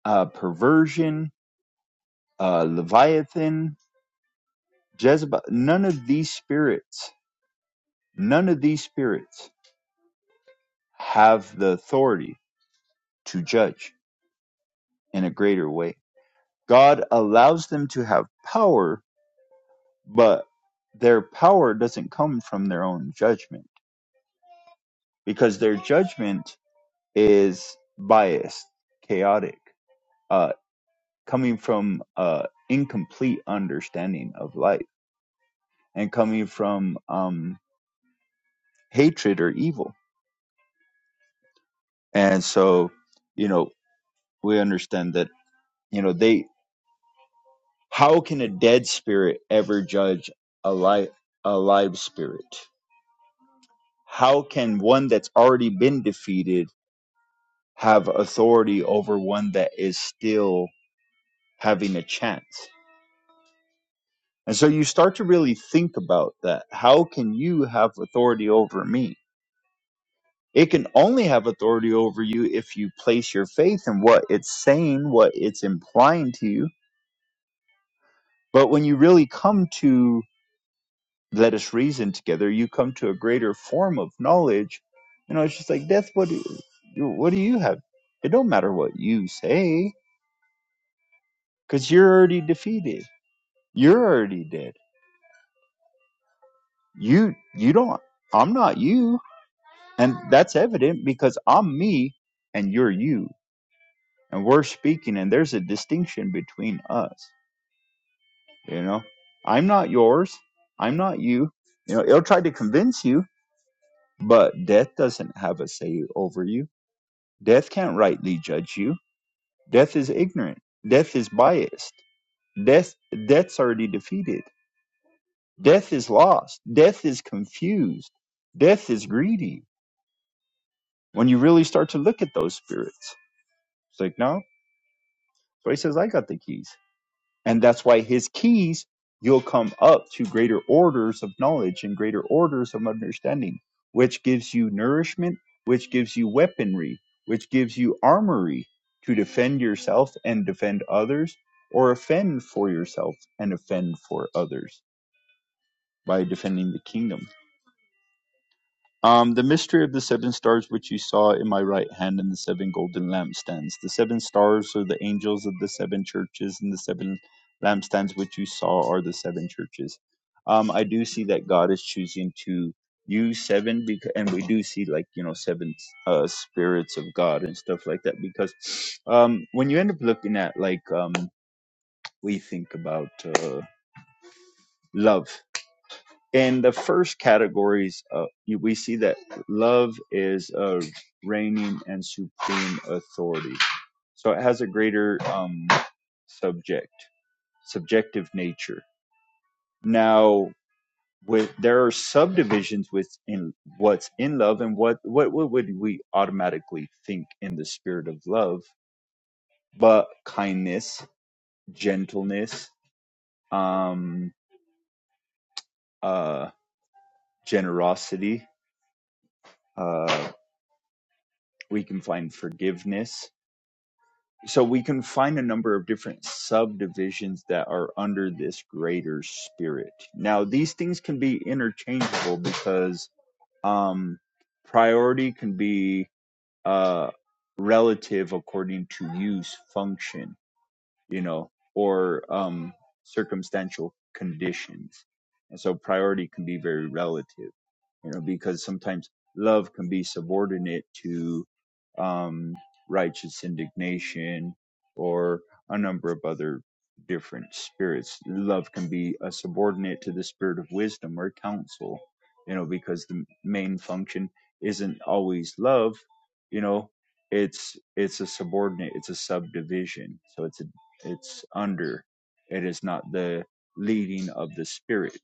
D: uh, perversion, uh, Leviathan, Jezebel. None of these spirits, none of these spirits have the authority to judge in a greater way. God allows them to have power, but their power doesn't come from their own judgment because their judgment is biased, chaotic. uh, coming from uh, incomplete understanding of life and coming from um, hatred or evil. And so, you know, we understand that, you know, they, how can a dead spirit ever judge a life, a live spirit? How can one that's already been defeated have authority over one that is still having a chance? And so you start to really think about that. How can you have authority over me? It can only have authority over you if you place your faith in what it's saying, what it's implying to you. But when you really come to let us reason together, you come to a greater form of knowledge. You know, it's just like death. What do you, what do you have? It don't matter what you say, because you're already defeated. You're already dead. You you don't. I'm not you, and that's evident because I'm me, and you're you and we're speaking and there's a distinction between us you know i'm not yours i'm not you you know it'll try to convince you but death doesn't have a say over you death can't rightly judge you death is ignorant death is biased death death's already defeated death is lost death is confused death is greedy when you really start to look at those spirits it's like no so he says i got the keys And that's why his keys, you'll come up to greater orders of knowledge and greater orders of understanding, which gives you nourishment, which gives you weaponry, which gives you armory to defend yourself and defend others, or offend for yourself and offend for others by defending the kingdom. Um, the mystery of the seven stars which you saw in my right hand and the seven golden lampstands. The seven stars are the angels of the seven churches, and the seven lampstands which you saw are the seven churches. Um, I do see that God is choosing to use seven, because, and we do see like you know seven uh, spirits of God and stuff like that. Because um, when you end up looking at like um, we think about uh, love, in the first categories, uh, we see that love is a reigning and supreme authority. So it has a greater um, subject, subjective nature. Now, with there are subdivisions within what's in love and what what what would we automatically think in the spirit of love, but kindness, gentleness, um, uh, generosity. Uh, we can find forgiveness so we can find a number of different subdivisions that are under this greater spirit. Now, these things can be interchangeable because um, priority can be uh, relative according to use, function, you know, or um, circumstantial conditions. And so priority can be very relative you know, because sometimes love can be subordinate to um, righteous indignation or a number of other different spirits. Love can be a subordinate to the spirit of wisdom or counsel, you know, because the main function isn't always love, you know, it's it's a subordinate, it's a subdivision. So it's a, it's under. It is not the leading of the spirit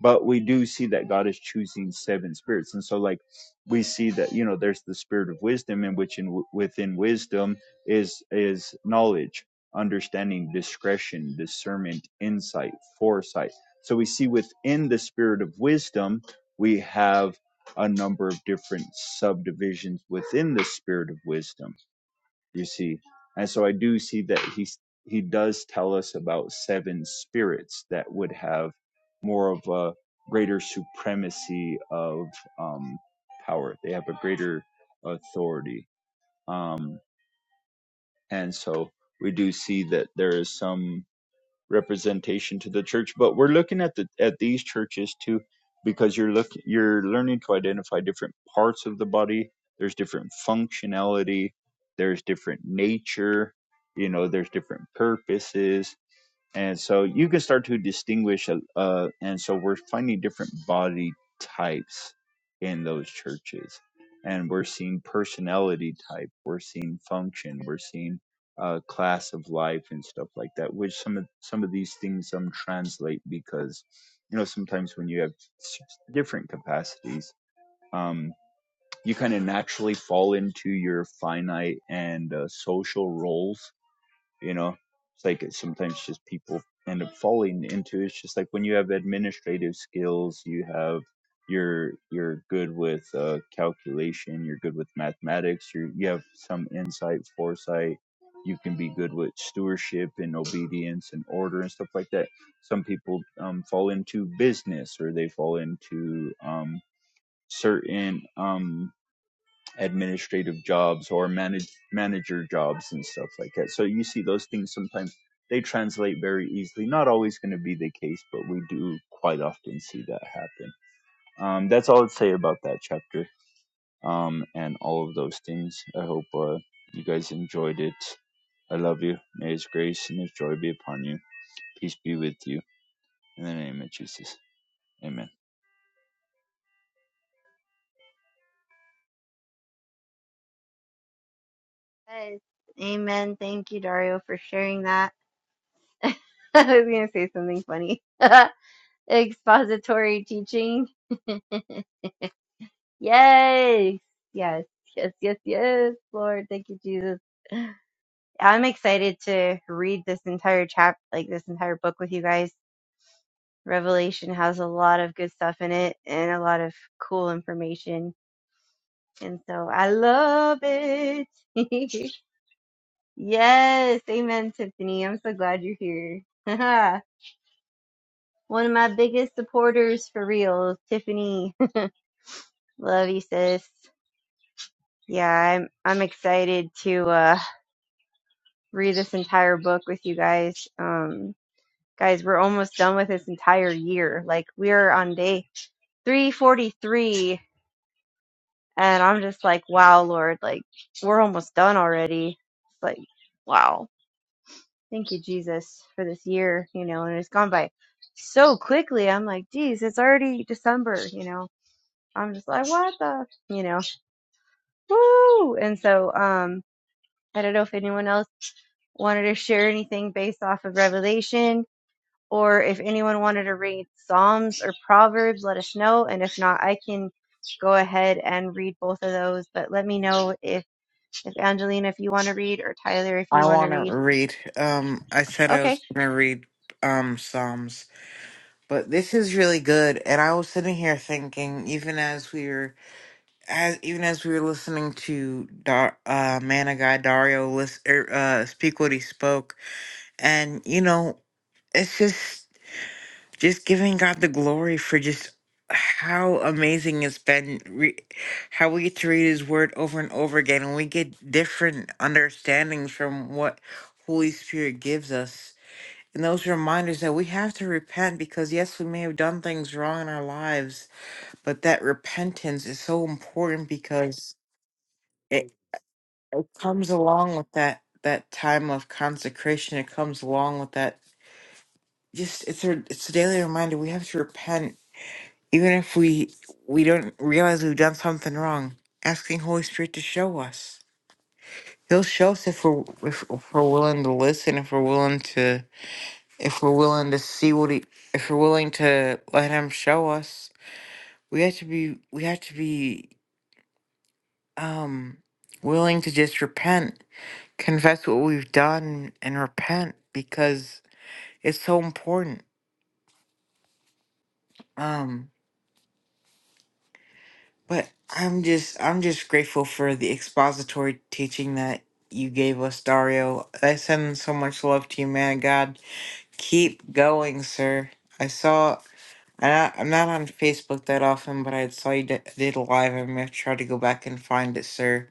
D: but we do see that God is choosing seven spirits, and so like we see that you know there's the spirit of wisdom, in which in within wisdom is is knowledge, understanding, discretion, discernment, insight, foresight. So we see within the spirit of wisdom we have a number of different subdivisions within the spirit of wisdom you see and so i do see that he he does tell us about seven spirits that would have more of a greater supremacy of um power they have a greater authority um and so we do see that there is some representation to the church but we're looking at the at these churches too because you're look you're learning to identify different parts of the body there's different functionality there's different nature you know there's different purposes and so you can start to distinguish uh, uh, and so we're finding different body types in those churches and we're seeing personality type we're seeing function we're seeing uh, class of life and stuff like that which some of some of these things um translate because you know sometimes when you have s- different capacities um you kind of naturally fall into your finite and uh, social roles you know it's like sometimes just people end up falling into it's just like when you have administrative skills you have you're you're good with uh, calculation you're good with mathematics you you have some insight foresight you can be good with stewardship and obedience and order and stuff like that some people um, fall into business or they fall into um, certain um, administrative jobs or manage, manager jobs and stuff like that. So you see those things sometimes they translate very easily. Not always going to be the case, but we do quite often see that happen. Um, that's all I'd say about that chapter um, and all of those things. I hope uh, you guys enjoyed it. I love you. May His grace and His joy be upon you. Peace be with you. In the name of Jesus. Amen.
B: Yes. Amen. Thank you, Dario, for sharing that. I was going to say something funny. Expository teaching. Yay. Yes, yes, yes, yes, Lord. Thank you, Jesus. I'm excited to read this entire chap, like this entire book with you guys. Revelation has a lot of good stuff in it and a lot of cool information. And so I love it. yes. Amen, Tiffany. I'm so glad you're here. One of my biggest supporters for real, Tiffany. Love you, sis. Yeah, I'm I'm excited to uh read this entire book with you guys. Um guys, we're almost done with this entire year. Like we're on day 343 and I'm just like, wow, Lord, like we're almost done already. It's like, wow. Thank you, Jesus, for this year, you know, and it's gone by so quickly. I'm like, geez, it's already December, you know. I'm just like, what the, you know. Woo! And so, um, I don't know if anyone else wanted to share anything based off of Revelation, or if anyone wanted to read Psalms or Proverbs, let us know. And if not, I can go ahead and read both of those. But let me know if, if Angelina, if you want to read, or Tyler, if you
A: I
B: want to
A: want to
B: read.
A: read. Um, I said I
B: Okay.
A: was going to read um Psalms, but this is really good. And I was sitting here thinking, even as we were, as even as we were listening to Dar, uh, Man of God Dario list, er, uh, speak what he spoke, and you know, it's just. just giving God the glory for just how amazing it's been, re- how we get to read His Word over and over again, and we get different understandings from what Holy Spirit gives us. And those reminders that we have to repent because, yes, we may have done things wrong in our lives, but that repentance is so important because it, it comes along with that that time of consecration. It comes along with that. Just it's a it's a daily reminder we have to repent Even if we we don't realize we've done something wrong, asking Holy Spirit to show us. He'll show us if we're if, if we're willing to listen, if we're willing to if we're willing to see what he if we're willing to let him show us. We have to be we have to be um willing to just repent, confess what we've done and repent because it's so important. Um But I'm just I'm just grateful for the expository teaching that you gave us, Dario. I send so much love to you, man. God, keep going, sir. I saw I I'm not on Facebook that often, but I saw you d- did a live. I'm gonna try to go back and find it, sir.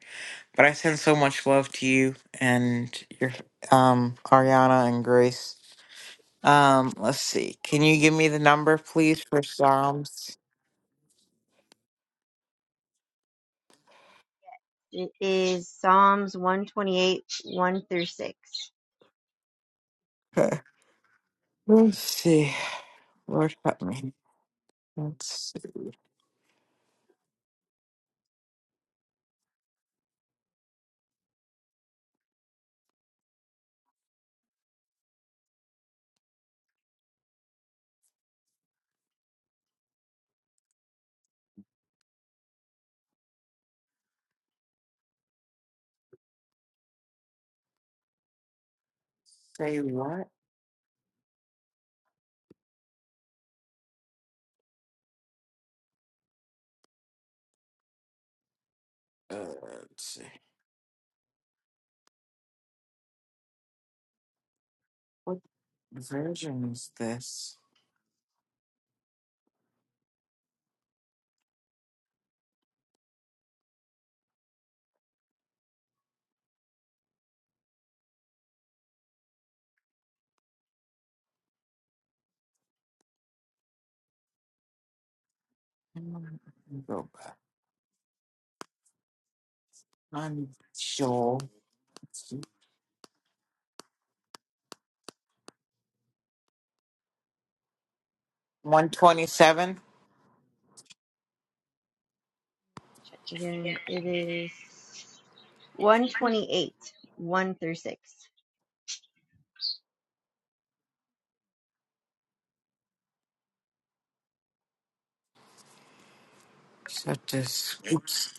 A: But I send so much love to you and your um Ariana and Grace. Um, let's see. Can you give me the number, please, for Psalms?
B: It is Psalms 128, 1 through 6.
A: let's see. Lord help me. Let's. Say what? Uh, let's see. What version is this? Mm, Go back. I'm sure. 127.
B: Again, it is 128, 1 through 6.
A: So this. Oops.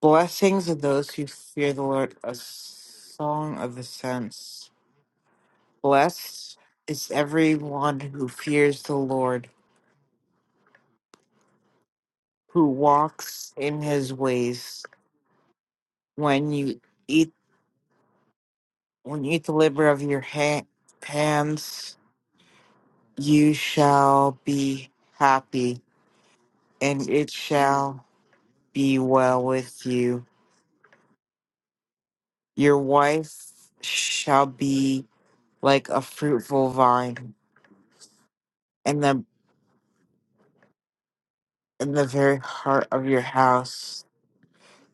A: Blessings of those who fear the Lord, a song of the saints. Blessed is everyone who fears the Lord, who walks in his ways. When you eat when you eat the labor of your ha- hands, you shall be happy, and it shall be well with you. Your wife shall be like a fruitful vine, and the in the very heart of your house.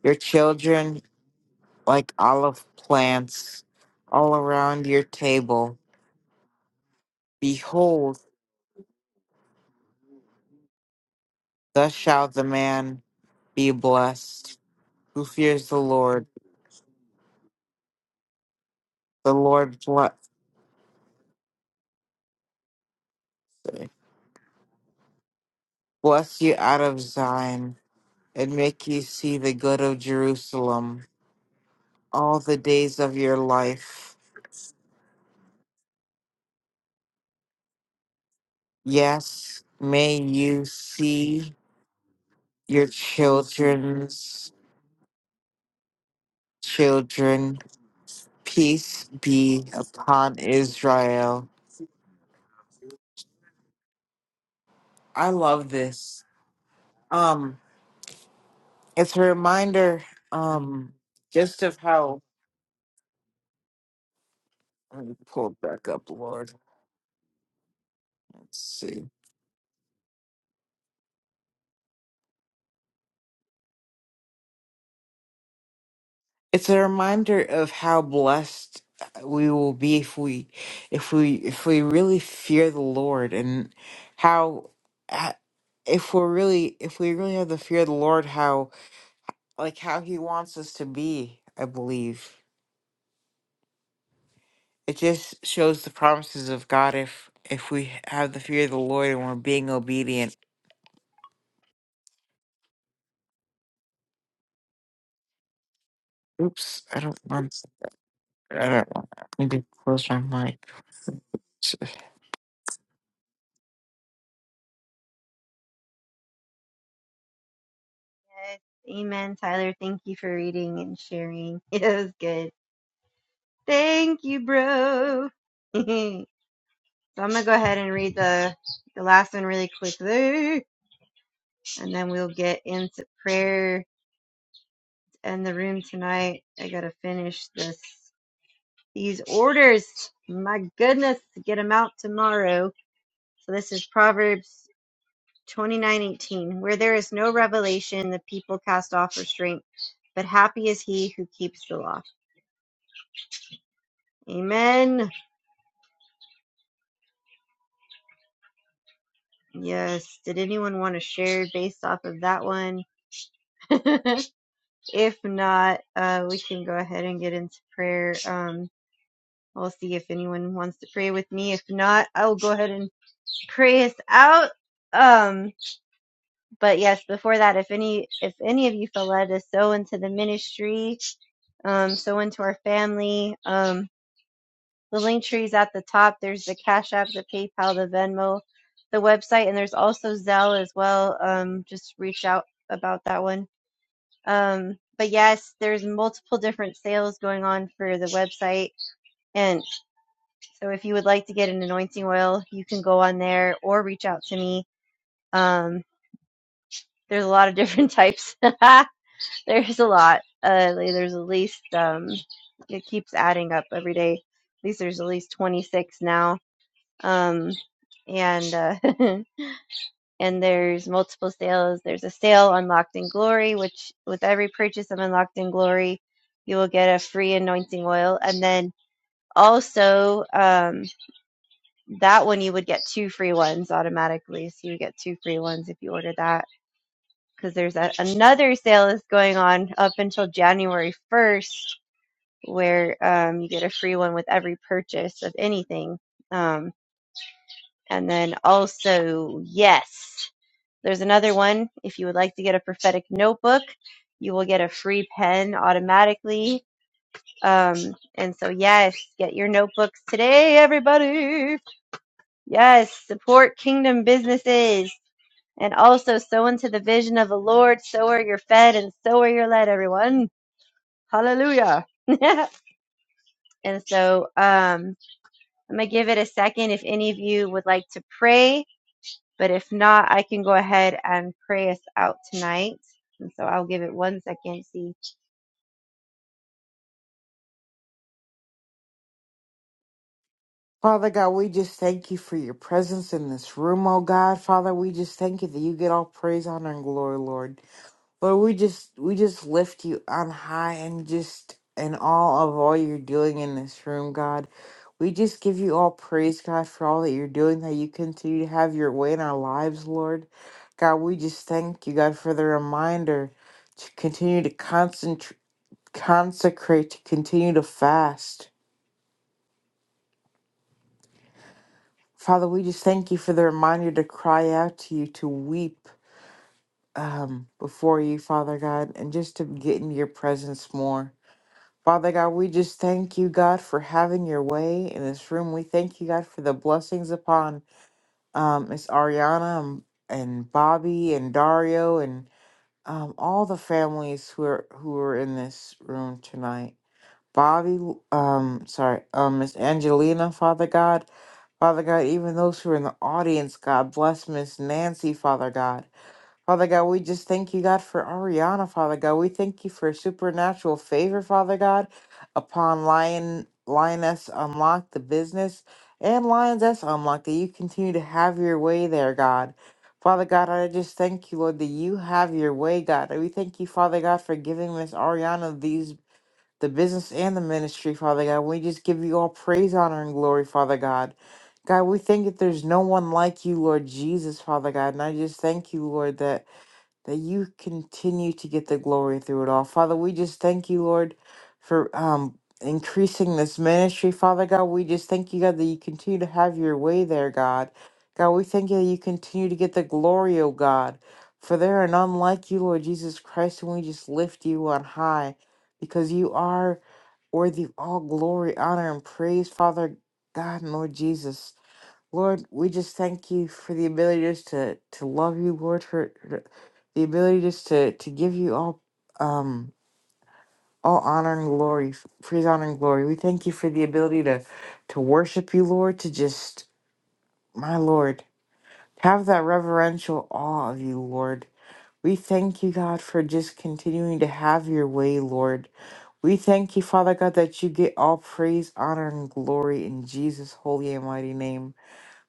A: Your children, like olive plants, all around your table. Behold, thus shall the man be blessed who fears the Lord. The Lord bless, bless you out of Zion and make you see the good of Jerusalem all the days of your life. Yes, may you see your children's children Peace be upon Israel. I love this. Um, it's a reminder, um, just of how let me pull it back up, Lord. Let's see. It's a reminder of how blessed uh, we will be if we, if we, if we really fear the Lord, and how, uh, if we're really, if we really have the fear of the Lord, how like how He wants us to be. I believe. it just shows the promises of God if if we have the fear of the Lord and we're being obedient. Oops, I don't want I don't want me to close my mic.
B: Amen, Tyler. Thank you for reading and sharing. It was good. Thank you, bro. so I'm gonna go ahead and read the the last one really quick there, and then we'll get into prayer and the room tonight. I gotta finish this these orders. My goodness, get them out tomorrow. So this is Proverbs 29:18. Where there is no revelation, the people cast off restraint, but happy is he who keeps the law. Amen. Yes. Did anyone want to share based off of that one? if not, uh, we can go ahead and get into prayer. Um, we'll see if anyone wants to pray with me. If not, I will go ahead and pray us out. Um, but yes, before that, if any, if any of you feel led to sow into the ministry, um, sow into our family, um, The link tree's at the top. There's the Cash App, the PayPal, the Venmo, the website, and there's also Zelle as well. Um, just reach out about that one. Um, but yes, there's multiple different sales going on for the website, and so if you would like to get an anointing oil, you can go on there or reach out to me. Um, there's a lot of different types. there's a lot. Uh, like, there's at least um, it keeps adding up every day. At least there's at least 26 now um, and uh, and there's multiple sales. There's a sale unlocked in glory, which with every purchase of unlocked in glory, you will get a free anointing oil, and then also um, that one you would get two free ones automatically. So you get two free ones if you order that because there's a, another sale is going on up until January 1st where um, you get a free one with every purchase of anything. Um, and then also, yes. There's another one. If you would like to get a prophetic notebook, you will get a free pen automatically. Um, and so, yes, get your notebooks today, everybody. Yes, support kingdom businesses and also sow into the vision of the Lord. So are you're fed and so are you're led, everyone. Hallelujah. and so, um, I'm going to give it a second if any of you would like to pray But if not, I can go ahead and pray us out tonight. And so I'll give it one second. See,
A: Father God, we just thank you for your presence in this room, oh God. Father, we just thank you that you get all praise, honor, and glory, Lord. Lord, we just we just lift you on high and just in all of all you're doing in this room, God. We just give you all praise, God, for all that you're doing, that you continue to have your way in our lives, Lord. God, we just thank you, God, for the reminder to continue to concentrate consecrate, to continue to fast. Father, we just thank you for the reminder to cry out to you, to weep um, before you, Father God, and just to get into your presence more. Father God, we just thank you, God, for having your way in this room. We thank you, God, for the blessings upon um, Miss Ariana and, and Bobby and Dario and um, all the families who are who are in this room tonight. Bobby, um, sorry, um, Miss Angelina, Father God, Father God, even those who are in the audience, God bless Miss Nancy, Father God. Father God, we just thank you, God, for Ariana, Father God. We thank you for supernatural favor, Father God, upon Lion Lioness Unlock the business and Lioness Unlock that you continue to have your way there, God. Father God, I just thank you, Lord, that you have your way, God. And We thank you, Father God, for giving Miss Ariana these the business and the ministry, Father God. We just give you all praise, honor, and glory, Father God. God, we think that there's no one like you, Lord Jesus, Father God. And I just thank you, Lord, that that you continue to get the glory through it all. Father, we just thank you, Lord, for um increasing this ministry. Father God, we just thank you, God, that you continue to have your way there, God. God, we thank you that you continue to get the glory, O God. For there are none like you, Lord Jesus Christ, and we just lift you on high because you are worthy of all glory, honor, and praise, Father God and Lord Jesus. Lord, we just thank you for the ability just to, to love you, Lord, for for the ability just to, to give you all um all honor and glory, praise, honor and glory. We thank you for the ability to to worship you, Lord, to just my Lord, have that reverential awe of you, Lord. We thank you, God, for just continuing to have your way, Lord. We thank you, Father God, that you get all praise, honor, and glory in Jesus' holy and mighty name.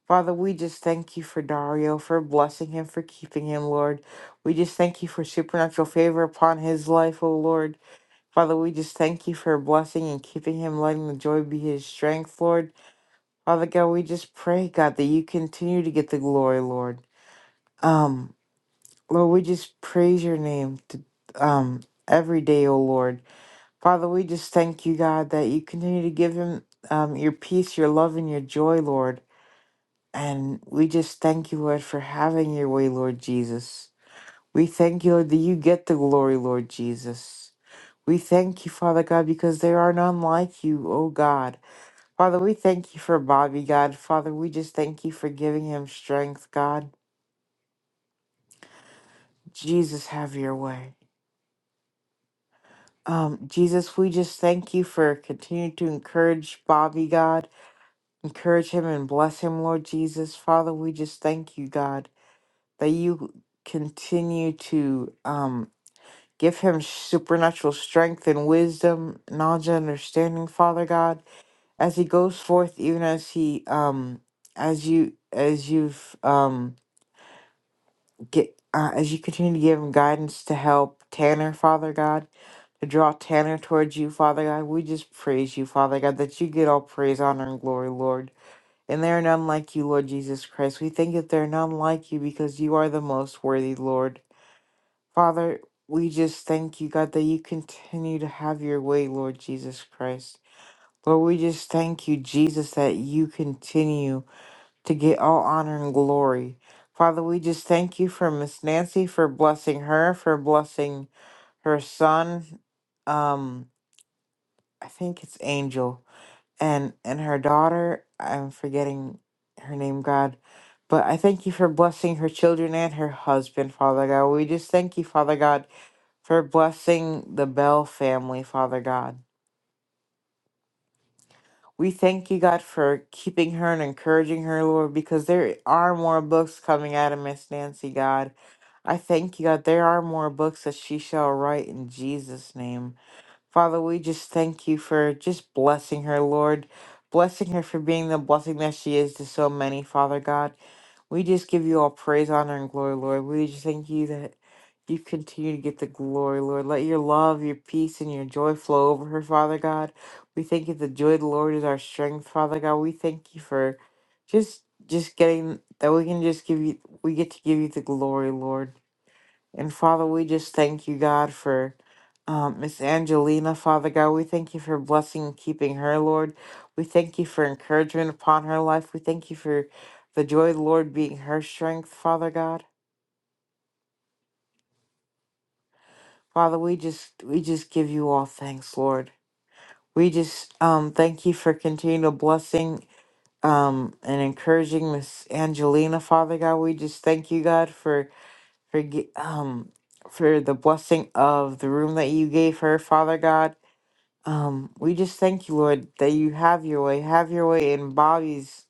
A: Father, we just thank you for Dario, for blessing him, for keeping him, Lord. We just thank you for supernatural favor upon his life, O Lord. Father, we just thank you for blessing and keeping him, letting the joy be his strength, Lord. Father God, we just pray, God, that you continue to get the glory, Lord. Um, Lord, we just praise your name to, um every day, O Lord. Father, we just thank you, God, that you continue to give him um your peace, your love, and your joy, Lord. And we just thank you, Lord, for having your way, Lord Jesus. We thank you, Lord, that you get the glory, Lord Jesus. We thank you, Father God, because there are none like you, O God. Father, we thank you for Bobby, God. Father, we just thank you for giving him strength, God. Jesus, have your way. Um, Jesus, we just thank you for continuing to encourage Bobby, God. Encourage him and bless him, Lord Jesus. Father, we just thank you, God, that you continue to um Give him supernatural strength and wisdom, knowledge and understanding, Father God, as he goes forth, even as he um as you as you've um get uh, as you continue to give him guidance to help Tanner, Father God, to draw Tanner towards you, Father God. We just praise you, Father God, that you get all praise, honor, and glory, Lord. And there are none like you, Lord Jesus Christ. We think that there are none like you because you are the most worthy, Lord. Father, we just thank you, God, that you continue to have your way, Lord Jesus Christ. Lord, we just thank you, Jesus, that you continue to get all honor and glory. Father, we just thank you for Miss Nancy for blessing her, for blessing her son, um, I think it's Angel, and and her daughter. I'm forgetting her name, God. But I thank you for blessing her children and her husband, Father God. We just thank you, Father God, for blessing the Bell family, Father God. We thank you, God, for keeping her and encouraging her, Lord, because there are more books coming out of Miss Nancy, God. I thank you, God, there are more books that she shall write in Jesus' name. Father, we just thank you for just blessing her, Lord. Blessing her for being the blessing that she is to so many, Father God. We just give you all praise, honor, and glory, Lord. We just thank you that you continue to get the glory, Lord. Let your love, your peace, and your joy flow over her, Father God. We thank you the joy of the Lord is our strength, Father God. We thank you for just just getting that we can just give you we get to give you the glory, Lord. And Father, we just thank you, God, for um, Miss Angelina. Father God, we thank you for blessing and keeping her, Lord. We thank you for encouragement upon her life. We thank you for the joy of the Lord being her strength, Father God. Father, we just we just give you all thanks, Lord. We just um, thank you for continual blessing um, and encouraging Miss Angelina, Father God. We just thank you, God, for for gi- um, for the blessing of the room that you gave her, Father God Um, we just thank you, Lord, that you have your way. Have your way in Bobby's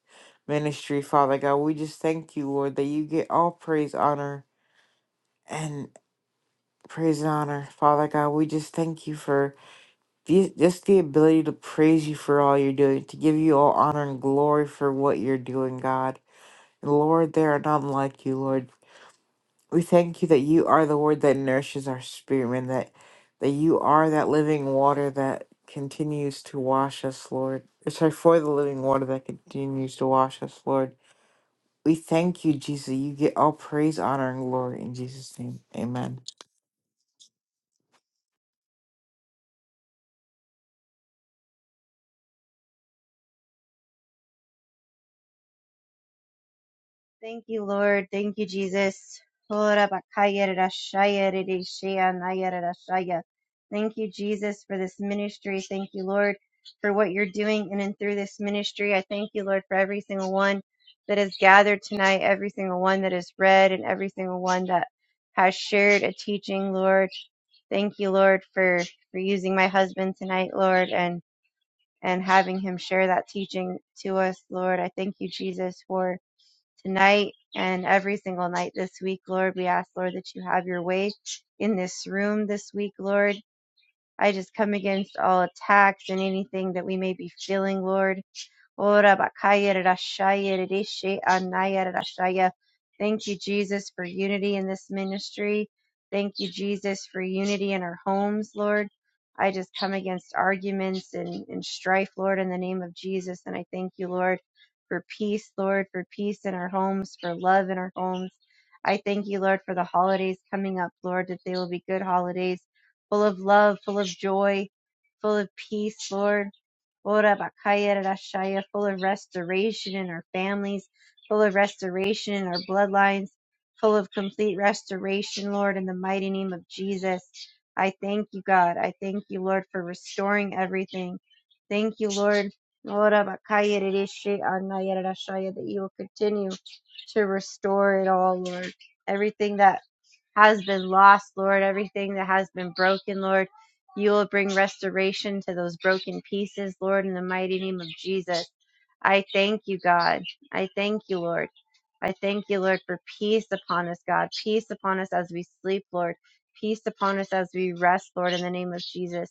A: ministry, Father God. We just thank you, Lord, that you get all praise, honor, and praise and honor, Father God. We just thank you for the, just the ability to praise you for all you're doing, to give you all honor and glory for what you're doing, God. And Lord, there are none like you, Lord. We thank you that you are the word that nourishes our spirit, and that that you are that living water that continues to wash us, Lord. Or Sorry, for the living water that continues to wash us, Lord. We thank you, Jesus. You get all praise, honor, and glory in Jesus' name. Amen.
B: thank you, Lord. Thank you, Jesus. Ora bakaya rara Thank you, Jesus, for this ministry. Thank you, Lord, for what you're doing in and through this ministry. I thank you, Lord, for every single one that is gathered tonight, every single one that is read, and every single one that has shared a teaching, Lord. Thank you, Lord, for, for using my husband tonight, Lord, and and having him share that teaching to us, Lord. I thank you, Jesus, for tonight and every single night this week, Lord. We ask, Lord, that you have your way in this room this week, Lord. I just come against all attacks and anything that we may be feeling, Lord. Ora bakaya rashaya rishi anaya rashaya. Thank you, Jesus, for unity in this ministry. Thank you, Jesus, for unity in our homes, Lord. I just come against arguments and, and strife, Lord, in the name of Jesus. And I thank you, Lord, for peace, Lord, for peace in our homes, for love in our homes. I thank you, Lord, for the holidays coming up, Lord, that they will be good holidays, full of love, full of joy, full of peace, Lord. Ora Bakaya Rashaya, full of restoration in our families, full of restoration in our bloodlines, full of complete restoration, Lord, in the mighty name of Jesus. I thank you, God. I thank you, Lord, for restoring everything. Thank you, Lord. Ora Bakaya Rishi Anaya Rashaya, that you will continue to restore it all, Lord. Everything that has been lost, Lord, everything that has been broken, Lord. You will bring restoration to those broken pieces, Lord, in the mighty name of Jesus. I thank you, God. I thank you, Lord. I thank you, Lord, for peace upon us, God. Peace upon us as we sleep, Lord. Peace upon us as we rest, Lord, in the name of Jesus.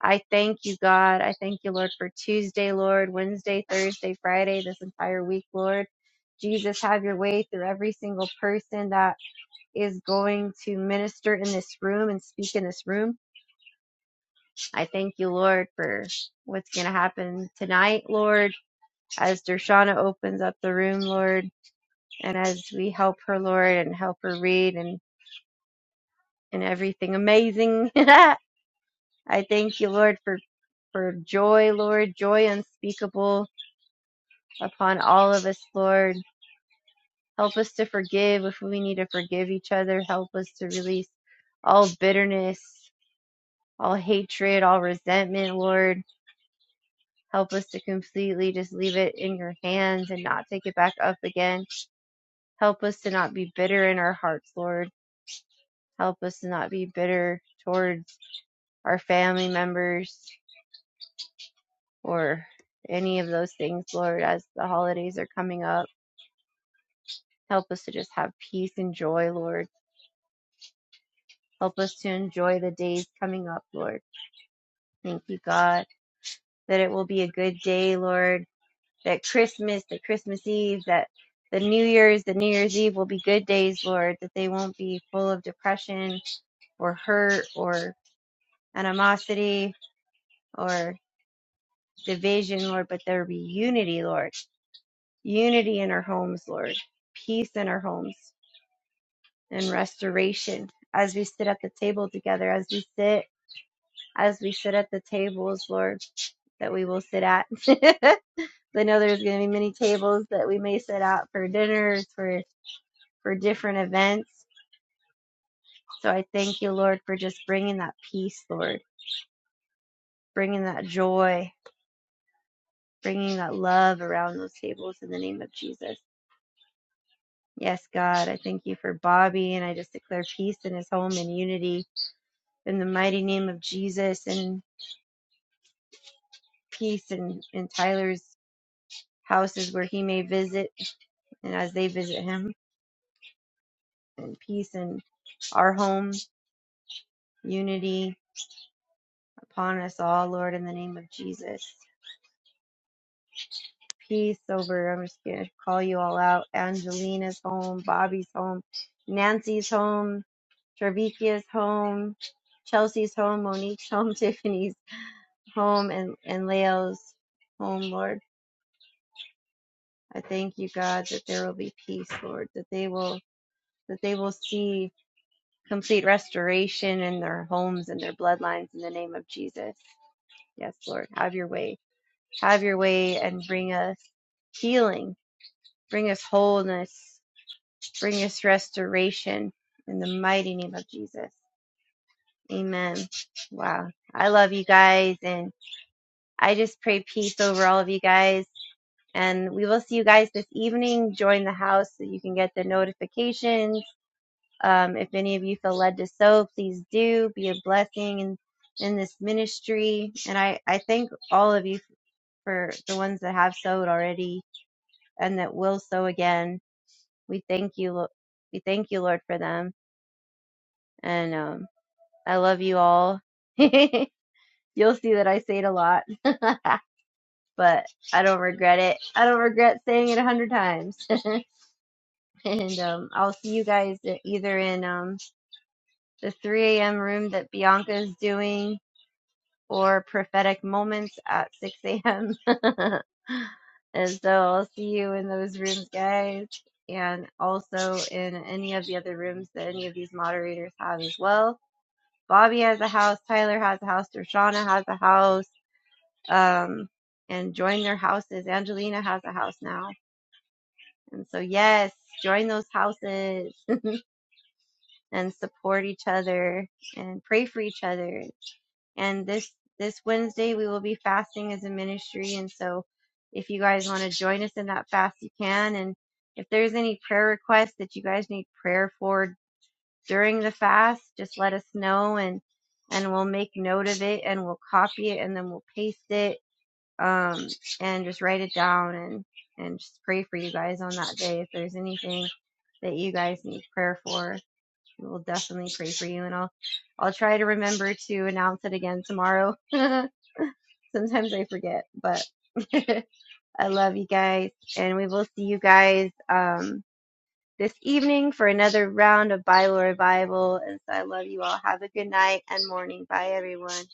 B: I thank you, God. I thank you, Lord, for Tuesday, Lord, Wednesday, Thursday, Friday, this entire week, Lord. Jesus, have your way through every single person that is going to minister in this room and speak in this room. I thank you, Lord, for what's going to happen tonight, Lord, as Dershana opens up the room, Lord, and as we help her, Lord, and help her read and, and everything amazing. I thank you, Lord, for, for joy, Lord, joy unspeakable upon all of us, Lord. Help us to forgive if we need to forgive each other. Help us to release all bitterness, all hatred, all resentment, Lord. Help us to completely just leave it in your hands and not take it back up again. Help us to not be bitter in our hearts, Lord. Help us to not be bitter towards our family members or any of those things, Lord, as the holidays are coming up. Help us to just have peace and joy, Lord. Help us to enjoy the days coming up, Lord. Thank you, God, that it will be a good day, Lord that Christmas, that Christmas Eve, that the New Year's, the New Year's Eve will be good days, Lord, that they won't be full of depression or hurt or animosity or division, Lord, but there be unity, Lord. Unity in our homes, Lord. Peace in our homes and restoration as we sit at the table together, as we sit, as we sit at the tables, Lord, that we will sit at. I know there's going to be many tables that we may sit at for dinners, for. for different events. So I thank you, Lord, for just bringing that peace, Lord, bringing that joy, bringing that love around those tables in the name of Jesus. Yes, God, I thank you for Bobby, and I just declare peace in his home and unity in the mighty name of Jesus and peace in, in Tyler's houses where he may visit and as they visit him, and peace in our home, unity upon us all, Lord, in the name of Jesus. Peace over. I'm just gonna call you all out. Angelina's home, Bobby's home, Nancy's home, Travikia's home, Chelsea's home, Monique's home, Tiffany's home, and and Leo's home. Lord, I thank you, God, that there will be peace, Lord, that they will that they will see complete restoration in their homes and their bloodlines in the name of Jesus. Yes, Lord, have your way, have your way, and bring us healing, bring us wholeness Bring us restoration in the mighty name of Jesus. Amen. Wow. I love you guys. And I just pray peace over all of you guys. And we will see you guys this evening. Join the house so you can get the notifications. Um, if any of you feel led to sow, please do. Be a blessing in, in this ministry. And I, I thank all of you for the ones that have sowed already and that will sow again. We thank you, Lo- we thank you, Lord, for them. And um, I love you all. You'll see that I say it a lot, but I don't regret it. I don't regret saying it a hundred times. and um, I'll see you guys either in um, the 3 a.m. room that Bianca's doing or prophetic moments at 6 a.m. and so I'll see you in those rooms, guys, and also in any of the other rooms that any of these moderators have as well. Bobby has a house, Tyler has a house, Dershana has a house. um, and join their houses. Angelina has a house now. And so, yes, join those houses and support each other and pray for each other. And this, this Wednesday, we will be fasting as a ministry. And so, if you guys want to join us in that fast, you can. And if there's any prayer requests that you guys need prayer for during the fast, just let us know and and we'll make note of it and we'll copy it and then we'll paste it um, and just write it down and and just pray for you guys on that day. If there's anything that you guys need prayer for, we will definitely pray for you. And I'll I'll try to remember to announce it again tomorrow. Sometimes I forget, but I love you guys, and we will see you guys um, this evening for another round of Bible revival. And so I love you all. Have a good night and morning. Bye, everyone.